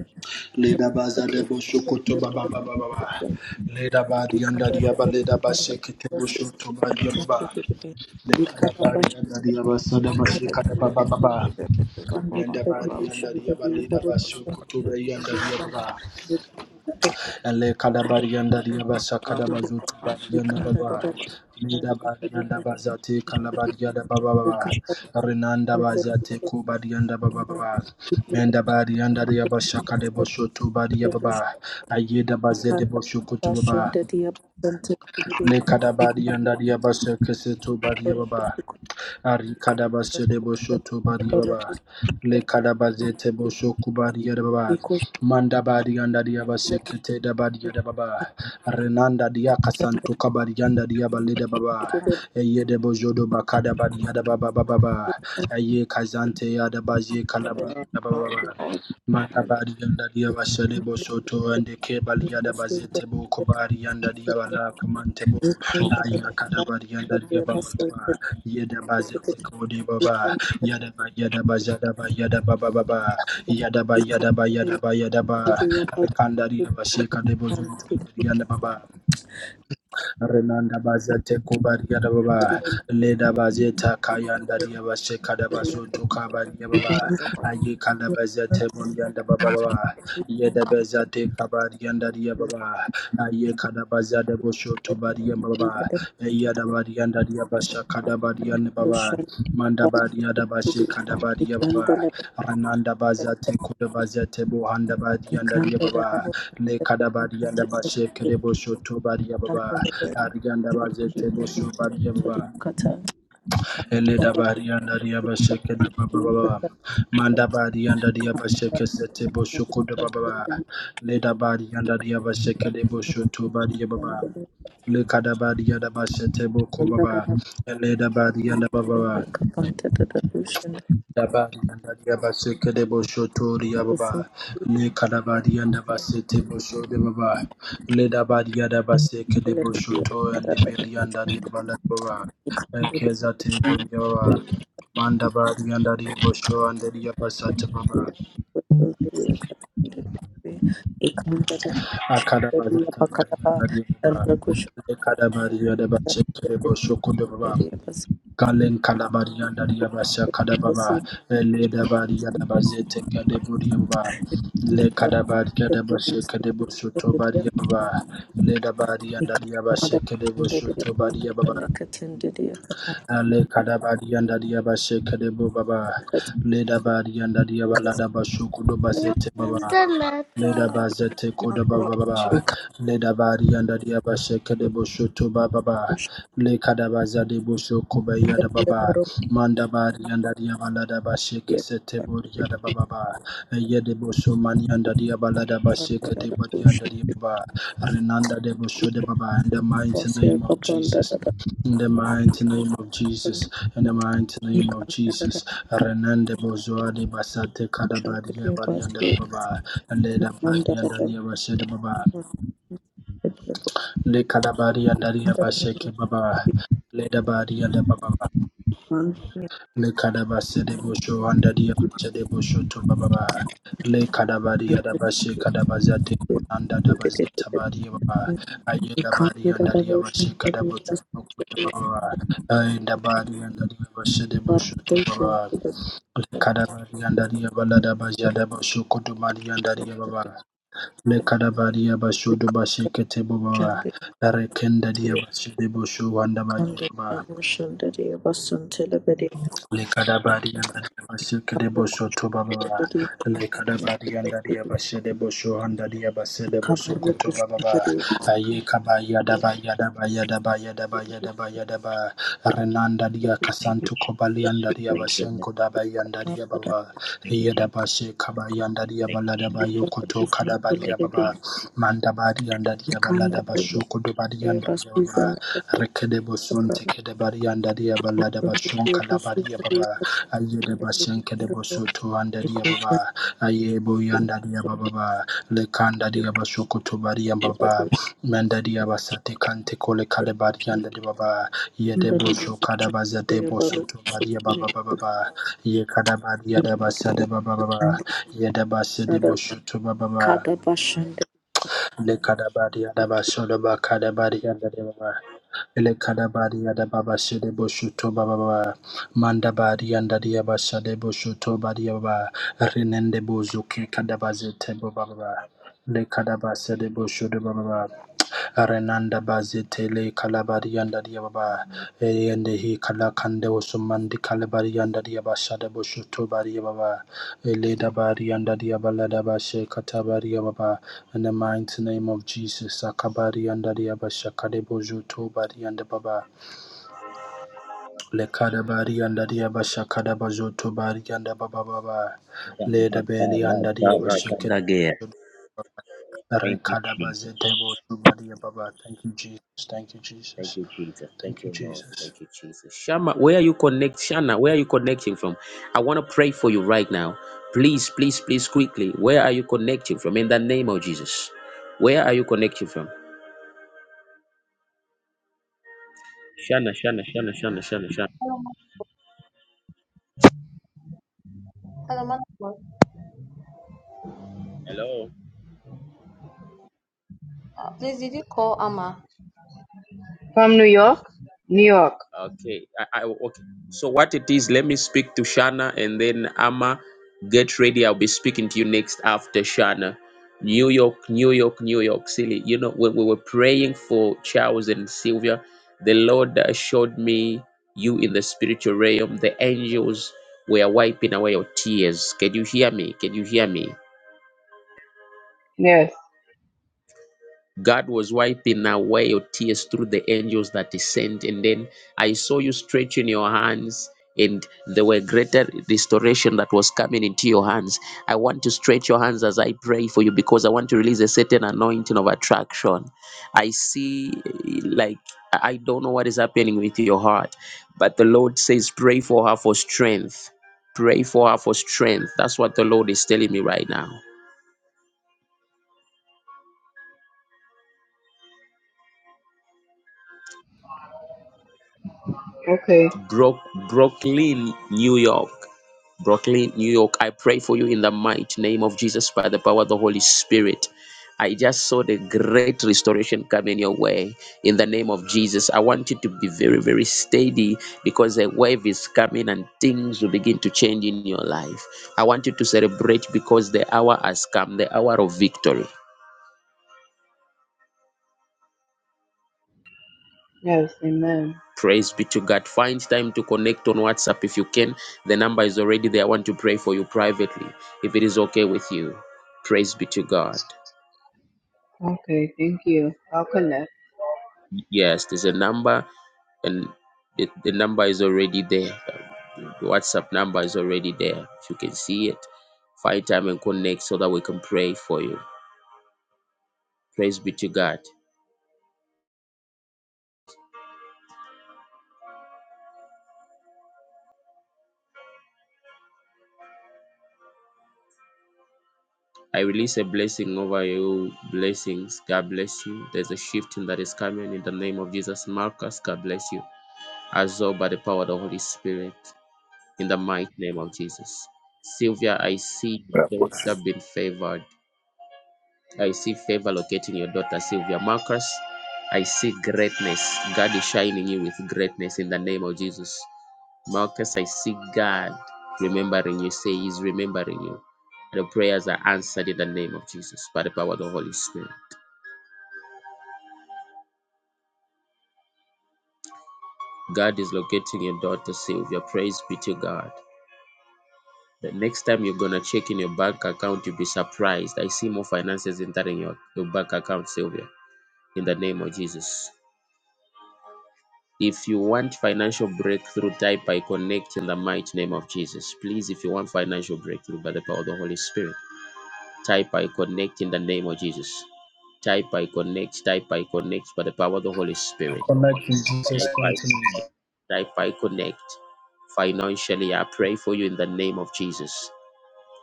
S9: Ikanda
S6: Leda baza lebo shokoto ba ba ba ba ba ba. Leda badi di anda dia leda ba shekete bo shoto ba dia Leda badi di anda dia sada ba shekata ba ba ba ba. Menda badi di anda dia leda ba shokoto ba yanda dia Ele kadabari yanda riyabasa kadabazutu bari yanda baba. Lida bari yanda bazate kalabari yanda baba baba. Renanda bazate kubari yanda baba baba. Benda bari yanda riyabasa kadaboshotu bari yanda baba. Ayeda bazete boshokutu baba. Le kadabari yanda riyabasa kesetu bari yanda baba. Arikadaba Sedebo Shoto Badiaba, Le Kadabazete Boshoku Badiaba,
S9: Ikanda
S6: Mandabadi and Adiaba Sekete Dabadiaba, Renanda Diakasanto Kabadianda Diaba Leda Baba, Eyede Bojodo Bakada Badiada Baba Baba, Aye Kazante Adabazi Kalababa. Mandabadi and Adiaba Sedebo Soto and the Kebaliada Bazete Bokobari and Adiaba Kamantebo. Ayakadabari and Adiaba Yadaba zete kodi baba. Yadaba yadaba yadaba yadaba baba baba. Yadaba yadaba yadaba yadaba. Rekanda riya basheka debo zuntu riya baba. Renanda Bazate Kubadia Baba, Leda Bazeta Kayanda Diaba Shekada Bazoto Kabadia Baba, Ayikanda Bazate Mondianda Baba, Yeda Bazate Kabadianda Diaba, Ayikada Bazade Bosho Tobadia Baba, Yada Badianda Diaba Shakada Baba, Manda Badia Dabashe Ananda Bazate Kodabazate Bohanda Badianda Baba Le Kadabadianda Bashe Kedebosho Tobadia Baba Arianda Bazete Bosho Badia Baba Eleda Badianda Riabashe Kedebaba Baba Manda Badianda Riabashe Kesete Bosho Kodababa Leda Badianda Riabashe Kedebosho Tobadia Baba Le Kadabadianda Bashe Tebo Kobaba Eleda Badianda Baba Dabadi and Dadiaba Sekede Boshotori Ababa, Lekadabadi and Abasete Bosho de Baba, Ledabadi Adabaseke de Boshoto and the Billy and Dadiabala Baba, Kezate Bunjava, Mandabadi and Dadi Bosho and the Diabasata Baba, Akadabazata Badi and Dadiaba, Lekadabadi Adabaseke de Bosho Kudababa. Kalen Kalabaria Dariabasa Kadababa Le Dabaria Dabazete Kadeburiaba Le Kadabaria Dabashe
S9: Thank
S6: Kadebosu
S9: you.
S6: Tobaria Baba Le Dabaria
S9: Thank
S6: Dariabashe Kadebosu Tobaria Baba Le Kadabaria Dariabashe Kadebo Baba Le Dabaria Dariabala Dabasu Kudobazete Baba Leda bazete koda baba baba. Leda bari anda dia basheke de bosho to baba baba. Le kada bazade bosho kobe yada baba. Manda bari anda dia balada basheke sete bori yada baba baba. Eye de bosho mani anda dia balada basheke de bori anda dia baba. Renanda de bosho de baba. In the mighty name of Jesus. In the mighty name of Jesus, in the mighty name of Jesus, Renande Bozoa de Basate Kadabadia Balianda de Baba, Leda body and the Yabashed Baba, Lekada body and the Yabashake Baba, Leda body and the Baba, Lekada Basede Busho and the Yabashed Busho to Baba, Le body and bashe Bashekada Bazate and the Bazeta Baba, Ayeda body and the Yabashekada Busho to Baba, Ayeda body and the Yabashed Busho to Baba, Le body and the Yabalada Bajada Busho Kotumari and the Yababa. Lekadabaria Bashodo Bashekete Baba, Rekenda
S9: you.
S6: Dia Bashede Bosho Wanda
S9: Kando
S6: Baba,
S9: da bushin da dai basun talabari
S6: Lekadabadi and Adabashika de
S9: kamar
S6: Bosho
S9: kushin da
S6: Tobababa,
S9: dai na
S6: Lekadabadi and
S9: talabari
S6: Adiabashe de Bosho and Adiabashe de Bosho
S9: kamar kushin da
S6: Kotobababa,
S9: dai
S6: Ayekaba Yadaba Yadaba Yadaba Yadaba Yadaba Yadaba, Renanda dia
S1: you,
S6: Kasantu
S1: Jesus.
S6: Kobali and
S1: Thank you, Lord.
S6: Adiabashenko Daba and
S9: kata bada
S6: Adiababa,
S1: Thank you, Jesus.
S6: Yadabashe Kaba and
S1: Thank you,
S6: Adiabalada
S9: da
S1: Jesus. Thank
S6: Yokoto
S1: you,
S9: kushin
S1: Jesus.
S6: Kadabari
S1: Thank you,
S9: talabari
S6: Ababa,
S1: Jesus.
S6: Mandabari and
S9: kan da
S6: Adiabalada
S1: Thank you,
S6: Bashuko Dobadi
S9: dai
S6: and
S9: basu
S6: Adiababa,
S9: zan da kafar
S6: Rekede boson tekede bari andari abala da bashon
S9: kushin da dai basu da
S6: kalabari
S9: dai
S6: ababa aye de
S9: da
S6: bashen
S9: kushin da dai kushin da
S6: kede
S9: dai kushin da
S6: bosoto
S9: dai
S6: andari
S9: da
S6: ababa aye bo yandari ababa le kandari abashoko to bari ababa mandari abasate kante kole kade bari andari ababa ye de bosho kada bazate bosoto bari ababa baba baba baba ye kada bari ada basade baba baba ye de basade bosho to baba baba le kada bari ada basho baba kada bari andari ababa Elekadabari Adababa Shedebo Shuto Baba Mandabari and Adiaba Shadebo Shuto Badiaba Renende bozuke Kadabazete Baba Lekadaba Sedebo Shudo Baba Renanda Bazitele Kalabari and Yababa and he Kalakande Osumandi Kalabari and Yaba Shadabo Shuto Eleda Bari and Yabalada Bashe Katabari Yababa in the mighty name of Jesus Akabari and Yaba Shakadebo Bari and Baba Lekadabari and Yaba Shakadaba Bari and Baba Baba Leda Beli and Yaba Shakadabo
S1: Lord. Thank you, Jesus.
S6: Rekadabazete Bari Thank you Jesus Thank you
S1: Thank
S6: Jesus
S1: you, Jesus. Thank
S6: Thank you,
S1: you, Lord.
S6: Jesus.
S1: Thank you, Jesus. Shama, where are you connect? Shana, where are you connecting from? I want to pray for you right now. Please, please, please, quickly. Where are you connecting from? In the name of Jesus. Where are you connecting from? Shana, Shana, Shana, Shana, Shana, Shana.
S11: Hello, man of God.
S1: Hello.
S11: Please, did you call Amma?
S12: From New York? New York.
S1: Okay. I, I okay. So what it is, let me speak to Shana and then Ama, get ready. I'll be speaking to you next after Shana. New York, New York, New York City. You know, when we were praying for Charles and Sylvia, the Lord showed me you in the spiritual realm. The angels were wiping away your tears. Can you hear me? Can you hear me?
S12: Yes.
S1: God was wiping away your tears through the angels that He sent. And then I saw you stretching your hands, and there were greater restoration that was coming into your hands. I want to stretch your hands as I pray for you because I want to release a certain anointing of attraction. I see, eh, like, I I don't know what is happening with your heart, but the Lord says, pray for her for strength. Pray for her for strength. That's what the Lord is telling me right now.
S12: Okay.
S1: Brook, Brooklyn, New York. Brooklyn, New York. I pray for you in the mighty name of Jesus by the power of the Holy Spirit. I just saw the great restoration coming your way in the name of Jesus. I want you to be very, very steady because a wave is coming and things will begin to change in your life. I want you to celebrate because the hour has come, the hour of victory.
S12: Yes. Amen.
S1: Praise be to God. Find time to connect on WhatsApp if you can. The number is already there. I want to pray for you privately if it is okay with you. Praise be to God.
S12: Okay. Thank you. I'll connect.
S1: Yes, there's a number, and the, the number is already there. The WhatsApp number is already there. If you can see it, find time and connect so that we can pray for you. Praise be to God. I release a blessing over you. Blessings. God bless you. There's a shifting that is coming in the name of Jesus. Marcus, God bless you. absorbed by the power of the Holy Spirit in the mighty name of Jesus. Sylvia, I see
S13: God
S1: your
S13: bless you.
S1: daughter being favored. I see favor locating your daughter, Sylvia Marcus. I see greatness. God is shining you with greatness in the name of Jesus. Marcus, I see God remembering you. Say, He's remembering you. The prayers are answered in the name of Jesus by the power of the Holy Spirit. God is locating your daughter, Sylvia. Praise be to God. The next time you're gonna check in your bank account, you'll be surprised. I see more finances entering your, your bank account, Sylvia, in the name of Jesus. If you want financial breakthrough, type I connect in the mighty name of Jesus. Please, if you want financial breakthrough by the power of the Holy Spirit, type I connect in the name of Jesus. Type I connect, type I connect by the power of the Holy
S6: I
S1: Spirit.
S6: connect in Jesus'
S1: Type I
S6: mighty name.
S1: connect, type I connect. Financially, I pray for you in the name of Jesus.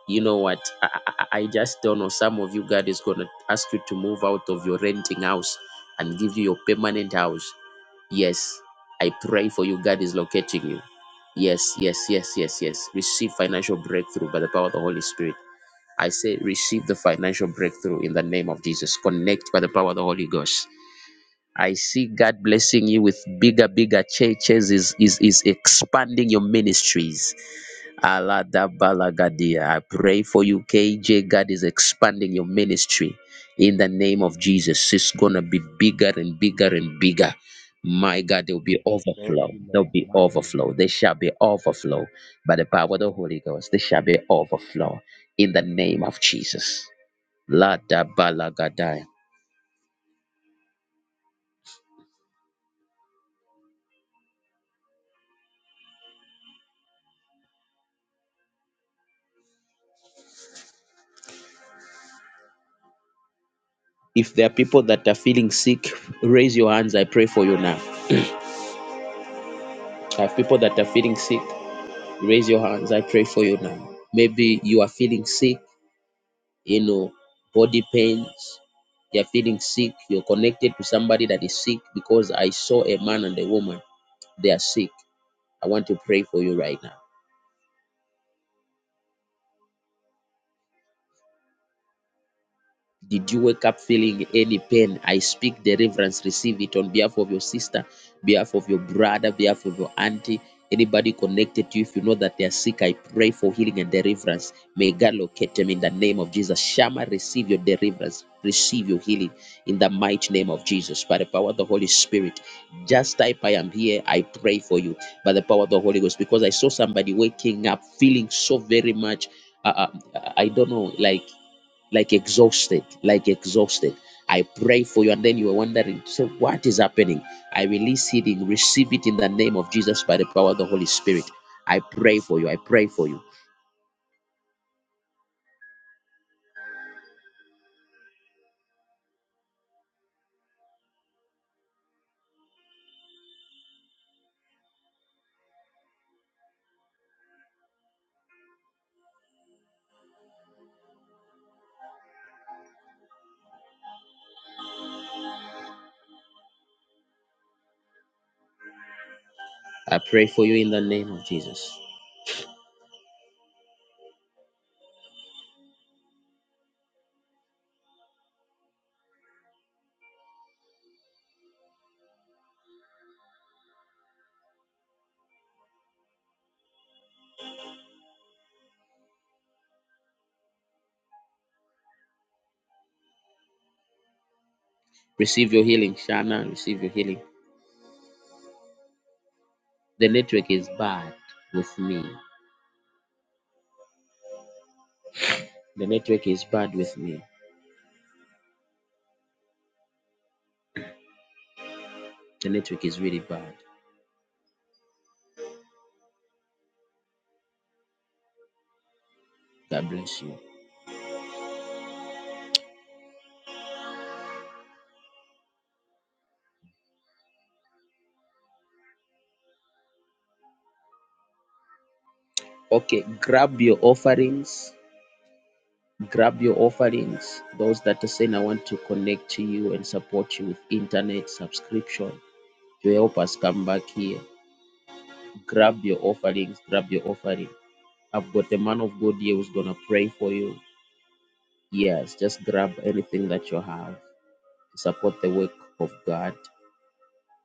S1: you know what I, I I just don't know some of you god is going to ask you to move out of your renting house and give you your permanent house yes i pray for you god is locating you yes yes yes yes yes receive financial breakthrough by the power of the holy spirit I say, receive the financial breakthrough in the name of Jesus. Connect by the power of the Holy Ghost. I see God blessing you with bigger, bigger churches, is, is, is expanding your ministries. Aladabalagadia. I pray for you, KJ. God is expanding your ministry in the name of Jesus. It's going to be bigger and bigger and bigger. My God, there will be
S5: Thank
S1: overflow.
S5: you,
S1: There
S5: Lord.
S1: will be
S5: My God.
S1: overflow. There shall be overflow by the power of the Holy Ghost. There shall be overflow in the name of Jesus. Lada balagadai. If there are people that are feeling sick, raise your hands. I pray for you now. I have people that are feeling sick, raise your hands. I pray for you now. Maybe you are feeling sick, you know, body pains. You're feeling sick. You're connected to somebody that is sick because I saw a man and a woman. They are sick. I want to pray for you right now. Did you wake up feeling any pain? I speak deliverance. Receive it on behalf of your sister, behalf of your brother, behalf of your auntie. Anybody connected to you, if you know that they are sick, I pray for healing and deliverance. May God locate them in the name of Jesus. Shama, receive your deliverance, receive your healing in the mighty name of Jesus. By the power of the Holy Spirit, just type I am here. I pray for you by the power of the Holy Ghost because I saw somebody waking up feeling so very much. Uh, uh, I don't know, like like exhausted, like exhausted. I pray for you, and then you are wondering, say, what is happening? I release healing, receive it in the name of Jesus by the power of the Holy Spirit. I pray for you. I pray for you. I pray for you in the name of Jesus. Receive your healing, Shana. Receive your healing. The network is bad with me. The network is bad with me. The network is really bad. God bless you. Okay, grab your offerings grab your offerings those that are saying i want to connect to you and support you with internet subscription to help us come back here grab your offerings grab your offering i've got a man of god here who's gonna pray for you yes just grab anything that you have to support the work of god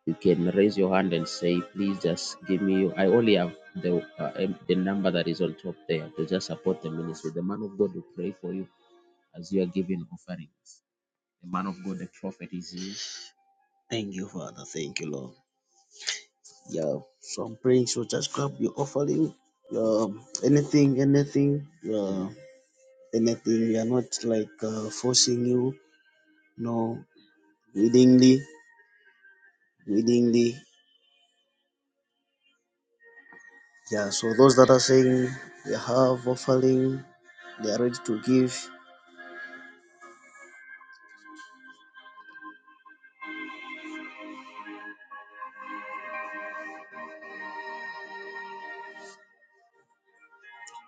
S1: you can raise your hand and say please just give me i only have the uh, um, the number that is on top there to just support the ministry the man of god will pray for you as you are giving offering The man of God, the prophet is here. Thank you, Father. Thank you, Lord. Yeah. So I'm praying. So just grab your offering. Um, anything, anything, uh, anything. We are not like uh, forcing you. No, willingly, willingly. Yeah. So those that are saying they have offering, they are ready to give.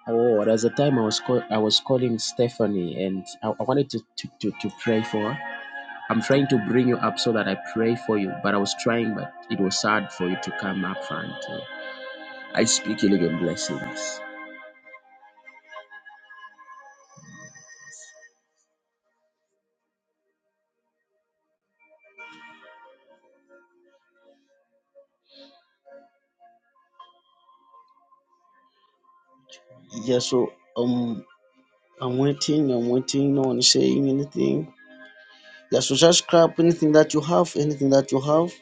S1: Oh, there's a time I was call- I was calling Stephanie and I, I wanted to, to, to, to pray for her. I'm trying to bring you up so that I pray for you, but I was trying, but it was hard for you to come up front. I speak healing and blessings. Yeah, so um, I'm waiting, I'm waiting. No one is saying anything. Yeah, so just grab anything that you have, anything that you have.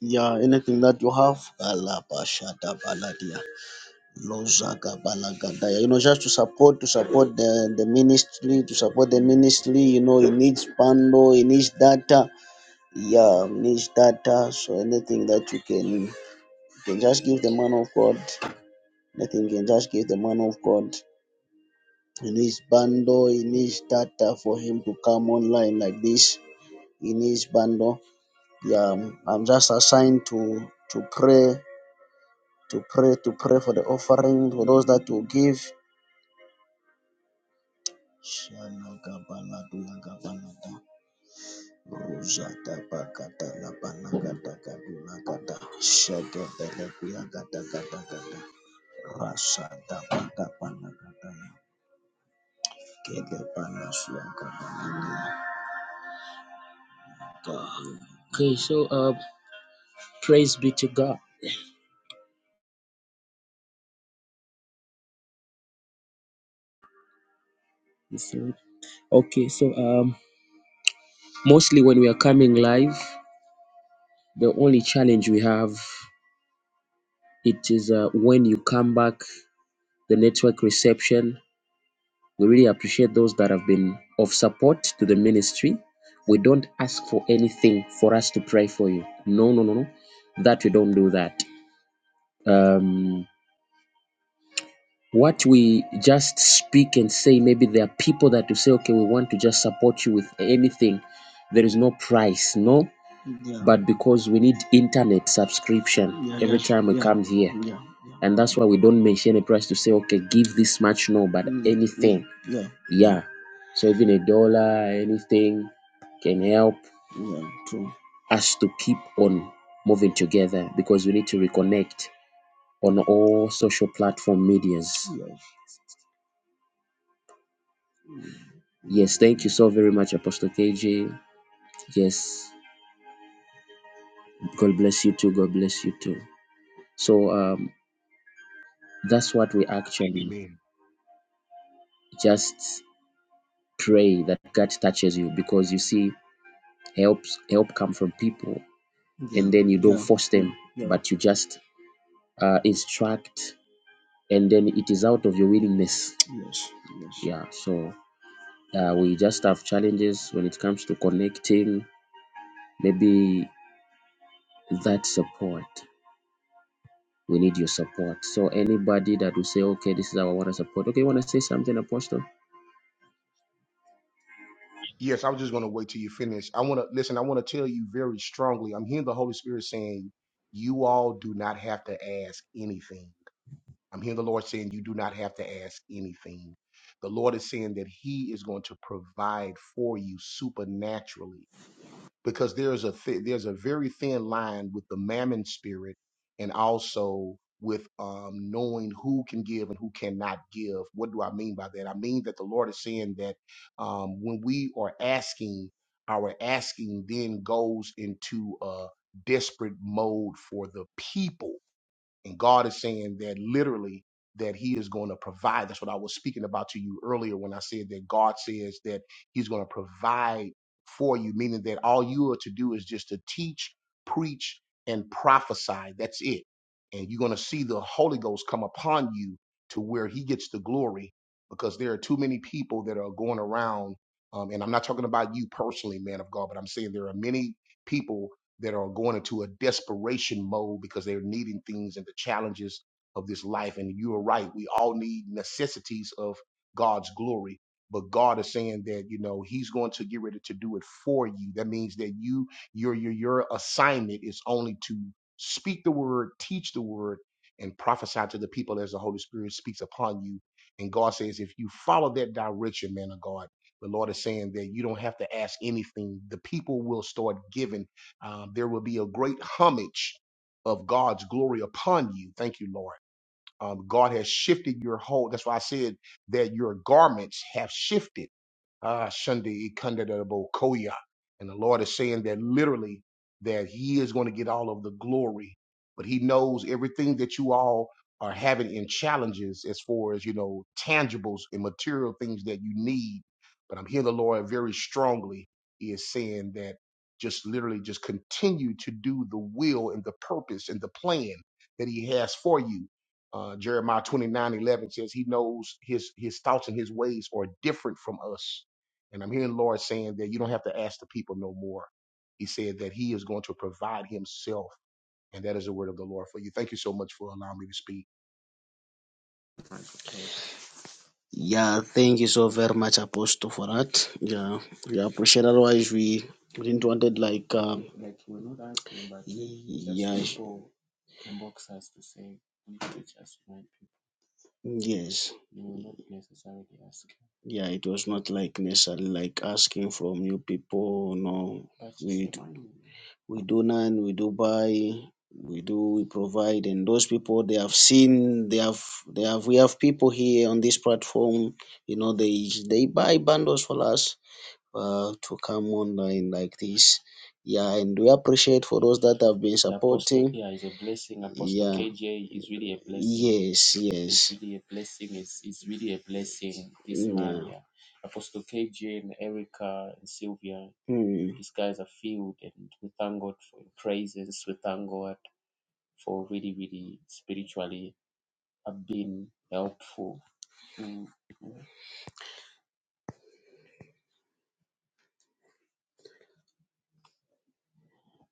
S1: Yeah, anything that you have. Alabashada baladia. Lozaga balagadaya. You know, just to support, to support the, the ministry, to support the ministry. You know, it needs bundle, it needs data. yeah, niche data, so anything that you can you can just give the man of God. Nothing you can just give the man of God. He needs bundle, he needs data for him to come online like this. He needs bundle. Yeah, I'm I'm just assigned to to pray, to pray, to pray for the offering for those that will give. Shalagabalagulagabalada, rozadabakatalabanagatakadulagada, Rasada pada pana kata kede pana Okay, so uh, praise be to God. Okay, so um, mostly when we are coming live, the only challenge we have it is uh, when you come back, the network reception. We really appreciate those that have been of support to the ministry. We don't ask for anything for us to pray for you. No, no, no, no. That we don't do that. Um, What we just speak and say, maybe there are people that will say, okay, we want to just support you with anything. There is no price, no, Yeah. but because we need internet subscription Yeah. every That's time we yeah. come here. Yeah. Yeah. And that's why we don't mention a price to say, okay, give this much, no, but Mm, mm, anything. yeah. Yeah. Yeah. So even a dollar, anything can help Yeah. True. us to keep on moving together because we need to reconnect on all social platform medias. Yes, thank you so very much, Apostle KJ. Yes, God bless you too. God bless you too. So um, that's what we actually
S5: Amen.
S1: just pray that God touches you because you see, helps help come from people, Yeah. and then you don't Yeah. force them, Yeah. but you just uh, instruct, and then it is out of your willingness. Yes. Yeah. So uh, we just have challenges when it comes to connecting. Maybe that support. We need your support. So anybody that will say, okay, this is our water support. Okay, you want to say something, Apostle?
S5: Yes, I was just going to wait till you finish. I want to listen. I want to tell you very strongly. I'm hearing the Holy Spirit saying, "You all do not have to ask anything." I'm hearing the Lord saying, "You do not have to ask anything." The Lord is saying that He is going to provide for you supernaturally because there's a th- there's a very thin line with the mammon spirit and also with um, knowing who can give and who cannot give. What do I mean by that? I mean that the Lord is saying that um, when we are asking, our asking then goes into a desperate mode for the people and God is saying that literally that he is going to provide. That's what I was speaking about to you earlier when I said that God says that he's going to provide for you, meaning that all you are to do is just to teach, preach, and prophesy. That's it. And you're going to see the Holy Ghost come upon you to where he gets the glory because there are too many people that are going around. Um, and I'm not talking about you personally, man of God, but I'm saying there are many people that are going into a desperation mode because they're needing things and the challenges of this life. And you are right. We all need necessities of God's glory. But God is saying that, you know, He's going to get ready to do it for you. That means that you, your, your, your assignment is only to speak the word, teach the word, and prophesy to the people as the Holy Spirit speaks upon you. And God says, if you follow that direction, man of God, the Lord is saying that you don't have to ask anything. The people will start giving um, there will be a great homage of God's glory upon you. Thank you, Lord. Um, God has shifted your whole. That's why I said that your garments have shifted Ah, Shundi Ikundadabo Koya. And the Lord is saying that literally that He is going to get all of the glory. But He knows everything that you all are having in challenges as far as, you know, tangibles and material things that you need. But I'm hearing the Lord very strongly. is saying that just literally just continue to do the will and the purpose and the plan that He has for you. Uh, Jeremiah 29:11 says he knows his his thoughts and his ways are different from us and I'm hearing Lord saying that you don't have to ask the people no more. He said that He is going to provide Himself. And that is the word of the Lord for you. Thank you so much for allowing me to speak.
S1: Yeah, thank you so very much, Apostle, for that. Yeah, we appreciate. Otherwise, we didn't wanted like. Um, like we're not asking, but y- just yeah. people inbox us to say we teach us, right? Yes. You will not- Yeah, it was not like necessarily like asking from you people. No, But you we. do. we do nan, we do buy, we do we provide, and those people they have seen they have they have we have people here on this platform, you know, they they buy bundles for us uh, to come online like this. Yeah, and we appreciate for those that have been And Apostle, supporting. yeah, it's a blessing. Apostle Yeah, KJ is really a blessing. yes, It's yes, It's really a blessing. It's, it's really a blessing. This man, yeah. yeah. Apostle KJ and Erica and Sylvia, Hmm. these guys are filled, and we thank God for your praises. We thank God for really, really spiritually have been helpful. Mm.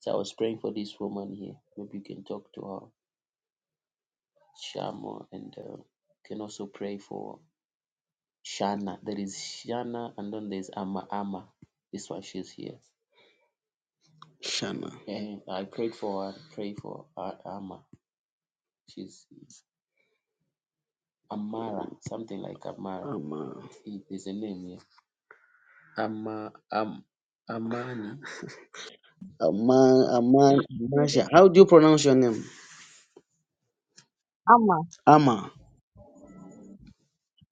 S1: So I was praying for this woman here. Maybe you can talk to her. Shamo, and uh, can also pray for Shana. There is Shana, and then there's Ama Ama. This one, she's here. Shana. And I prayed for her, pray for her, Ama. She's Amara, something like Amara. Ama. It is a name here. Ama, Am, Amani. Ama. Ama. Amasha. How do you pronounce your name?
S11: Amma.
S1: Ama.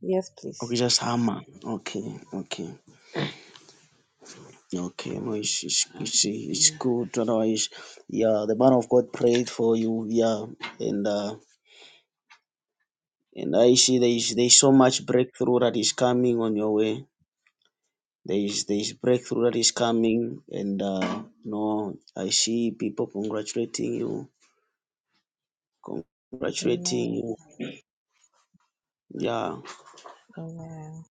S11: Yes,
S1: Okay,
S11: please.
S1: just Ama. Okay, okay. Okay, no, it's, it's, it's, it's good. Otherwise, yeah, the man of God prayed for you. Yeah, and uh, and I see there is there is so much breakthrough that is coming on your way. There is there is breakthrough that is coming, and uh, no, I see people congratulating you, congratulating
S11: Amen.
S1: you. Yeah,
S11: Amen.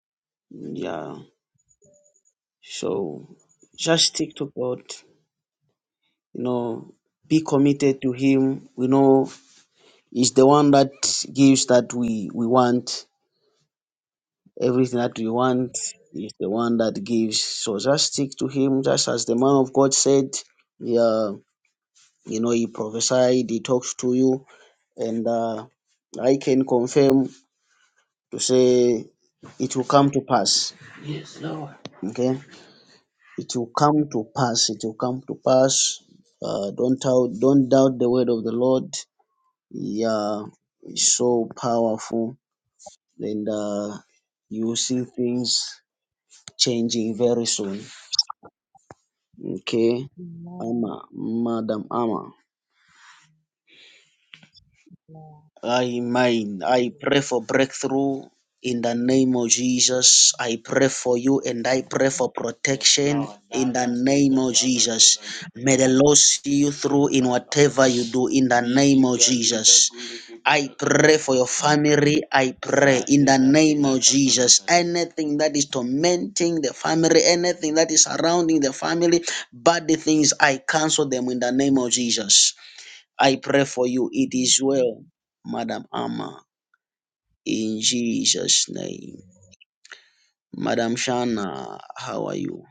S1: yeah. So just stick to God. You know, be committed to Him. We know He's the one that gives that we we want Everything that we want is the one that gives. So just stick to Him, just as the man of God said. Yeah, you know, He prophesied, He talks to you, and uh, I can confirm to say it will come to pass. Okay, it will come to pass. It will come to pass. Uh, don't doubt, don't doubt the word of the Lord. Yeah, it's so powerful, and uh, you will see things changing very soon. Okay,
S11: Amen.
S1: Ama, Madam Ama.
S11: Amen.
S1: I mine. I pray for breakthrough in the name of Jesus. I pray for you and I pray for protection in the name of Jesus. May the Lord see you through in whatever you do in the name of Jesus. I pray for your family. I pray in the name of Jesus. Anything that is tormenting the family, anything that is surrounding the family, bad things, I cancel them in the name of Jesus. I pray for you. It is well, Madam Amma, in Jesus' name. Madam Shana, how are you?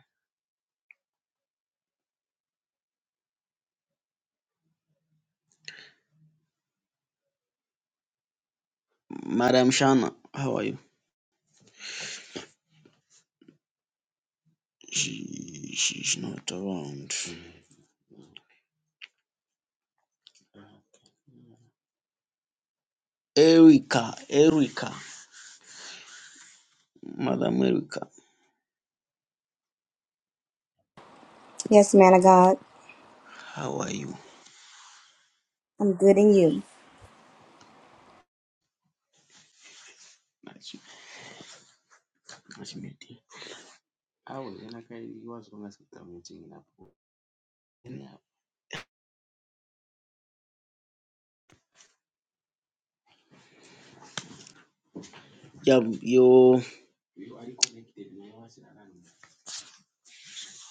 S1: Madam Shana, how are you? She, she's not around. Erica, Erica, Madam Erica,
S7: Yes, man of God.
S1: how are you?
S7: I'm good in you.
S1: Nice- nice Yeah, you.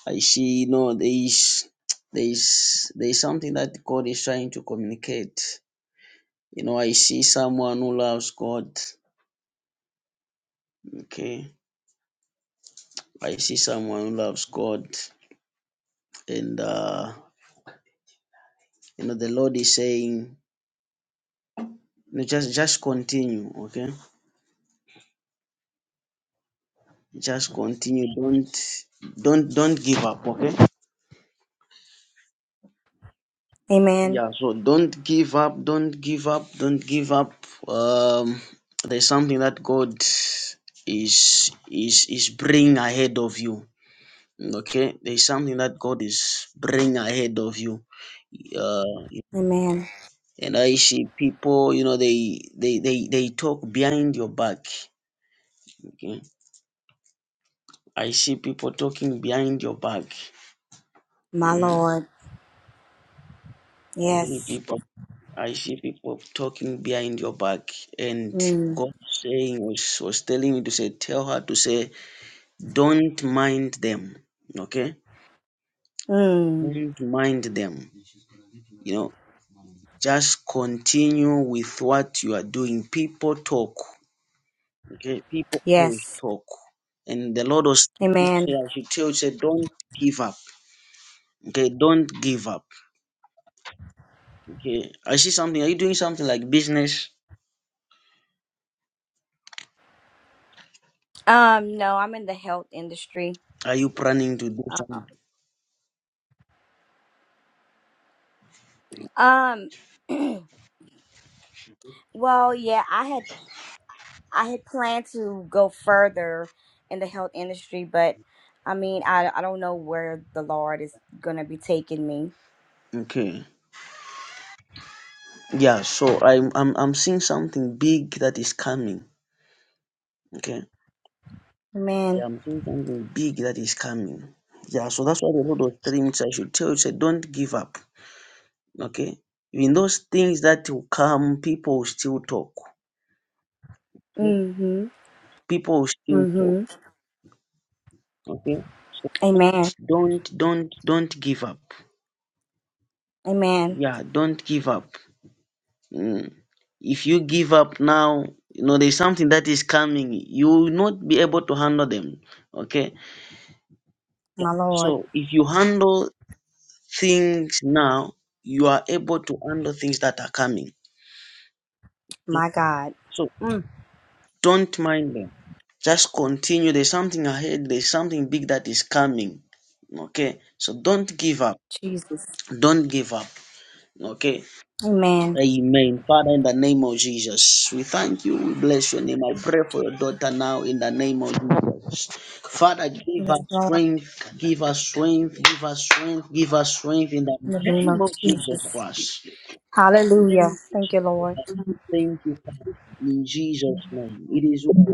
S1: I see. You know, there is, there is, there is something that God is trying to communicate. You know, I see someone who loves God. Okay. I see someone who loves God. And uh, you know, the Lord is saying, "No, just just continue, okay? Just continue. Don't don't don't give up, okay?
S7: Amen.
S1: Yeah, so don't give up, don't give up, don't give up. Um there's something that God is is is bringing ahead of you. Okay? There's something that God is bringing ahead of you. Uh
S7: Amen.
S1: And I see people, you know, they they they they talk behind your back. Okay. I see people talking behind your back.
S7: My
S1: Mm.
S7: Lord.
S1: I see
S7: Yes.
S1: people I see people talking behind your back, and
S7: Mm.
S1: God saying was, was telling me to say, tell her to say, don't mind them, okay?
S7: Mm.
S1: Don't mind them, you know. Just continue with what you are doing. People talk. Okay, people always
S7: Yes.
S1: talk. And the Lord was say
S7: Amen.
S1: I should tell you, say don't give up. Okay, don't give up. Okay. I see something. Are you doing something like business?
S7: Um, no, I'm in the health industry.
S1: Are you planning to do
S7: Um,
S1: something?
S7: um well, yeah, I had I had planned to go further in the health industry, but I mean, I, I don't know where the Lord is going to be taking me.
S1: Okay. Yeah, so I'm I'm I'm seeing something big that is coming. Okay. Yeah,
S7: Amen.
S1: I'm seeing something big that is coming. Yeah, so that's why the Lord was telling me, say I should tell you, say don't give up. Okay. Even those things that will come, people will still talk. Okay?
S7: Mm hmm.
S1: People will still
S7: Mm
S1: talk
S7: hmm.
S1: Okay. So
S7: Amen.
S1: don't don't don't give up.
S7: Amen.
S1: Yeah, don't give up. Mm. If you give up now, you know there's something that is coming. You will not be able to handle them. Okay.
S7: My Lord.
S1: So if you handle things now, you are able to handle things that are coming. Yeah.
S7: My God.
S1: So
S7: Mm,
S1: don't mind them. Just continue. There's something ahead. There's something big that is coming. Okay. So don't give up.
S7: Jesus.
S1: Don't give up. Okay
S7: Amen.
S1: Amen. Father, in the name of Jesus, we thank you. We bless your name. I pray for your daughter now in the name of Jesus. Father, give
S7: Yes,
S1: us
S7: Lord.
S1: strength, give us strength, give us strength, give us strength in the
S7: In the name of
S1: name of Jesus
S7: Jesus.
S1: Christ. Thank
S7: Hallelujah.
S1: you,
S7: Thank you,
S1: Jesus.
S7: Lord.
S1: Thank you, Father. In Jesus' name. It is well.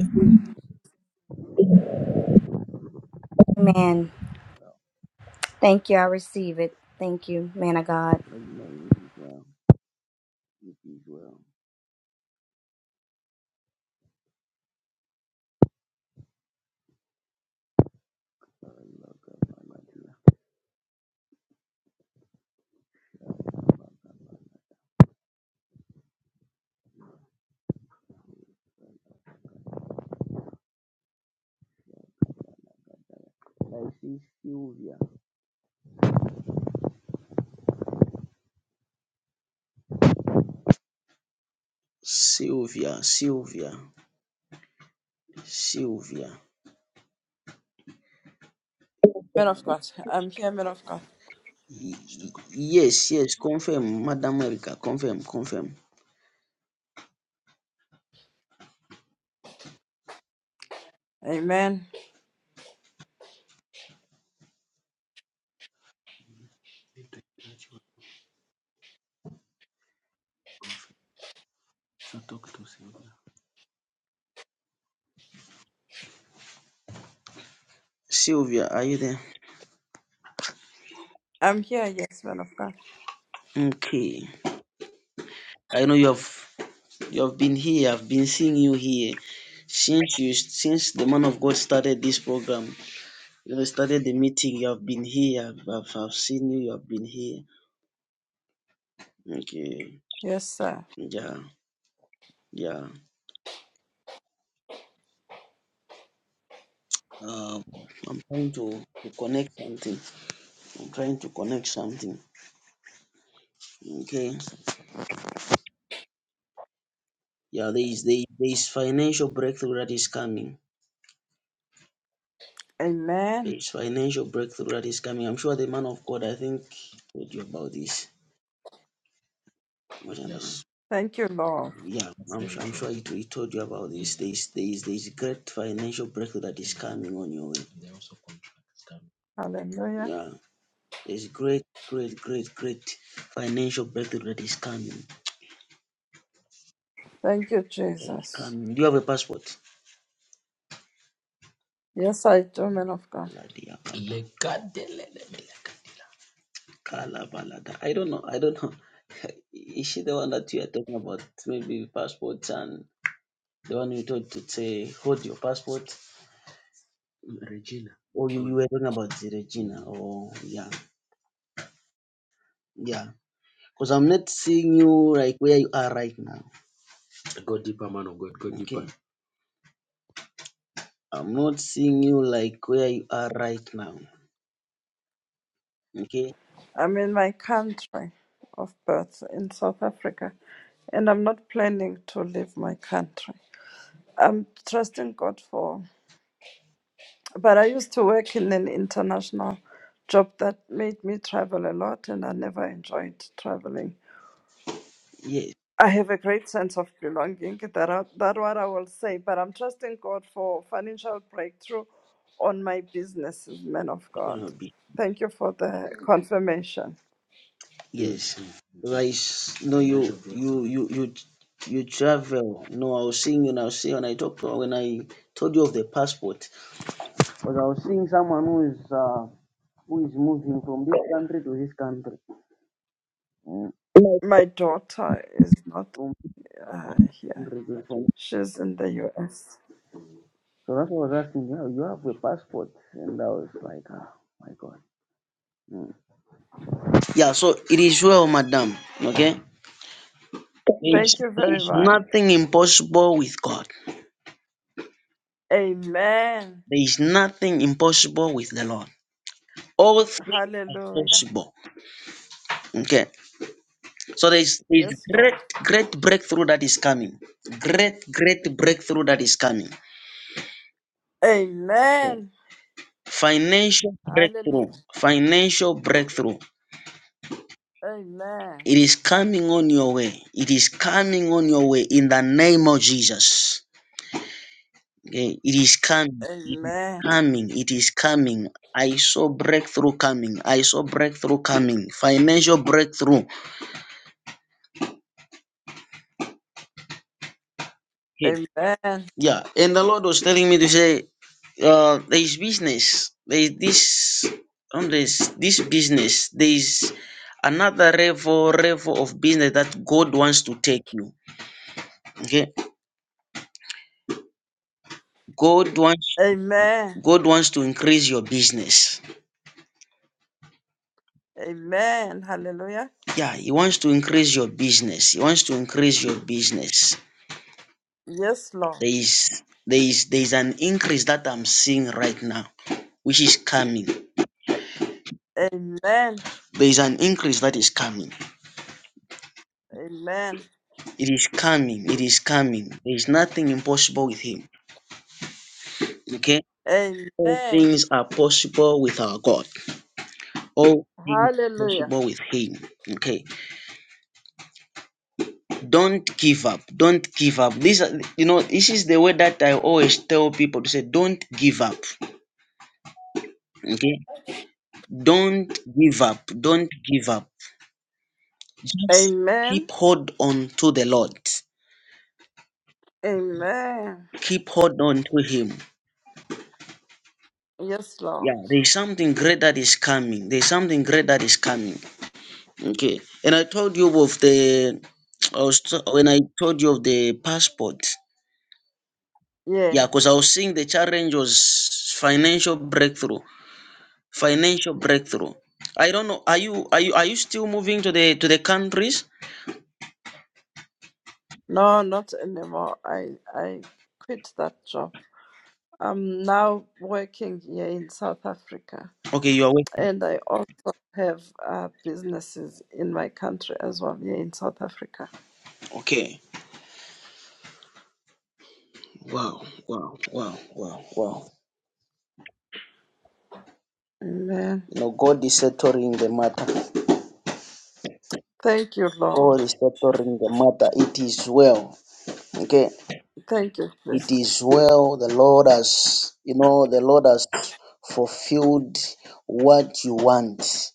S7: Amen. Thank you. I receive it. Thank you, man of God.
S1: Sylvia, Sylvia, Sylvia. Y- y- Yes, yes, confirm, Madam Erica, confirm, confirm. Sylvia, are you there? Okay. I know you have you have been here. I've been seeing you here since you since the man of God started this program. You know, started the meeting. You have been here. I've, I've, I've seen you. You have been here. Okay. Yeah. Yeah. Um, I'm trying to, to connect something. I'm trying to connect something. Okay. Yeah. There is there, is- there is financial breakthrough that is coming. There is financial breakthrough that is coming. I'm sure the man of God. I think told you about this. What am I- yeah, I'm, I'm sure he, he told you about this. Mm. There's, there's, there's great financial breakthrough that is coming on your way. Yeah, there's great, great, great, great financial breakthrough that is coming. That is coming. Do you have a passport? Kaladiakaba, Yep. kalabalada. I don't know. I don't know. Is she the one that you are talking about? Maybe passports and the one you told to say, hold your passport. Regina. Or you, you were talking about the Regina. Oh, yeah, yeah. Because I'm not seeing you like where you are right now. Go deeper, go deeper. Okay. I'm not seeing you like where you are right now. Okay. Yes. You know, be, yes. mm Right. No, sure, you, you, you, you, you travel. No, I was seeing you. And I was seeing when I talked to- when I told you of the passport. Because I was seeing someone who is uh, who is moving from this country to this country. Mm. From this country to from. So that's what I was asking. Yeah, you have a passport, and I was like, ah, my God. Mm. Yeah, so it is well, madam. Okay? There is, there is nothing impossible with God. There is nothing impossible with the Lord. All things are possible. Okay. So there is, there is great, great breakthrough that is coming. Great, great breakthrough that is coming. Okay. Financial breakthrough. Financial breakthrough. It is coming on your way. It is coming on your way in the name of Jesus. Eh, It is coming. It is coming. It is coming. I saw breakthrough coming. I saw breakthrough coming. Financial breakthrough. Eh, Yeah. And the Lord was telling me to say, uh, there is business. There is this on this this business. There is another level level of business that God wants to take you. Okay. God wants God wants to increase your business. Yeah, he wants to increase your business. He wants to increase your business. There is there is there is an increase that I'm seeing right now, which is coming. There is an increase that is coming. It is coming. It is coming. There is nothing impossible with him. Okay? All things are possible with our God. All things are possible with him. Okay. Don't give up. Don't give up. These are you know, this is the way that I always tell people to say, don't give up. Okay? Don't give up. Don't give up Just keep hold on to the Lord. Keep hold on to Him. Yeah, there is something great that is coming. There is something great that is coming. Okay. And I told you of the, I was t- when I told you of the passport. Yeah, because I was seeing the challenge was financial breakthrough. Financial breakthrough. I don't know. Are you are you are you still moving to the to the countries? Okay, you are. wait- Okay. Wow, wow, wow, wow, wow. You know, God is settling the matter. God is settling the matter. It is well. Okay. It is well. The Lord has, you know, the Lord has fulfilled what you want.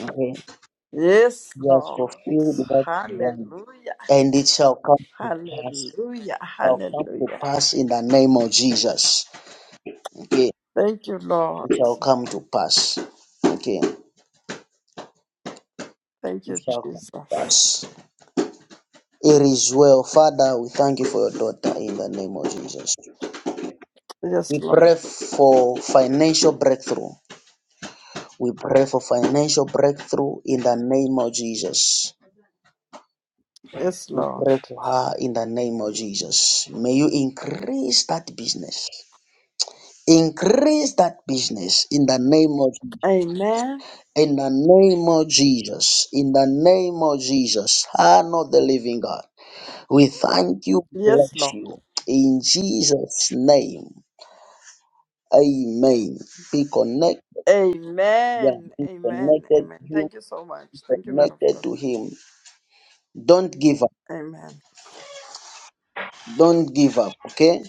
S1: Okay. He has fulfilled what you want. And it shall come to pass. Shall come to pass in the name of Jesus. Okay. It shall come to pass. Okay. It shall come to pass. It is well. Father, we thank you for your daughter in the name of Jesus. We pray for financial breakthrough. We pray for financial breakthrough in the name of Jesus. We pray for her in the name of Jesus. May you increase that business. Increase that business in the name of Jesus. In the name of Jesus. In the name of Jesus. Honor not the living God. We thank you. Bless you. In Jesus' name. Amen. Be connected. Yeah. Be connected. connected to Him. Don't give up. Don't give up. Okay?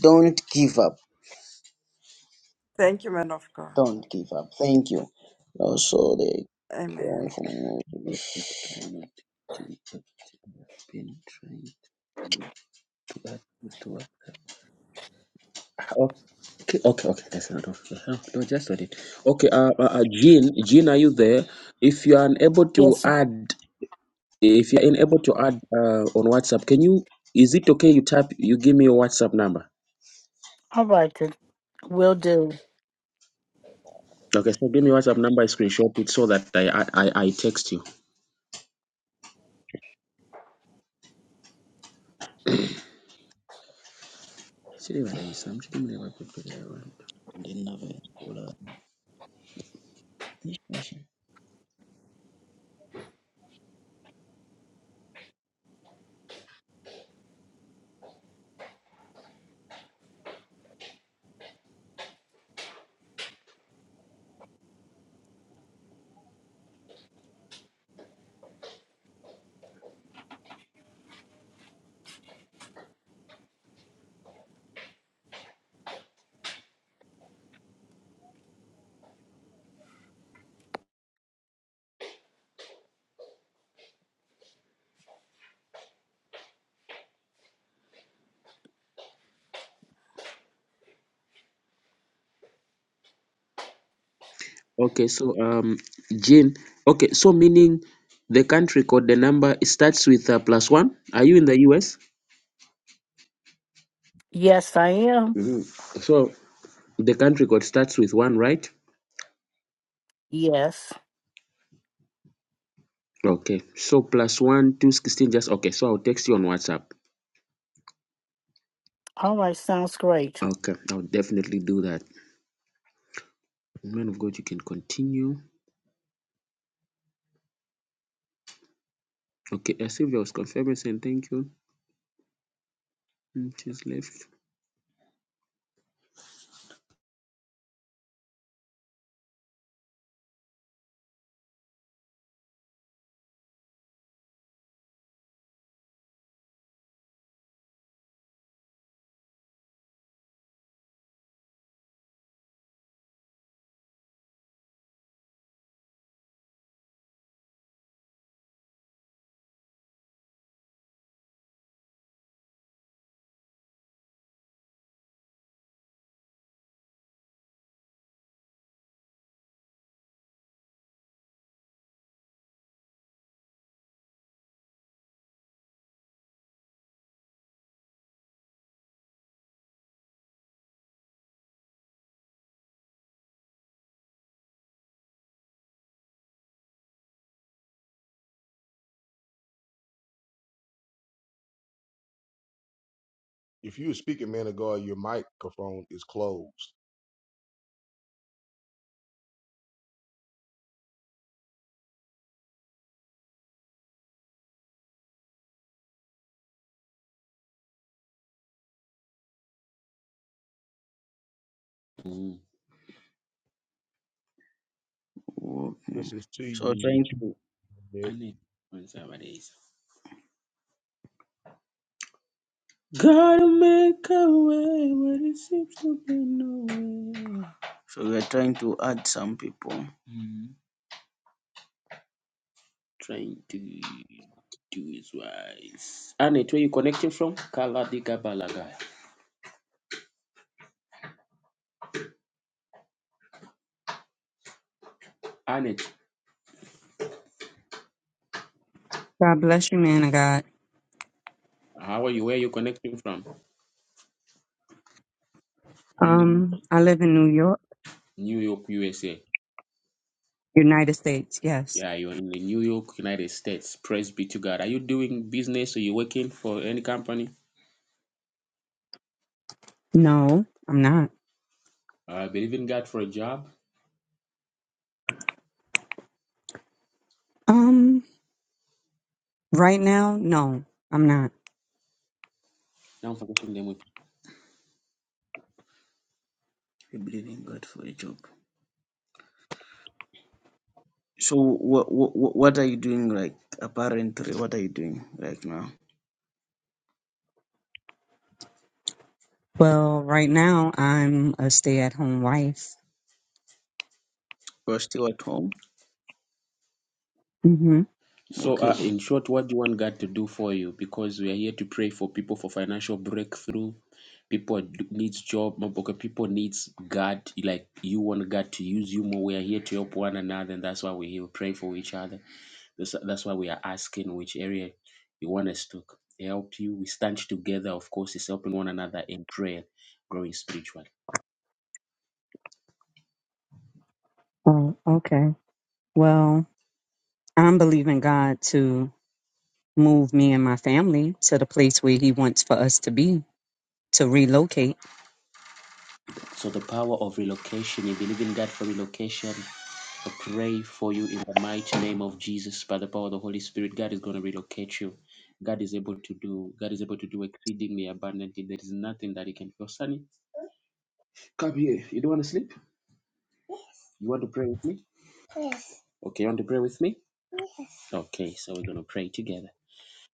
S1: Don't give up. Don't give up. Thank you. Also, they come from been trying to add to it. Okay, okay, okay. That's enough. Uh-huh. No, just on it. Okay, uh, uh, uh, Jean, Jean, are you there? If you are unable to
S8: Yes.
S1: add, if you are unable to add uh, on WhatsApp, can you? Is it okay? You tap. You give me your WhatsApp number.
S8: All right, then. Will do.
S1: Okay, so give me WhatsApp number, I screenshot it so that I I, I I text you. Sirivayisa, mchitume wakupelea abantu. Ndinavekula. Okay, so um, Jane. Okay, so meaning the country code, the number it starts with uh, plus one. Are you in the US?
S8: Yes, I am.
S1: hmm So the country code starts with one, right?
S8: Yes.
S1: Okay, so plus one, two sixteen. Just okay. So I'll text you on WhatsApp.
S8: All right, sounds great.
S1: Okay, I'll definitely do that. Man of God, you can continue. Okay, uh, Sylvia was confirming saying thank you. It is left for
S5: If you're speaking, man of God, your microphone is closed.
S1: walking.
S5: This is to
S1: So trying
S5: you,
S1: to
S5: Ned.
S1: gotta make a way where it seems to be no way. So we are trying to add some people. Trying to do is wise. Annette, where you connecting from? Kaladika Balagaya. Annette,
S14: God bless you, man of God.
S1: how are you? Where you connecting from? In the
S14: Um, I live in New York,
S1: New York, USA.
S14: United States. Yes.
S1: Yeah, you're in the New York, United States. Praise be to God. Are you doing business? or you working for any company?
S14: No, I'm not.
S1: Uh, believe in God for a job?
S14: Um, right now, no, I'm not.
S1: Now, I believe in God for a job. So what what what are you doing like apparently? What are you doing right now?
S14: Well, right now, I'm a stay-at-home wife.
S1: You're still at home.
S14: Mm-hmm.
S1: So, Okay. uh, in short, what do you want God to do for you? Because we are here to pray for people for financial breakthrough. People d- needs job. no, Okay, people needs God. Like you want God to use you more. We are here to help one another, and that's why we here. We pray for each other. This, that's why we are asking which area you want us to help you. We stand together, of course, is helping one another in prayer, growing spiritually.
S14: Oh, okay. Well, I'm believing God to move me and my family to the place where He wants for us to be, to relocate.
S1: So the power of relocation, you believe in God for relocation. I pray for you in the mighty name of Jesus by the power of the Holy Spirit. God is going to relocate you. God is able to do. God is able to do exceedingly abundantly. There is nothing that He can do. Sonny, come here. You don't want to sleep? You want to pray with me? Okay, you want to pray with me? Okay, so we're going to pray together.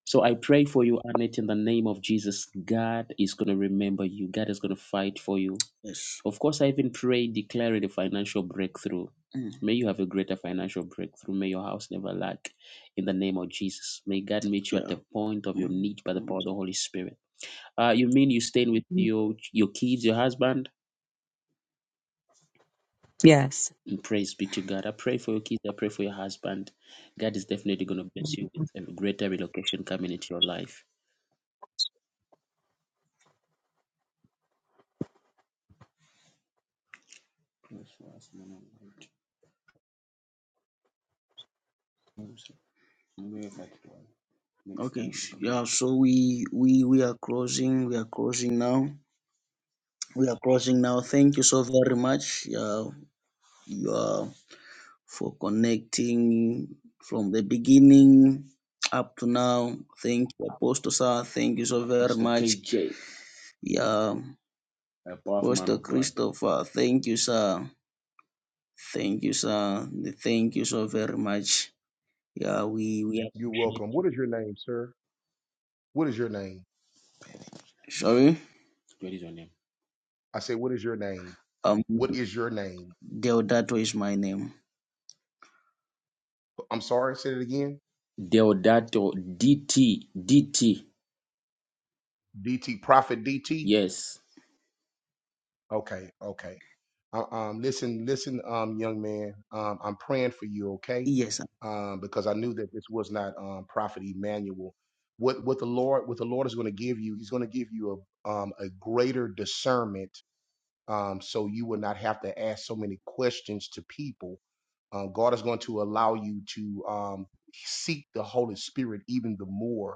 S1: So I pray for you, Annette, in the name of Jesus. God is going to remember you. God is going to fight for you. Yes. Of course, I even pray, declaring a financial breakthrough. Mm. May you have a greater financial breakthrough. May your house never lack in the name of Jesus. May God meet you at Yeah. the point of your Mm. need by the Mm. power of the Holy Spirit. Uh, you mean you staying with your, your kids, your husband?
S14: Yes.
S1: Mm, Praise be to God. I pray for your kids. I pray for your husband. God is definitely going to bless you with a greater relocation coming into your life. Okay. sh- Yeah. So we we we are crossing. We are crossing now. We are crossing now. Thank you so very much. Yeah, you are for connecting from the beginning up to now. Thank you, Apostle Sir. Thank you so very Pastor much. KJ, Yeah, a powerful man Apostle of God. Christopher. Thank you, sir. Thank you, sir. Thank you so very much. Yeah, we we
S5: You're
S1: appreciate.
S5: welcome.
S1: You.
S5: What is your name, sir? What is your name?
S1: Sorry. What is your name?
S5: I say, What is your name?
S1: Um,
S5: What is your name?
S1: Deodato is my name.
S5: I'm sorry, say it again.
S1: Deodato DT DT.
S5: DT, Prophet DT.
S1: Yes.
S5: Okay, okay. Uh, um, listen, listen, um, young man. Um, I'm praying for you, okay?
S1: Yes, sir.
S5: Um, because I knew that this was not um, Prophet Emmanuel. What what the Lord what the Lord is going to give you? He's going to give you a um, a greater discernment, um, so you will not have to ask so many questions to people. Um, God is going to allow you to um, seek the Holy Spirit even the more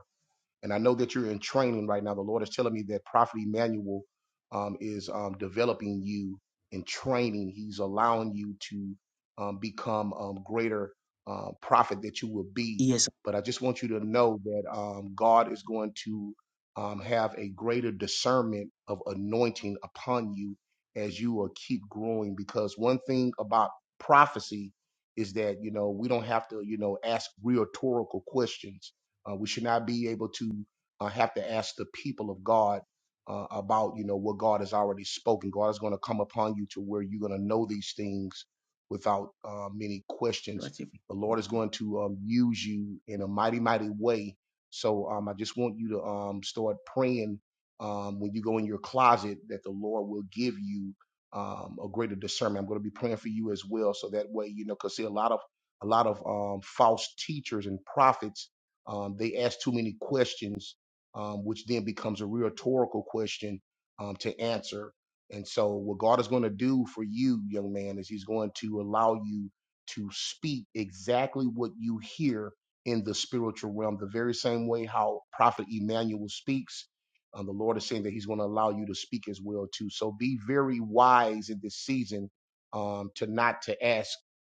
S5: and I know that you're in training right now. The Lord is telling me that Prophet Emmanuel um, is um, developing you in training. He's allowing you to um, become um, greater uh, prophet that you will be.
S1: Yes, sir.
S5: But I just want you to know that um, God is going to um, have a greater discernment of anointing upon you as you will keep growing. Because one thing about prophecy is that you know we don't have to you know ask rhetorical questions uh, we should not be able to uh, have to ask the people of God uh, about, you know, what God has already spoken. God is going to come upon you to where you're going to know these things without uh, many questions.
S1: That's
S5: The Lord is going to um, use you in a mighty, mighty way. So um, I just want you to um, start praying um, when you go in your closet that the Lord will give you um, a greater discernment. I'm going to be praying for you as well, so that way, you know, because see a lot of a lot of um, false teachers and prophets um, they ask too many questions, um, which then becomes a rhetorical question um, to answer. And so, what God is going to do for you, young man, is He's going to allow you to speak exactly what you hear in the spiritual realm, the very same way how Prophet Emmanuel speaks. Um, the Lord is saying that He's going to allow you to speak as well too. So be very wise in this season um, to not to ask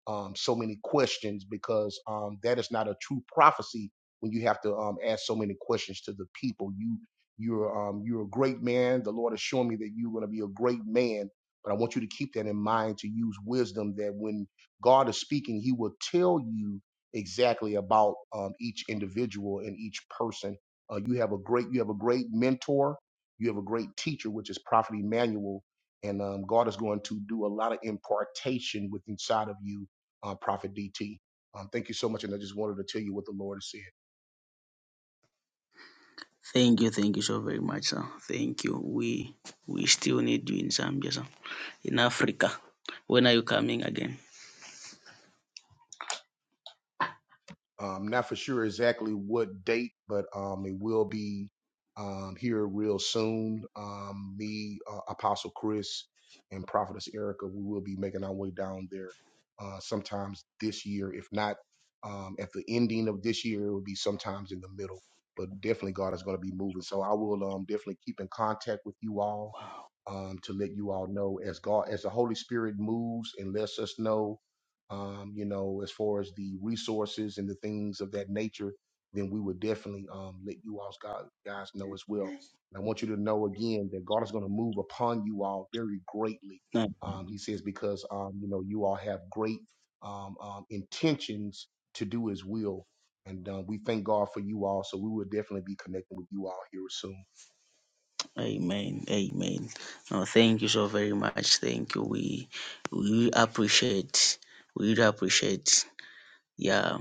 S5: um, so many questions because um, that is not a true prophecy when you have to um, ask so many questions to the people. You you're um, you're a great man. The Lord has shown me that you're going to be a great man. But I want you to keep that in mind to use wisdom that when God is speaking, He will tell you exactly about um, each individual and each person. Uh, you have a great you have a great mentor. You have a great teacher, which is Prophet Emmanuel, and um, God is going to do a lot of impartation with inside of you, uh, Prophet DT. Um, thank you so much, and I just wanted to tell you what the Lord has said.
S1: Thank you, thank you so very much, sir. Thank you. We we still need you in Zambia, sir. In Africa. When are you coming again?
S5: Um, not for sure exactly what date, but um, it will be um, here real soon. Um, me, uh, Apostle Chris, and Prophetess Erica, we will be making our way down there uh, sometimes this year. If not um, at the ending of this year, it will be sometimes in the middle. But definitely, God is going to be moving. So I will um, definitely keep in contact with you all um, to let you all know as God, as the Holy Spirit moves and lets us know um, you know, as far as the resources and the things of that nature, then we would definitely um, let you all sc- guys know as well. And I want you to know again that God is going to move upon you all very greatly.
S1: No.
S5: Um, he says, because, um, you know, you all have great um, um, intentions to do his will. And uh, we thank God for you all. So we will definitely be connecting with you all here soon.
S1: Amen. Amen. No, thank you so very much. Thank you. We we appreciate. We really appreciate. Yeah.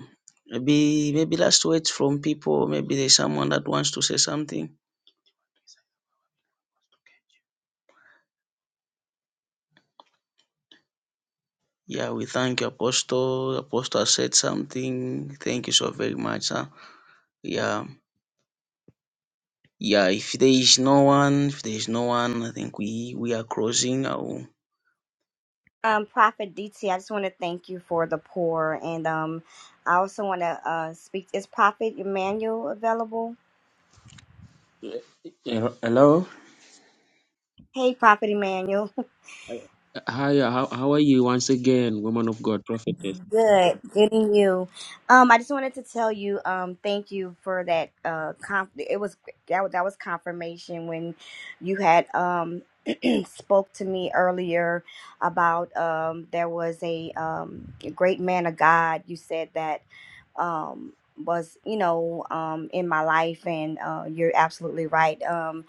S1: Maybe maybe last words from people. Maybe there's someone that wants to say something. Yeah, we thank you, Apostle. Apostle said something. Thank you so very much, sir. Yeah, yeah. If there is no one, if there is no one, I think we we are crossing. Our,
S7: Um, Prophet DT, I just want to thank you for the pour, and um, I also want to uh speak. Is Prophet Emmanuel available? Hey, Prophet Emmanuel.
S1: Hi, how, how are you once again, woman of God, prophetess?
S7: Good, good in you. Um, I just wanted to tell you, um, thank you for that. Uh, conf- it was that, was- that was confirmation when you had um spoke to me earlier about um there was a um a great man of God. You said that um was you know um in my life, and uh, you're absolutely right. Um,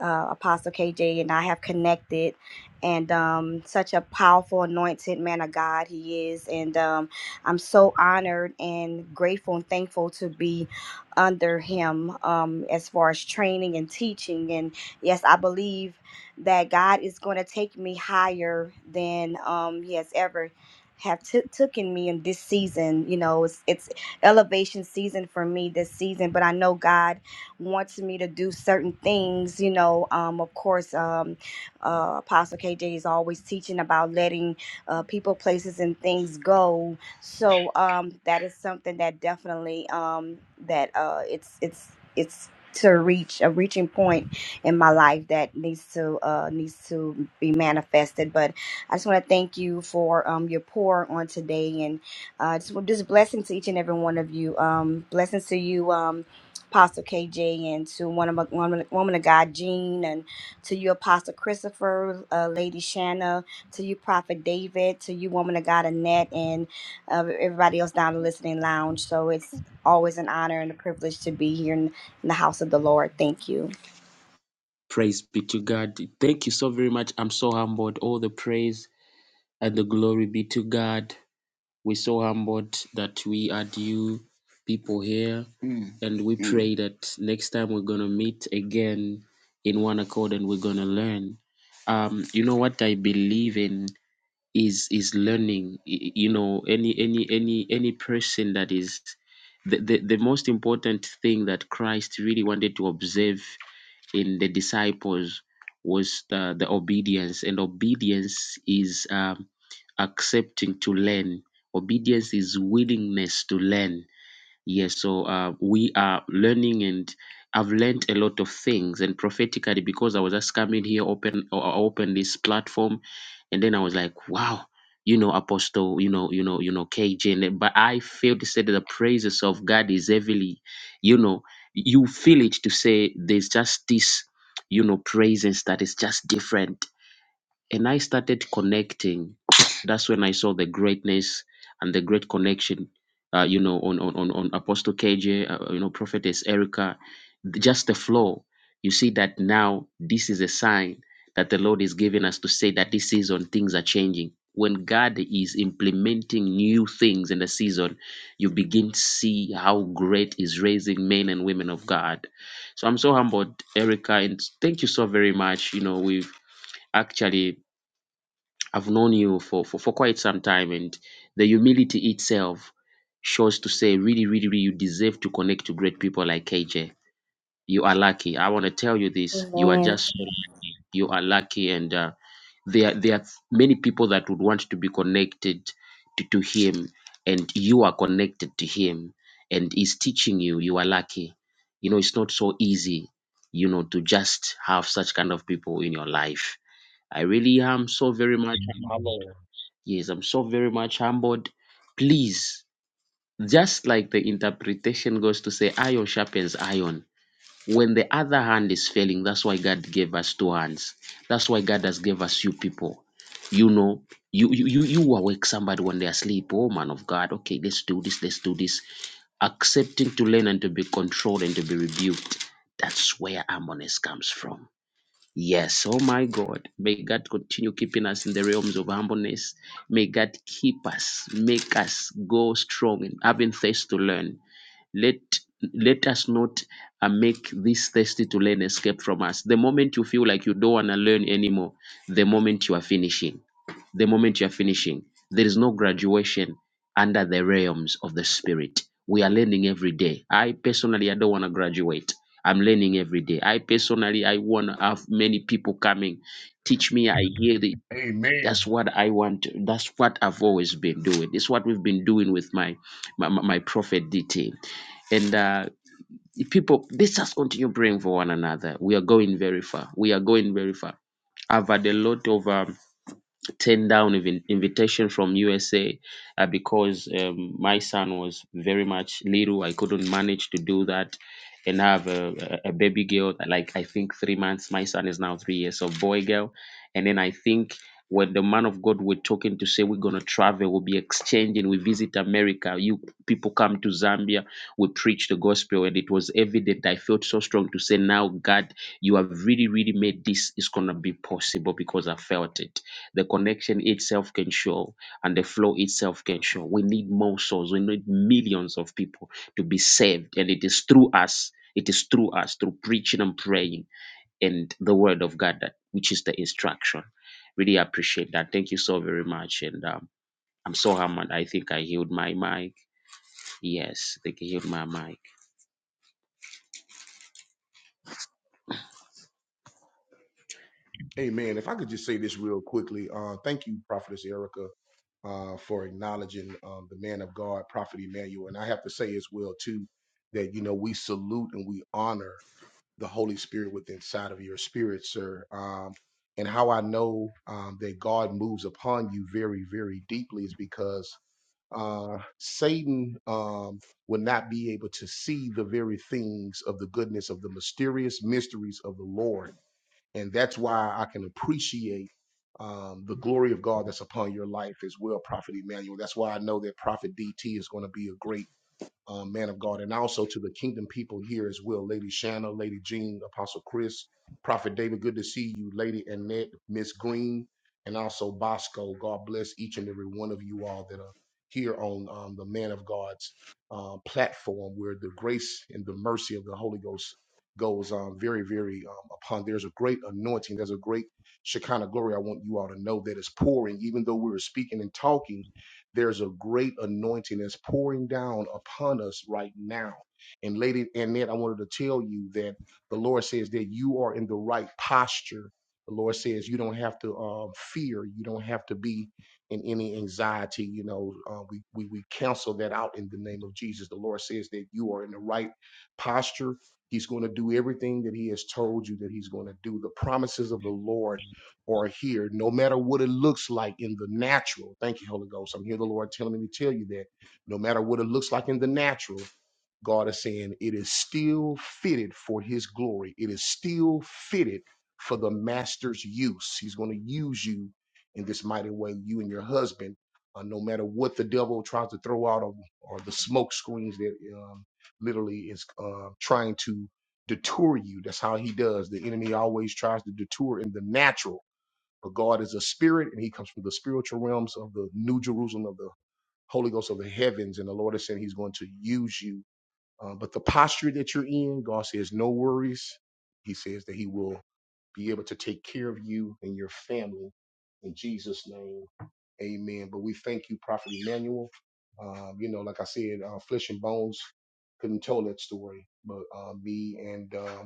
S7: uh, Apostle KJ and I have connected, and um, such a powerful, anointed man of God he is. And um, I'm so honored and grateful and thankful to be under him um, as far as training and teaching. And yes, I believe that God is going to take me higher than um, He has ever have took taken me in this season. You know, it's it's elevation season for me this season, but I know God wants me to do certain things. You know, um, of course, um, uh, Apostle KJ is always teaching about letting uh, people, places, and things go. So um, that is something that definitely um, that uh, it's it's it's to reach a reaching point in my life that needs to uh, needs to be manifested. But I just want to thank you for um, your pour on today and uh, just, well, just blessings to each and every one of you. Um, blessings to you. Um, Apostle KJ and to one of my woman, woman of God, Jean, and to you, Apostle Christopher, uh, Lady Shanna, to you, Prophet David, to you, woman of God, Annette, and uh, everybody else down in the listening lounge. So it's always an honor and a privilege to be here in, in the house of the Lord. Thank you.
S1: Praise be to God. Thank you so very much. I'm so humbled. All the praise and the glory be to God. We're so humbled that we had you people here. Mm. And we Mm. pray that next time we're going to meet again in one accord and we're going to learn. Um, you know what I believe in? is is learning y- you know any any any any person that is the, the the most important thing that christ really wanted to observe in the disciples was the, the obedience and obedience is um, accepting to learn obedience is willingness to learn Yes, so uh, we are learning, and I've learned a lot of things. And prophetically, because I was just coming here, open, or I opened this platform, and then I was like, wow, you know, Apostle, you know, you know, you know, KJ. and then- But I feel to say that the praises of God is heavily, you know, you feel it to say there's just this, you know, presence that is just different and I started connecting. That's when I saw the greatness and the great connection, uh, you know, on on on, on Apostle KJ, uh, uh, you know, Prophetess Erica, just the flow. You see that now this is a sign that the Lord is giving us to say that this season things are changing. When God is implementing new things in the season, you begin to see how great is raising men and women of God. So I'm so humbled, Erica, and thank you so very much. You know, we've actually I've known you for, for, for quite some time, and the humility itself shows to say, really, really, really, you deserve to connect to great people like KJ. You are lucky. I want to tell you this. You are
S7: Amen.
S1: just so lucky. you are lucky, and uh, there there are many people that would want to be connected to, to him, and you are connected to him, and he's teaching you. You are lucky. You know, it's not so easy. You know, to just have such kind of people in your life. I really am so very much. Yes, I'm so very much humbled. Please, just like the interpretation goes to say, iron sharpens iron. When the other hand is failing, that's why God gave us two hands. That's why God has gave us you people. You know, you you you you awake somebody when they are asleep. Oh man of God, okay, let's do this, let's do this. Accepting to learn and to be controlled and to be rebuked. That's where harmonies comes from. Yes, oh my God, may God continue keeping us in the realms of humbleness. May God keep us, make us go strong in having things to learn. Let let us not uh, make this thirsty to learn escape from us. The moment you feel like you don't want to learn anymore, the moment you are finishing, the moment you are finishing, there is no graduation under the realms of the spirit. We are learning every day. I personally, I don't want to graduate. I'm learning every day. I personally, I want to have many people coming. Teach me. I hear the
S5: Amen.
S1: that's what I want. to- That's what I've always been doing. It's what we've been doing with my my, my my prophet DT. And uh, people, let's just continue praying for one another. We are going very far. We are going very far. I've had a lot of um, turned down even invitation from USA uh, because um, my son was very much little. I couldn't manage to do that and have a, a a baby girl like I think three months. My son is now three years of boy girl, and then I think when the man of God were talking to say we're gonna travel, we'll be exchanging, we visit America. You people come to Zambia, we preach the gospel, and it was evident. I felt so strong to say now, God, you have really, really made this is gonna be possible because I felt it the connection itself can show and the flow itself can show we need more souls we need millions of people to be saved and it is through us it is through us through preaching and praying and the word of god that which is the instruction really appreciate that thank you so very much and um, i'm so humbled i think i healed my mic yes i think i healed my mic
S5: Amen. If I could just say this real quickly, uh, thank you, Prophetess Erica, uh, for acknowledging um, the man of God, Prophet Emmanuel. And I have to say as well, too, that, you know, we salute and we honor the Holy Spirit within inside of your spirit, sir. Um, and how I know um, that God moves upon you very, very deeply is because uh, Satan um, will not be able to see the very things of the goodness of the mysterious mysteries of the Lord and that's why I can appreciate um, the glory of God that's upon your life as well, Prophet Emmanuel. That's why I know that Prophet DT is going to be a great um, man of God, and also to the kingdom people here as well. Lady Shanna, Lady Jean, Apostle Chris, Prophet David, good to see you. Lady Annette, Miss Green, and also Bosco. God bless each and every one of you all that are here on um, the Man of God's uh, platform where the grace and the mercy of the Holy Ghost goes um, very, very um, upon. There's a great anointing. There's a great Shekinah glory. I want you all to know that is pouring, even though we're speaking and talking there's a great anointing that's pouring down upon us right now. And lady Annette, I wanted to tell you that the Lord says that you are in the right posture. The Lord says you don't have to um, fear. You don't have to be in any anxiety. You know, uh, we, we we cancel that out in the name of Jesus. The Lord says that you are in the right posture. He's going to do everything that He has told you that He's going to do. The promises of the Lord or here, no matter what it looks like in the natural. Thank you, Holy Ghost. I'm here, the Lord telling me to tell you that no matter what it looks like in the natural, God is saying it is still fitted for his glory. It is still fitted for the master's use. He's going to use you in this mighty way, you and your husband, uh, no matter what the devil tries to throw out of, or the smoke screens that um, literally is uh, trying to detour you. That's how he does. The enemy always tries to detour in the natural but God is a spirit, and He comes from the spiritual realms of the New Jerusalem, of the Holy Ghost of the heavens. And the Lord is saying He's going to use you. Uh, but the posture that you're in, God says, no worries. He says that He will be able to take care of you and your family. In Jesus' name, amen. But we thank you, Prophet Emmanuel. Um, you know, like I said, uh, flesh and bones couldn't tell that story, but uh, me and uh,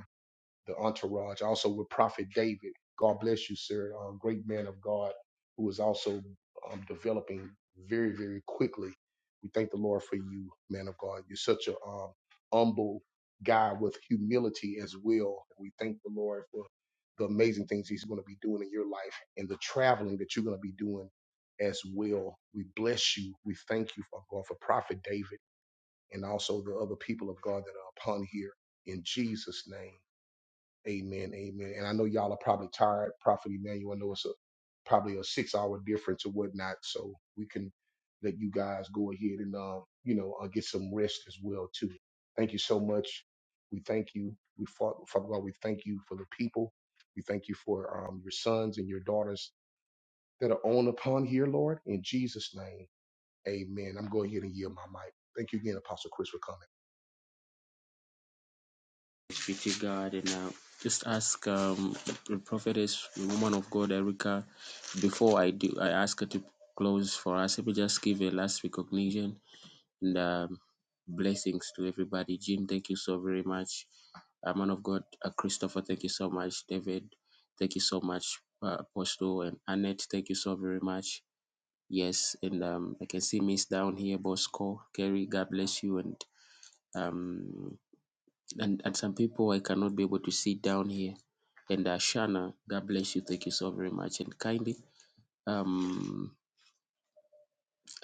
S5: the entourage, also with Prophet David. God bless you, sir. Um, great man of God who is also um, developing very, very quickly. We thank the Lord for you, man of God. You're such a um, humble guy with humility as well. We thank the Lord for the amazing things He's going to be doing in your life and the traveling that you're going to be doing as well. We bless you. We thank you, Father God, for Prophet David and also the other people of God that are upon here in Jesus' name. Amen. Amen. And I know y'all are probably tired. Prophet Emmanuel, I know it's a, probably a six hour difference or whatnot. So we can let you guys go ahead and, um, you know, uh, get some rest as well, too. Thank you so much. We thank you. We fought, Father God, we thank you for the people. We thank you for um, your sons and your daughters that are on upon here, Lord. In Jesus' name, amen. I'm going ahead and yield my mic. Thank you again, Apostle Chris, for coming.
S1: Thanks be to god and uh, just ask um, the prophetess the woman of god erica before I do, I ask her to close for us. Let me just give a last recognition and um, blessings to everybody. Jim, thank you so very much. Uh, man of God, uh, Christopher, thank you so much. David, thank you so much. Uh, Apostle and Annette, thank you so very much. Yes, and um, I can see Miss down here, Bosco, Kerry, God bless you, and um, and and some people I cannot be able to see down here. And uh, Shana, God bless you, thank you so very much, and kindly um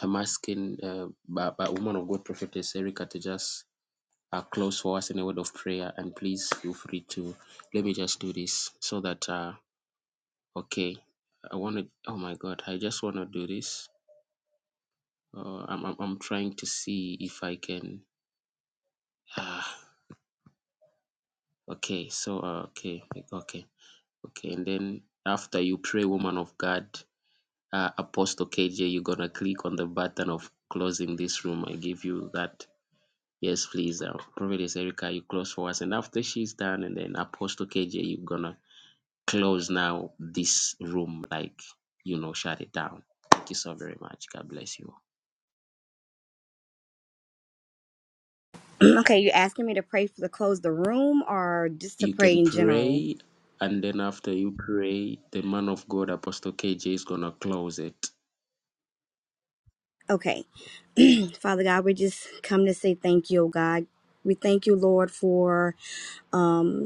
S1: I'm asking uh, by, by woman of God, Prophetess Erica, to just uh, close for us in a word of prayer. And please feel free to let me just do this so that, uh, okay, I want to, oh my God, I just want to do this. Uh, I'm, I'm, I'm trying to see if I can. Ah, okay, so, uh, okay, okay, okay. And then after you pray, woman of God, uh, Apostle KJ, you're going to click on the button of closing this room. I give you that Yes, please. Uh, Prophetess Erica, you close for us. And after she's done, and then Apostle KJ, you're going to close now this room, like, you know, shut it down. Thank you so very much. God bless you.
S7: okay, you asking me to pray for the close the room or just to
S1: You
S7: pray
S1: can
S7: in general?
S1: pray. And then after you pray, the man of God, Apostle KJ, is going to close it.
S7: Okay. Father God, we just come to say thank you, oh God. We thank you, Lord, for. um,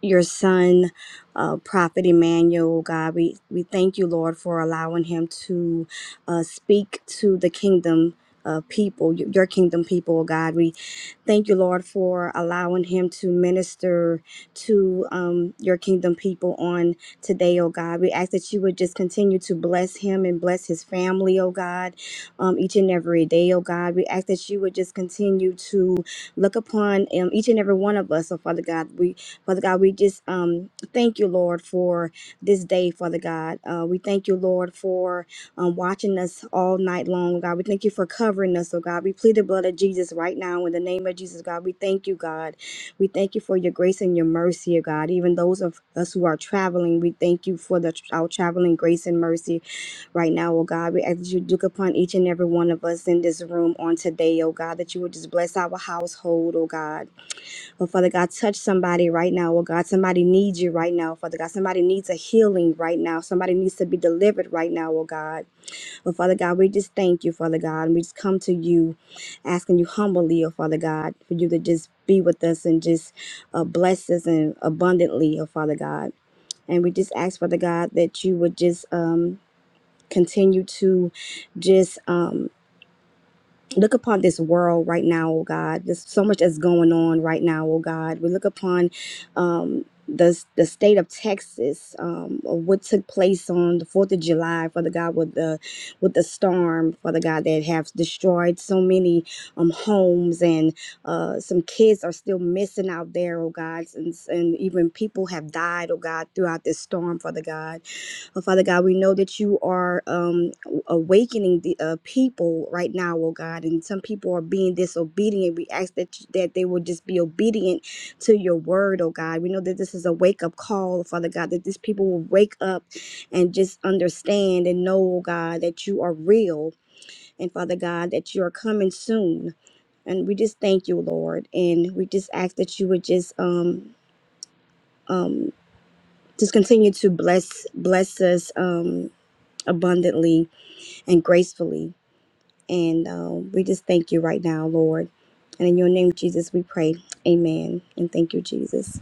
S7: your son, uh, Prophet Emmanuel, God. We, we thank you, Lord, for allowing him to uh, speak to the kingdom. Uh, people, y- your kingdom people, oh God. Thank you, Lord, for allowing him to minister to um, your kingdom people on today, oh God. We ask that you would just continue to bless him and bless his family, oh God, um, each and every day, oh God. We ask that you would just continue to look upon um, each and every one of us, oh Father God. We, Father God, we just um, thank you, Lord, for this day, Father God. Uh, we thank you, Lord, for um, watching us all night long, oh God. We thank you for covering us, oh God. We plead the blood of Jesus right now in the name of Jesus, God. We thank you, God. We thank you for your grace and your mercy, oh God. Even those of us who are traveling, we thank you for the our traveling grace and mercy right now, oh God. We ask that you look upon each and every one of us in this room on today, oh God, that you would just bless our household, oh God. Oh Father God, touch somebody right now, oh God. Somebody needs you right now, Father God. Somebody needs a healing right now. Somebody needs to be delivered right now, oh God. But Father God, we just thank you, Father God. And we just come to you asking you humbly, oh Father God, for you to just be with us and just uh, bless us and abundantly, oh Father God. And we just ask, Father God, that you would just um, continue to just. Um, Look upon this world right now, oh God. There's so much that's going on right now, oh God. We look upon um, the, the state of Texas, um, of what took place on the 4th of July, Father God, with the, with the storm, Father God, that have destroyed so many um, homes and uh, some kids are still missing out there, oh God. And, and even people have died, oh God, throughout this storm, Father God. Oh, Father God, we know that you are um, awakening the uh, people right now, oh God, and some people are being disobedient. We ask that that they will just be obedient to your word, oh God. We know that this is a wake up call, Father God, that these people will wake up and just understand and know, oh God, that you are real, and Father God, that you are coming soon. And we just thank you, Lord, and we just ask that you would just um um just continue to bless bless us um abundantly and gracefully. And um, we just thank you right now, Lord. And in your name, Jesus, we pray. Amen. And thank you, Jesus.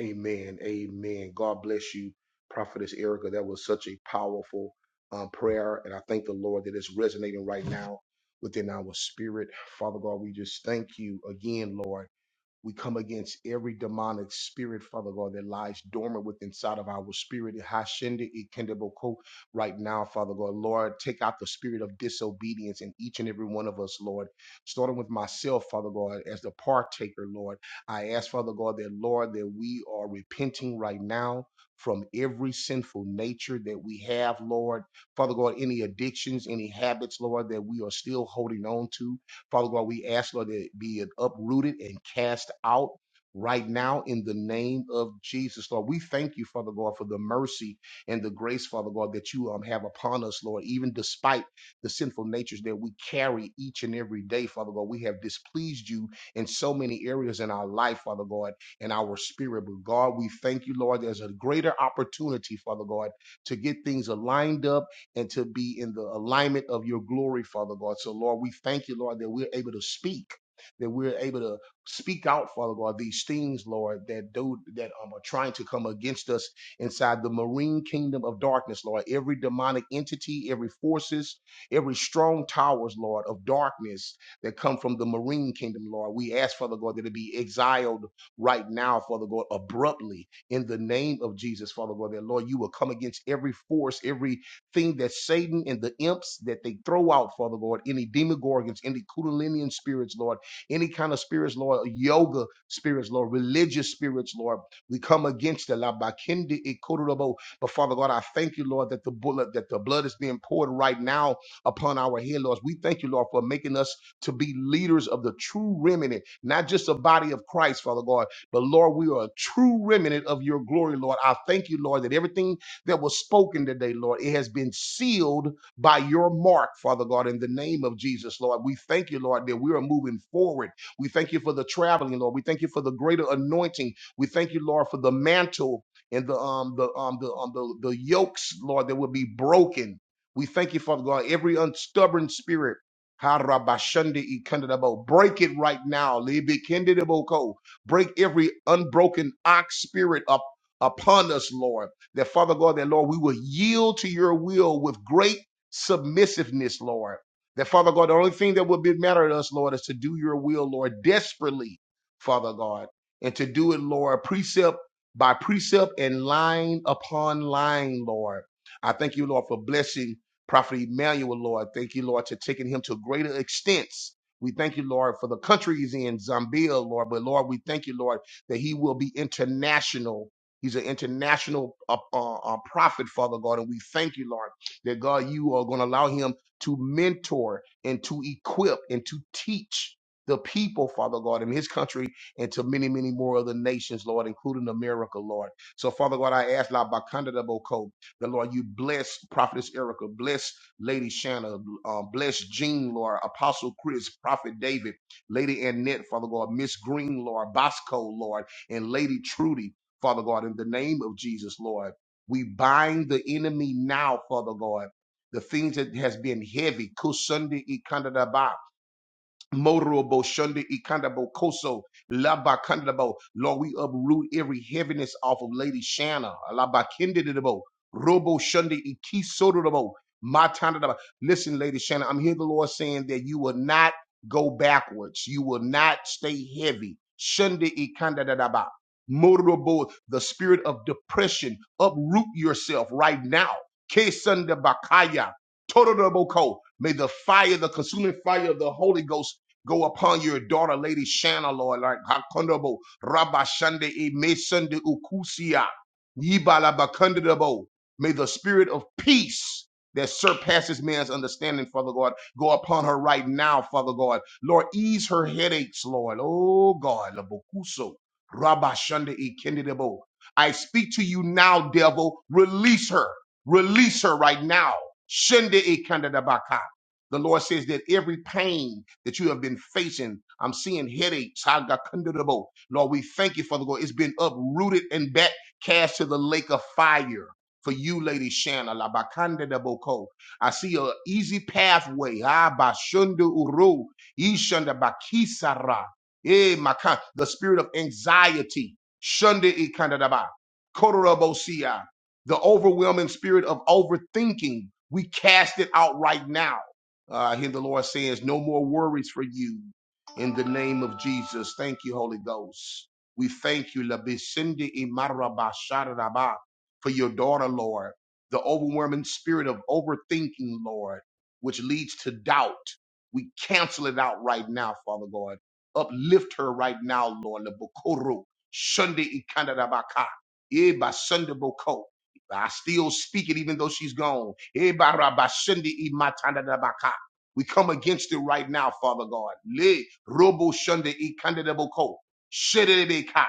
S5: Amen. Amen. God bless you, Prophetess Erica. That was such a powerful um, prayer. And I thank the Lord that it's resonating right now within our spirit. Father God, we just thank you again, Lord. We come against every demonic spirit, Father God, that lies dormant within inside of our spirit. Hashende ikendeboko Right now, Father God, Lord, take out the spirit of disobedience in each and every one of us, Lord. Starting with myself, Father God, as the partaker, Lord. I ask, Father God, that, Lord, that we are repenting right now from every sinful nature that we have, Lord. Father God, any addictions, any habits, Lord, that we are still holding on to. Father God, we ask, Lord, that it be uprooted and cast out right now in the name of Jesus, Lord. We thank you, Father God, for the mercy and the grace, Father God, that you um, have upon us, Lord, even despite the sinful natures that we carry each and every day, Father God. We have displeased you in so many areas in our life, Father God, and our spirit. But God, we thank you, Lord. There's a greater opportunity, Father God, to get things aligned up and to be in the alignment of your glory, Father God. So, Lord, we thank you, Lord, that we're able to speak, that we're able to speak out, Father God, these things, Lord, that do that um, are trying to come against us inside the marine kingdom of darkness, Lord. Every demonic entity, every forces, every strong towers, Lord, of darkness that come from the marine kingdom, Lord. We ask, Father God, that it be exiled right now, Father God, abruptly in the name of Jesus, Father God, that Lord, you will come against every force, every Thing that Satan and the imps that they throw out, Father Lord, any demogorgons, any Kundalinian spirits, Lord, any kind of spirits, Lord, yoga spirits, Lord, religious spirits, Lord, we come against it. La bakindi ikurubo. But Father God, I thank you, Lord, that the bullet, that the blood is being poured right now upon our head, Lord. We thank you, Lord, for making us to be leaders of the true remnant, not just a body of Christ, Father God, but Lord, we are a true remnant of your glory, Lord. I thank you, Lord, that everything that was spoken today, Lord. It has been sealed by your mark, Father God, in the name of Jesus, Lord. We thank you, Lord, that we are moving forward. We thank you for the traveling, Lord. We thank you for the greater anointing. We thank you, Lord, for the mantle and the um the um the um the, the yokes, Lord, that will be broken. We thank you, Father God, every unstubborn spirit. Harabashande ikandadabo. Break it right now. Libikindidiboko. Break every unbroken ox spirit up upon us, Lord. That Father God, that Lord, we will yield to your will with great submissiveness, Lord. That Father God, the only thing that will be matter to us, Lord, is to do your will, Lord, desperately, Father God, and to do it, Lord, precept by precept and line upon line, Lord. I thank you, Lord, for blessing Prophet Emmanuel, Lord. Thank you, Lord, to taking him to greater extents. We thank you, Lord, for the country he's in, Zambia, Lord. But Lord, we thank you, Lord, that he will be international He's an international uh, uh, uh, prophet, Father God. And we thank you, Lord, that God, you are going to allow him to mentor and to equip and to teach the people, Father God, in his country and to many, many more other nations, Lord, including America, Lord. So, Father God, I ask La Bacanda de Boco, the Lord, you bless Prophetess Erica, bless Lady Shanna, uh, bless Jean, Lord, Apostle Chris, Prophet David, Lady Annette, Father God, Miss Green, Lord, Bosco, Lord, and Lady Trudy. Father God, in the name of Jesus, Lord. We bind the enemy now, Father God. The things that has been heavy, Kusunda Ikandadaba, Morobo Shunda Ikandabo Koso Laba Kandabo. Lord, we uproot every heaviness off of Lady Shanna. Laba Kindidabo. Robo Shunda Ikisodabo. Matandaba. Listen, Lady Shanna, I'm here the Lord saying that you will not go backwards. You will not stay heavy. Shunda Ikandadaba. Morobo, the spirit of depression. Uproot yourself right now. Kesunda Bakaya. Totodabo May the fire, the consuming fire of the Holy Ghost Go upon your daughter, Lady Shanna, Lord, like Hakondobo, Rabashande, Emesunde, Ukusia, Yibalabakundabo. May the spirit of peace that surpasses man's understanding, Father God, go upon her right now, Father God. Lord, ease her headaches, Lord. Oh God, Labokuso, Rabashande, Ekendidabo. I speak to you now, devil. Release her. Release her right now. Shende e the Lord says that every pain that you have been facing, I'm seeing headaches. I Lord, we thank you, Father God. It's been uprooted and back cast to the lake of fire. For you, Lady Shanna, la I see an easy pathway. Ah, bashundu uru, ishanda bakisara. Eh, makan. The spirit of anxiety. Shunda ikandadaba. Korobosia. The overwhelming spirit of overthinking. We cast it out right now uh, I hear the Lord saying, "No more worries for you." In the name of Jesus, thank you, Holy Ghost. We thank you, Labisindi Imarabasharaba, for your daughter, Lord. The overwhelming spirit of overthinking, Lord, which leads to doubt. We cancel it out right now, Father God. Uplift her right now, Lord. Labokoro, Shunde Ikandarabaka, Eba Sunday Boko. I still speak it even though she's gone. Eba Rabashindi Imatandabaka. We come against it right now, Father God. Le robo shunde e kandidabo ko. Shedebe ka.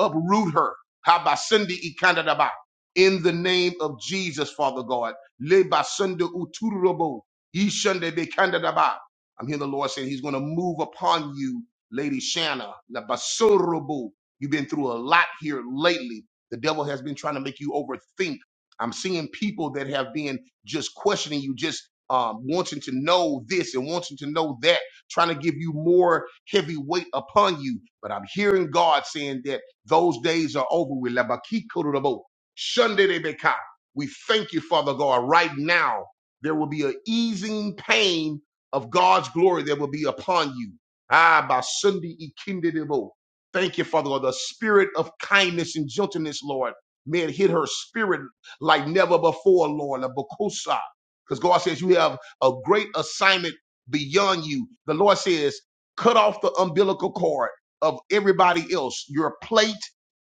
S5: Uproot her. Habasende e kandidaba. In the name of Jesus, Father God. Le basende uturobo. E shunde be kandidaba. I'm hearing the Lord saying he's going to move upon you, Lady Shanna. La basorobo. You've been through a lot here lately. The devil has been trying to make you overthink. I'm seeing people that have been just questioning you, just um, wanting to know this and wanting to know that, trying to give you more heavy weight upon you. But I'm hearing God saying that those days are over with. Labakikurubo, shandedebeka. We thank you, Father God. Right now, there will be an easing pain of God's glory that will be upon you. Ah, by Sunday, Ikindedebo. Thank you, Father God. The spirit of kindness and gentleness, Lord. May it hit her spirit like never before, Lord. Labakusa. Because God says you have a great assignment beyond you. The Lord says, cut off the umbilical cord of everybody else, your plate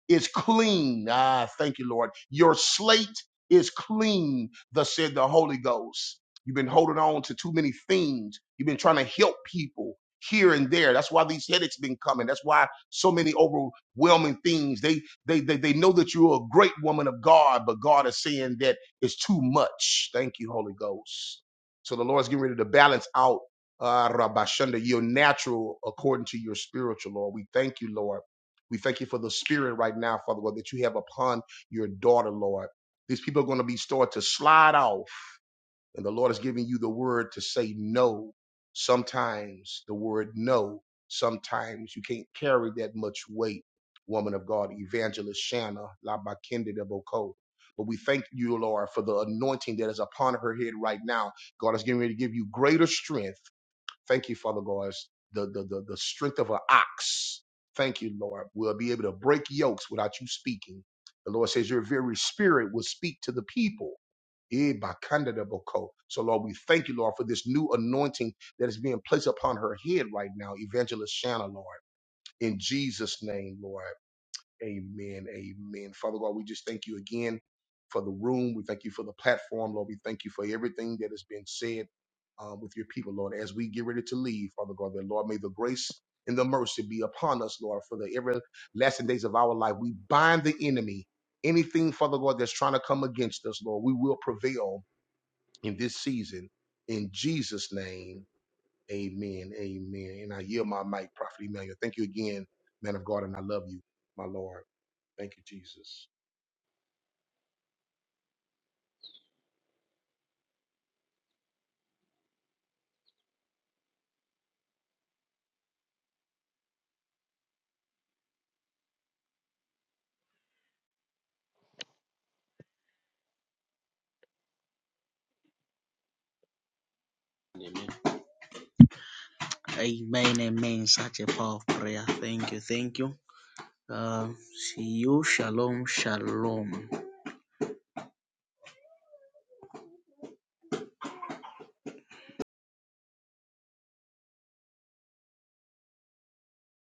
S5: is clean. Ah, thank you, Lord. Your slate is clean, thus said the Holy Ghost. You've been holding on to too many things. You've been trying to help people here and there. That's why these headaches been coming. That's why so many overwhelming things. They they they, they know that you're a great woman of God, but God is saying that it's too much. Thank you, Holy Ghost. So the Lord's getting ready to balance out uh Rabashunda, your natural according to your spiritual, Lord. We thank you, Lord. We thank you for the spirit right now, Father God, that you have upon your daughter, Lord. These people are going to be started to slide off, and the Lord is giving you the word to say no. Sometimes the word no, sometimes you can't carry that much weight, woman of God, evangelist Shanna, Labakende de Boko. But we thank you, Lord, for the anointing that is upon her head right now. God is getting ready to give you greater strength Thank you, Father God, as the, the, the, the strength of an ox. Thank you, Lord. We'll be able to break yokes without you speaking. The Lord says your very spirit will speak to the people. Eh, bakanda da boko. So, Lord, we thank you, Lord, for this new anointing that is being placed upon her head right now, Evangelist Shanna, Lord. In Jesus' name, Lord. Amen. Amen. Father God, we just thank you again for the room. We thank you for the platform, Lord. We thank you for everything that has been said uh, with your people, Lord. As we get ready to leave, Father God, that Lord, may the grace and the mercy be upon us, Lord, for the everlasting days of our life. We bind the enemy. Anything, Father God, that's trying to come against us, Lord, we will prevail in this season. In Jesus' name, amen. Amen. And I yield my mic, Prophet Emmanuel. Thank you again, man of God, and I love you, my Lord. Thank you, Jesus.
S1: Amen, amen. Such a power of prayer. Thank you, thank you. Um, see you. Shalom, shalom.